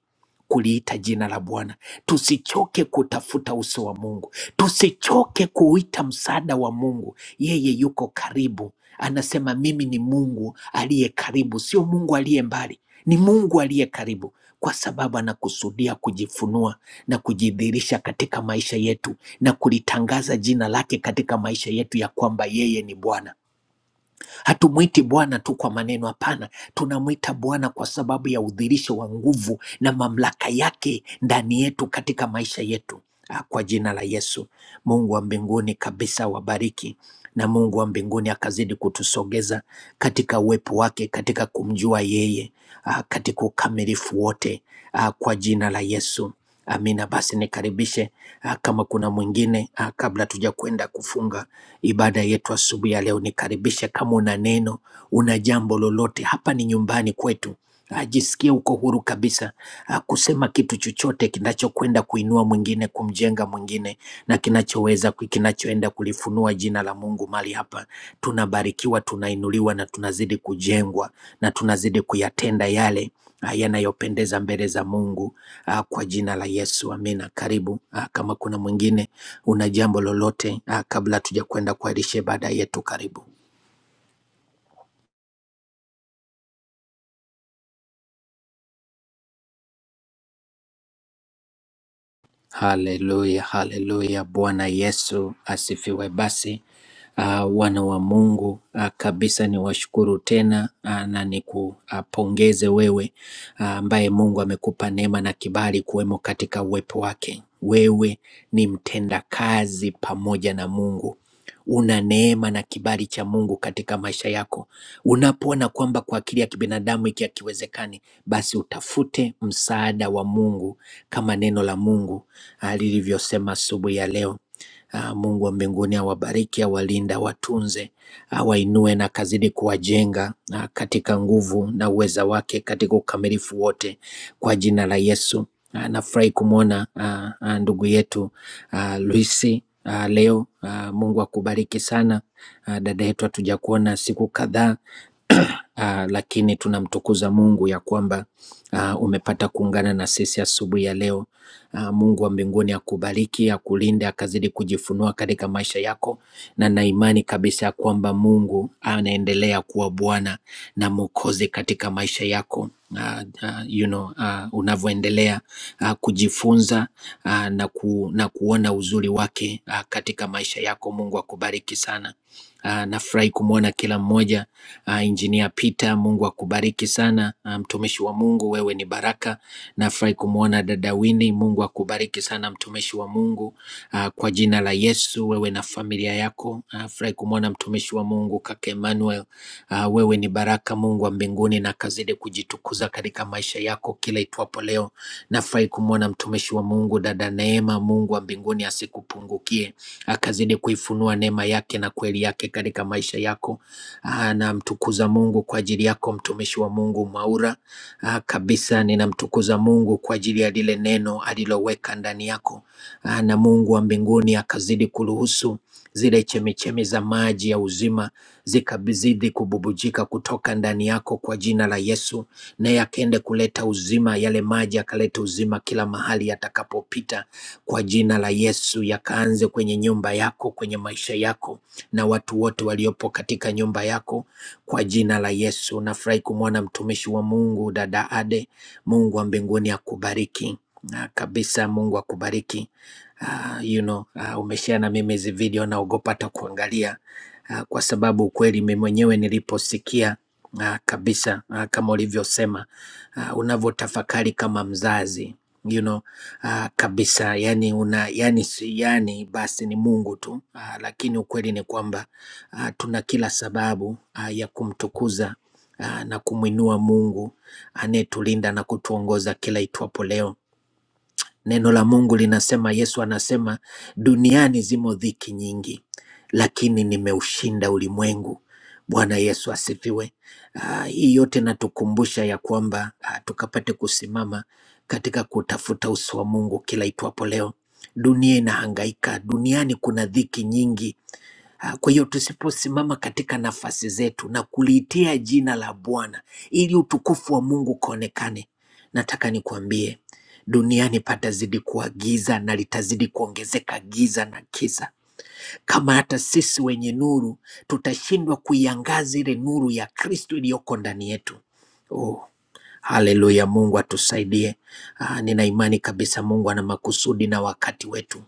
S3: kuliita jina la Bwana, tusichoke kutafuta uso wa Mungu, tusichoke kuita msaada wa Mungu. Yeye yuko karibu, anasema mimi ni Mungu aliye karibu, sio Mungu aliye mbali, ni Mungu aliye karibu, kwa sababu anakusudia kujifunua na kujidhihirisha katika maisha yetu na kulitangaza jina lake katika maisha yetu ya kwamba yeye ni Bwana. Hatumwiti Bwana tu kwa maneno, hapana. Tunamwita Bwana kwa sababu ya udhirisho wa nguvu na mamlaka yake ndani yetu, katika maisha yetu. Ah, Kwa jina la Yesu, Mungu wa mbinguni kabisa wabariki, na Mungu wa mbinguni akazidi kutusogeza katika uwepo wake, katika kumjua yeye, ah, katika ukamilifu wote, ah, kwa jina la Yesu. Amina. Basi nikaribishe ah, kama kuna mwingine ah, kabla tuja kwenda kufunga Ibada yetu asubuhi ya leo nikaribisha, kama una neno, una jambo lolote, hapa ni nyumbani kwetu. Ajisikie uko huru kabisa ah, kusema kitu chochote kinachokwenda kuinua mwingine, kumjenga mwingine na kinachoweza ku- kinachoenda kulifunua jina la Mungu mali hapa. Tunabarikiwa, tunainuliwa na tunazidi kujengwa na tunazidi kuyatenda yale ah, yanayopendeza mbele za Mungu ah, kwa jina la Yesu, amina. Karibu ah, kama kuna mwingine una jambo lolote ah, kabla tuja kwenda kwa lishe baada yetu. Karibu. Haleluya, haleluya. Bwana Yesu asifiwe. Basi uh, wana wa Mungu uh, kabisa ni washukuru tena uh, na nikupongeze wewe ah, ambaye uh, Mungu amekupa neema na kibali kuwemo katika uwepo wake. Wewe ni mtendakazi pamoja na Mungu. Una neema na kibali cha Mungu katika maisha yako. Unapoona kwamba kwa akili ya kibinadamu hiki hakiwezekani, basi utafute msaada wa Mungu kama neno la Mungu Ah, lilivyosema asubuhi ya leo. Ah, Mungu wa mbinguni awabariki, awalinde, awatunze, awainue na kazidi kuwajenga ah, katika nguvu na uweza wake katika ukamilifu wote kwa jina la Yesu. Ah, Nafurahi kumwona ah, ah, ndugu yetu ah, Luisi ah, leo. Ah, Mungu akubariki sana Ah, dada yetu, hatuja kuona siku kadhaa ah, lakini tunamtukuza Mungu ya kwamba ah, umepata kuungana na sisi asubuhi ya ya leo. Ah, Mungu wa mbinguni akubariki, akulinde, akazidi kujifunua katika maisha yako, na na imani kabisa ya kwamba Mungu anaendelea kuwa Bwana na Mwokozi katika maisha yako. Uh, uh, you know, uh, unavyoendelea uh, kujifunza uh, na, ku, na kuona uzuri wake uh, katika maisha yako. Mungu akubariki sana. Uh, nafurahi kumwona kila mmoja uh, Engineer Peter. Mungu akubariki sana ah, mtumishi um, wa Mungu, wewe ni baraka. Nafurahi kumwona dada Winnie. Mungu akubariki sana mtumishi wa Mungu ah, kwa jina la Yesu, wewe na familia yako. Ah, Nafurahi uh, kumwona mtumishi wa Mungu kaka Emmanuel. Ah, Wewe ni baraka, Mungu wa mbinguni na kazidi kujitukuza katika maisha yako kila itwapo leo. Nafurahi kumwona mtumishi wa Mungu dada Neema. Mungu wa mbinguni asikupungukie akazidi kuifunua neema yake na kweli yake katika maisha yako. Ah, namtukuza Mungu kwa ajili yako mtumishi wa Mungu Mwaura. Ah, kabisa ninamtukuza Mungu kwa ajili ya lile neno aliloweka ndani yako. Ah, na Mungu wa mbinguni akazidi kuruhusu zile chemichemi za maji ya uzima zikazidi kububujika kutoka ndani yako kwa jina la Yesu, naye akaende kuleta uzima, yale maji akaleta uzima kila mahali yatakapopita kwa jina la Yesu, yakaanze kwenye nyumba yako, kwenye maisha yako na watu wote waliopo katika nyumba yako kwa jina la Yesu. Nafurahi kumwona mtumishi wa Mungu dada Ade. Mungu wa mbinguni akubariki na kabisa. Mungu akubariki. Ah, you know, ah, umeshare na mimi hizi video naogopa hata kuangalia ah, kwa sababu ukweli mimi mwenyewe niliposikia ah, kabisa ah, kama ulivyosema ah, unavyotafakari kama mzazi you know, ah, kabisa yani una yani, si- yani basi ni Mungu tu ah, lakini ukweli ni kwamba ah, tuna kila sababu ah, ya kumtukuza ah, na kumwinua Mungu anayetulinda na kutuongoza kila itwapo leo Neno la Mungu linasema, Yesu anasema, duniani zimo dhiki nyingi, lakini nimeushinda ulimwengu. Bwana Yesu asifiwe. Ah, hii yote natukumbusha ya kwamba ah, tukapate kusimama katika kutafuta uso wa Mungu kila itwapo leo. Dunia inahangaika, duniani kuna dhiki nyingi, Ah, Kwa hiyo tusiposimama katika nafasi zetu na kuliitia jina la Bwana ili utukufu wa Mungu ukaonekane, nataka nikuambie duniani patazidi kuwa giza na litazidi kuongezeka giza na kisa, kama hata sisi wenye nuru tutashindwa kuiangaza ile nuru ya Kristo iliyoko ndani yetu. Oh, Haleluya, Mungu atusaidie. Ah, nina imani kabisa Mungu ana makusudi na wakati wetu.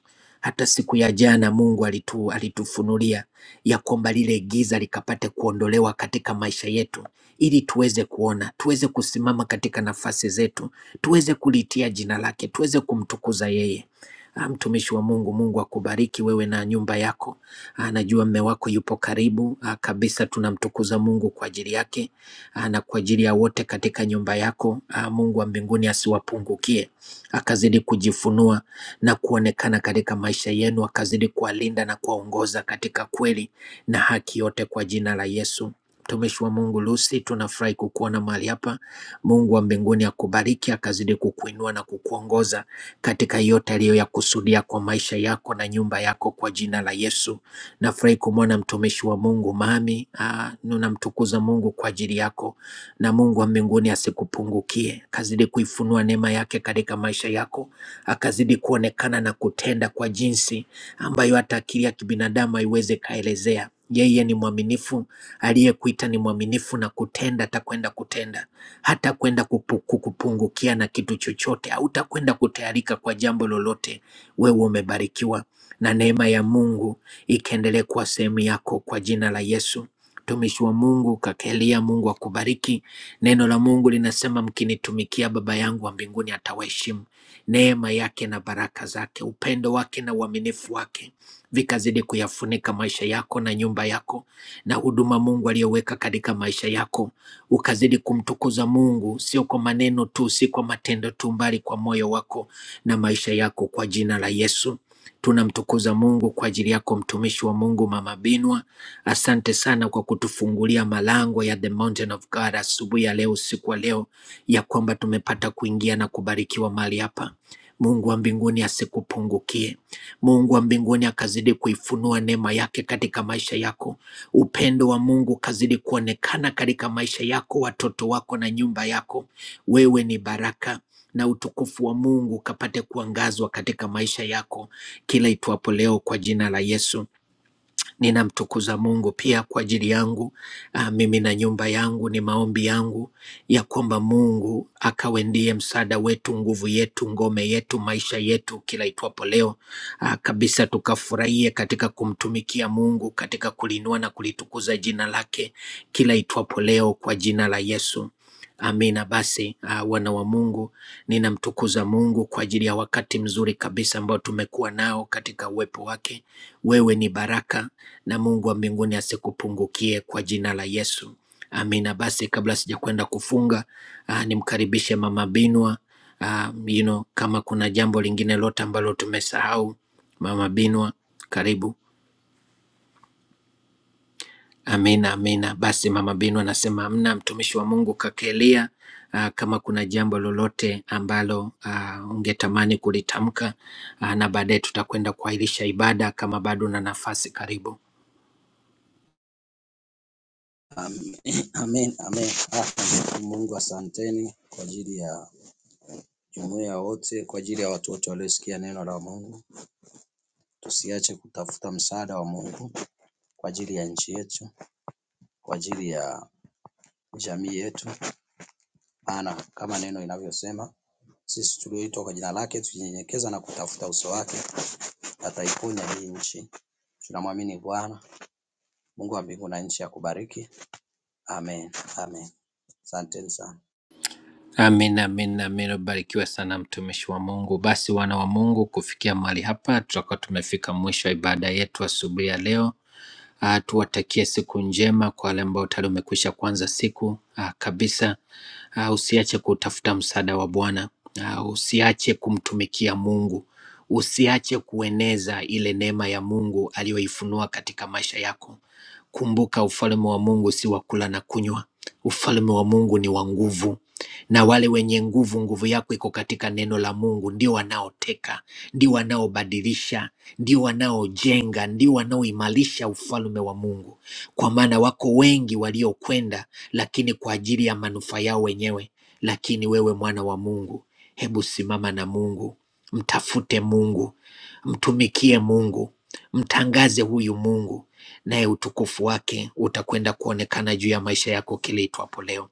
S3: Hata siku ya jana Mungu alitu, alitufunulia ya kwamba lile giza likapate kuondolewa katika maisha yetu, ili tuweze kuona, tuweze kusimama katika nafasi zetu, tuweze kulitia jina lake, tuweze kumtukuza yeye. Ah, Mtumishi wa Mungu, Mungu akubariki wewe na nyumba yako. Ah, Najua mme wako yupo karibu ah, kabisa, tunamtukuza Mungu kwa ajili yake ah, na kwa ajili ya wote katika nyumba yako. ah, Mungu wa mbinguni asiwapungukie, akazidi kujifunua na kuonekana katika maisha yenu, akazidi kuwalinda na kuwaongoza katika kweli na haki yote kwa jina la Yesu. Mtumishi wa Mungu Lucy, tunafurahi kukuona mahali hapa. Mungu wa mbinguni akubariki, akazidi kukuinua na kukuongoza katika yote aliyoyakusudia kwa maisha yako na nyumba yako kwa jina la Yesu. Nafurahi kumwona mtumishi wa Mungu mami, ah, ninamtukuza Mungu kwa ajili yako, na Mungu wa mbinguni asikupungukie, akazidi kuifunua neema yake katika maisha yako, akazidi kuonekana na kutenda kwa jinsi ambayo hata akili ya kibinadamu haiwezi kaelezea. Yeye ni mwaminifu, aliyekuita ni mwaminifu na kutenda, atakwenda kutenda, hata kwenda kukupungukia na kitu chochote, hautakwenda kutayarika kwa jambo lolote. Wewe umebarikiwa na neema ya Mungu ikaendelee kuwa sehemu yako kwa jina la Yesu. Mtumishi wa Mungu kaka Elia, Mungu akubariki. Neno la Mungu linasema mkinitumikia, Baba yangu wa mbinguni atawaheshimu. Neema yake na baraka zake, upendo wake na uaminifu wake vikazidi kuyafunika maisha yako na nyumba yako na huduma Mungu aliyoweka katika maisha yako, ukazidi kumtukuza Mungu, sio kwa maneno tu, si kwa matendo tu, bali kwa moyo wako na maisha yako, kwa jina la Yesu. Tunamtukuza Mungu kwa ajili yako mtumishi wa Mungu Mama Binwa. Asante sana kwa kutufungulia malango ya the mountain of God asubuhi ya leo, usiku wa leo, ya kwamba tumepata kuingia na kubarikiwa mahali hapa. Mungu wa mbinguni asikupungukie. Mungu wa mbinguni akazidi kuifunua neema yake katika maisha yako. Upendo wa Mungu kazidi kuonekana katika maisha yako, watoto wako na nyumba yako. Wewe ni baraka na utukufu wa Mungu kapate kuangazwa katika maisha yako kila itwapo leo kwa jina la Yesu ninamtukuza Mungu pia kwa ajili yangu ah, mimi na nyumba yangu. Ni maombi yangu ya kwamba Mungu akawe ndiye msaada wetu, nguvu yetu, ngome yetu, maisha yetu, kila itwapo leo ah, kabisa, tukafurahie katika kumtumikia Mungu, katika kulinua na kulitukuza jina lake kila itwapo leo, kwa jina la Yesu. Amina. Basi ah, wana wa Mungu, ninamtukuza Mungu kwa ajili ya wakati mzuri kabisa ambao tumekuwa nao katika uwepo wake. Wewe ni baraka na Mungu wa mbinguni asikupungukie kwa jina la Yesu. Amina. Basi kabla sijakwenda kufunga, ah, nimkaribishe Mama Binwa. Ah, you know, kama kuna jambo lingine lote ambalo tumesahau, Mama Binwa, karibu. Amina, amina. Basi Mama Binwa anasema amna, mtumishi wa Mungu kakelia. ah, Kama kuna jambo lolote ambalo ah, ungetamani kulitamka, ah, na baadaye tutakwenda kuahirisha ibada, kama bado una nafasi, karibu.
S2: Amen, amen. Mungu asanteni kwa ajili ya jumuiya wote, kwa ajili ya watu wote waliosikia neno la Mungu. Tusiache kutafuta msaada wa Mungu kwa ajili ya nchi yetu, kwa ajili ya jamii yetu, maana kama neno inavyosema, sisi tulioitwa kwa jina lake tujinyenyekeza na kutafuta uso wake, ataiponya hii nchi. Tunamwamini Bwana, Mungu wa mbingu na nchi akubariki. Amen, amen. Asanteni sana.
S3: Amen, amen, amen. Ubarikiwe sana mtumishi wa Mungu. Basi wana wa Mungu, kufikia mahali hapa tutakuwa tumefika mwisho wa ibada yetu asubuhi ya leo. Ah, tuwatakie siku njema kwa wale ambao tayari umekwisha kuanza siku ah, kabisa. Ah, usiache kutafuta msaada wa Bwana. Ah, usiache kumtumikia Mungu. Usiache kueneza ile neema ya Mungu aliyoifunua katika maisha yako. Kumbuka ufalme wa Mungu si wa kula na kunywa. Ufalme wa Mungu ni wa nguvu, na wale wenye nguvu, nguvu yako iko katika neno la Mungu. Ndio wanaoteka, ndio wanaobadilisha, ndio wanaojenga, ndio wanaoimarisha ufalme wa Mungu, kwa maana wako wengi waliokwenda, lakini kwa ajili ya manufaa yao wenyewe. Lakini wewe mwana wa Mungu, hebu simama na Mungu, mtafute Mungu, mtumikie Mungu, mtangaze huyu Mungu naye utukufu wake utakwenda kuonekana juu ya maisha yako kile itwapo leo.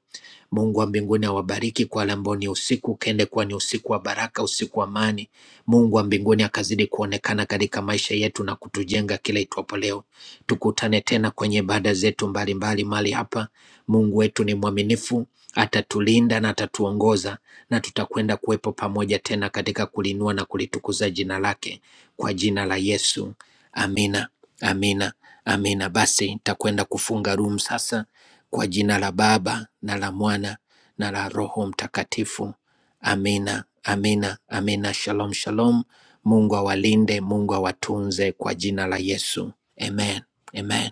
S3: Mungu wa mbinguni awabariki kwa wale ambao ni usiku, ukende kuwa ni usiku wa baraka, usiku wa amani. Mungu wa mbinguni akazidi kuonekana katika maisha yetu na kutujenga kila itwapo leo. Tukutane tena kwenye ibada zetu mbalimbali mahali hapa. Mungu wetu ni mwaminifu, atatulinda na atatuongoza, na tutakwenda kuwepo pamoja tena katika kulinua na kulitukuza jina lake, kwa jina la Yesu. Amina, amina, amina. Basi nitakwenda kufunga room sasa kwa jina la Baba na la Mwana na la Roho Mtakatifu. Amina, amina, amina. Shalom, shalom. Mungu awalinde, Mungu awatunze kwa jina la Yesu. Amen, amen.